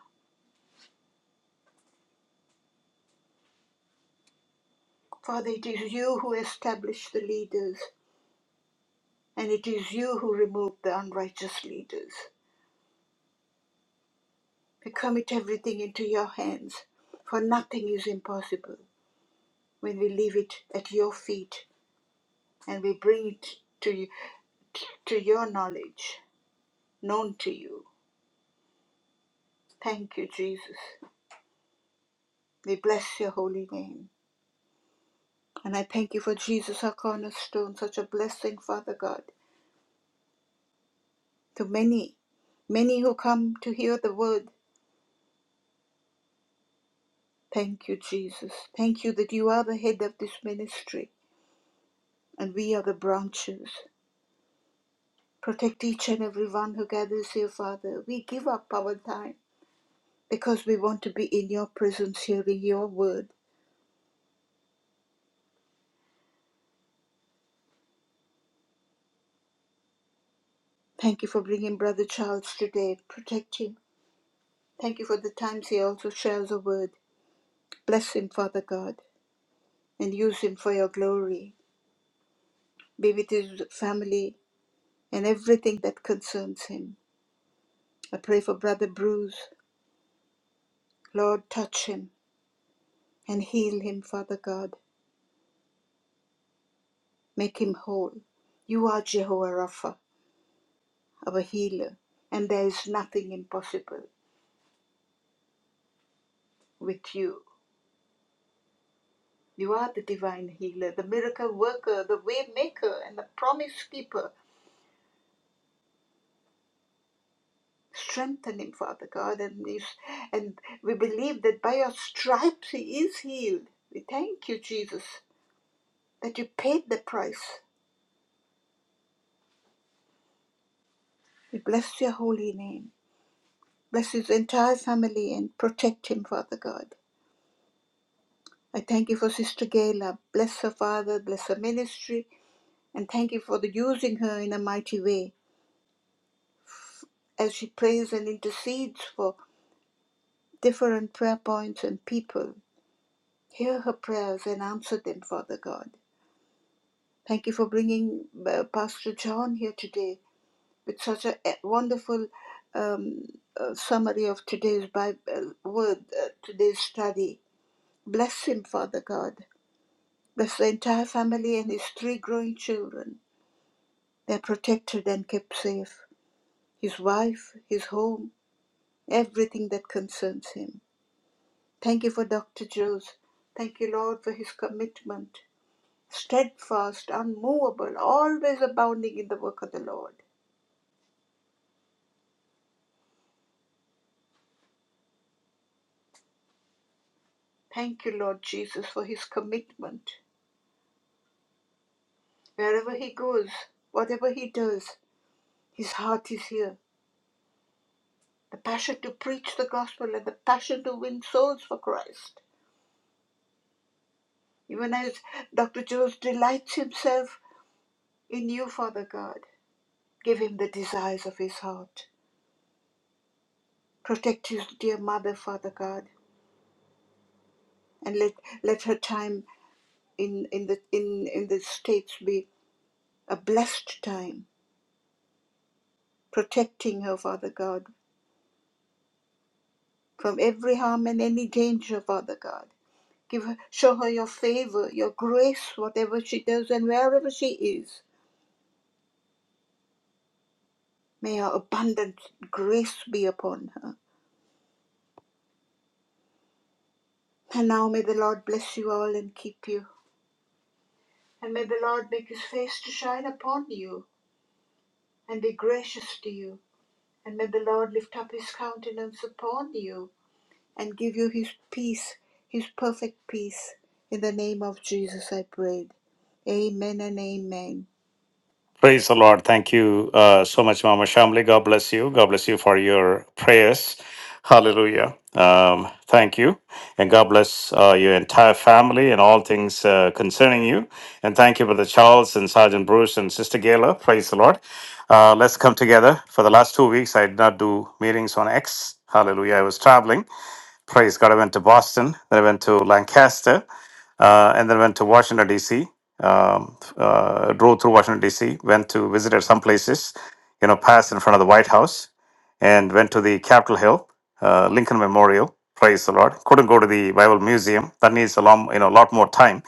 C: Father, it is you who establish the leaders, and it is you who remove the unrighteous leaders. We commit everything into your hands, for nothing is impossible when we leave it at your feet and we bring it to, you, to your knowledge, known to you. Thank you, Jesus. We bless your holy name. And I thank you for Jesus, our cornerstone, such a blessing, Father God, to many, many who come to hear the word. Thank you, Jesus. Thank you that you are the head of this ministry and we are the branches. Protect each and every one who gathers here, Father. We give up our time because we want to be in your presence, hearing your word. Thank you for bringing Brother Charles today. Protect him. Thank you for the times he also shares a word. Bless him, Father God, and use him for your glory. Be with his family and everything that concerns him. I pray for Brother Bruce. Lord, touch him and heal him, Father God. Make him whole. You are Jehovah Rapha, our healer, and there is nothing impossible with you. You are the divine healer, the miracle worker, the way maker, and the promise keeper. Strengthening, Father God, and is and we believe that by your stripes he is healed. We thank you, Jesus, that you paid the price. We bless your holy name. Bless his entire family and protect him, Father God. I thank you for Sister Gayla. Bless her, Father. Bless her ministry. And thank you for the using her in a mighty way as she prays and intercedes for different prayer points and people. Hear her prayers and answer them, Father God. Thank you for bringing uh, Pastor John here today with such a a wonderful um, uh, summary of today's Bible word, uh, today's study. Bless him, Father God. Bless the entire family and his three growing children. They're protected and kept safe. His wife, his home, everything that concerns him. Thank you for Dr. Jules. Thank you, Lord, for his commitment, steadfast, unmovable, always abounding in the work of the Lord. Thank you, Lord Jesus, for his commitment. Wherever he goes, whatever he does, his heart is here. The passion to preach the gospel and the passion to win souls for Christ. Even as Dr. Jones delights himself in you, Father God, give him the desires of his heart. Protect his dear mother, Father God, and let, let her time in, in, the, in, in the States be a blessed time, protecting her, Father God, from every harm and any danger, Father God. Give her, show her your favor, your grace, whatever she does and wherever she is. May your abundant grace be upon her. And now may the Lord bless you all and keep you. And may the Lord make his face to shine upon you and be gracious to you. And may the Lord lift up his countenance upon you and give you his peace, his perfect peace. In the name of Jesus I prayed. Amen and amen.
A: Um, thank you. And God bless uh, your entire family and all things uh, concerning you. And thank you, Brother Charles and Sergeant Bruce and Sister Gayla. Praise the Lord. Uh, let's come together. For the last two weeks, I did not do meetings on X. Hallelujah. I was traveling. Praise God. I went to Boston, then I went to Lancaster, uh, and then went to Washington, D.C. Um, uh, drove through Washington, D.C., went to visited some places, you know, passed in front of the White House and went to the Capitol Hill, uh, Lincoln Memorial. Praise the Lord. Couldn't go to the Bible Museum. That needs a long, you know, a lot more time.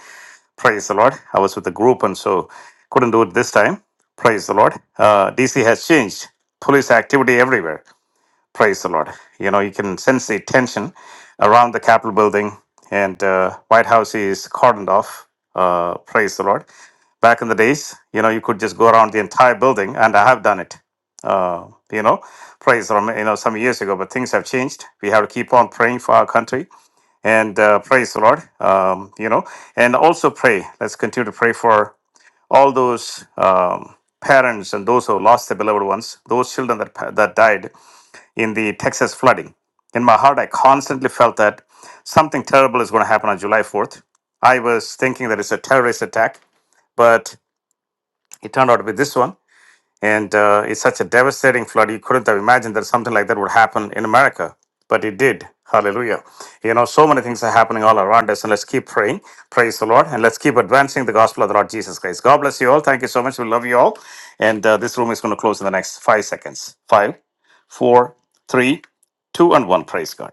A: Praise the Lord. I was with a group and so couldn't do it this time. Praise the Lord. Uh, DC has changed. Police activity everywhere. Praise the Lord. You know, you can sense the tension around the Capitol building, and uh, White House is cordoned off. Uh, praise the Lord. Back in the days, you know, you could just go around the entire building, and I have done it. Uh, you know, praise the Lord. You know, some years ago, but things have changed. We have to keep on praying for our country, and uh, praise the Lord. Um, you know, and also pray. Let's continue to pray for all those um, parents and those who lost their beloved ones, those children that pa- that died in the Texas flooding. In my heart, I constantly felt that something terrible is going to happen on July 4th. I was thinking that it's a terrorist attack, but it turned out to be this one. And uh, it's such a devastating flood. You couldn't have imagined that something like that would happen in America, but it did. Hallelujah. You know, so many things are happening all around us, and let's keep praying. Praise the Lord. And let's keep advancing the gospel of the Lord Jesus Christ. God bless you all. Thank you so much. We love you all. And uh, this room is going to close in the next five seconds. Five, four, three, two, and one. Praise God.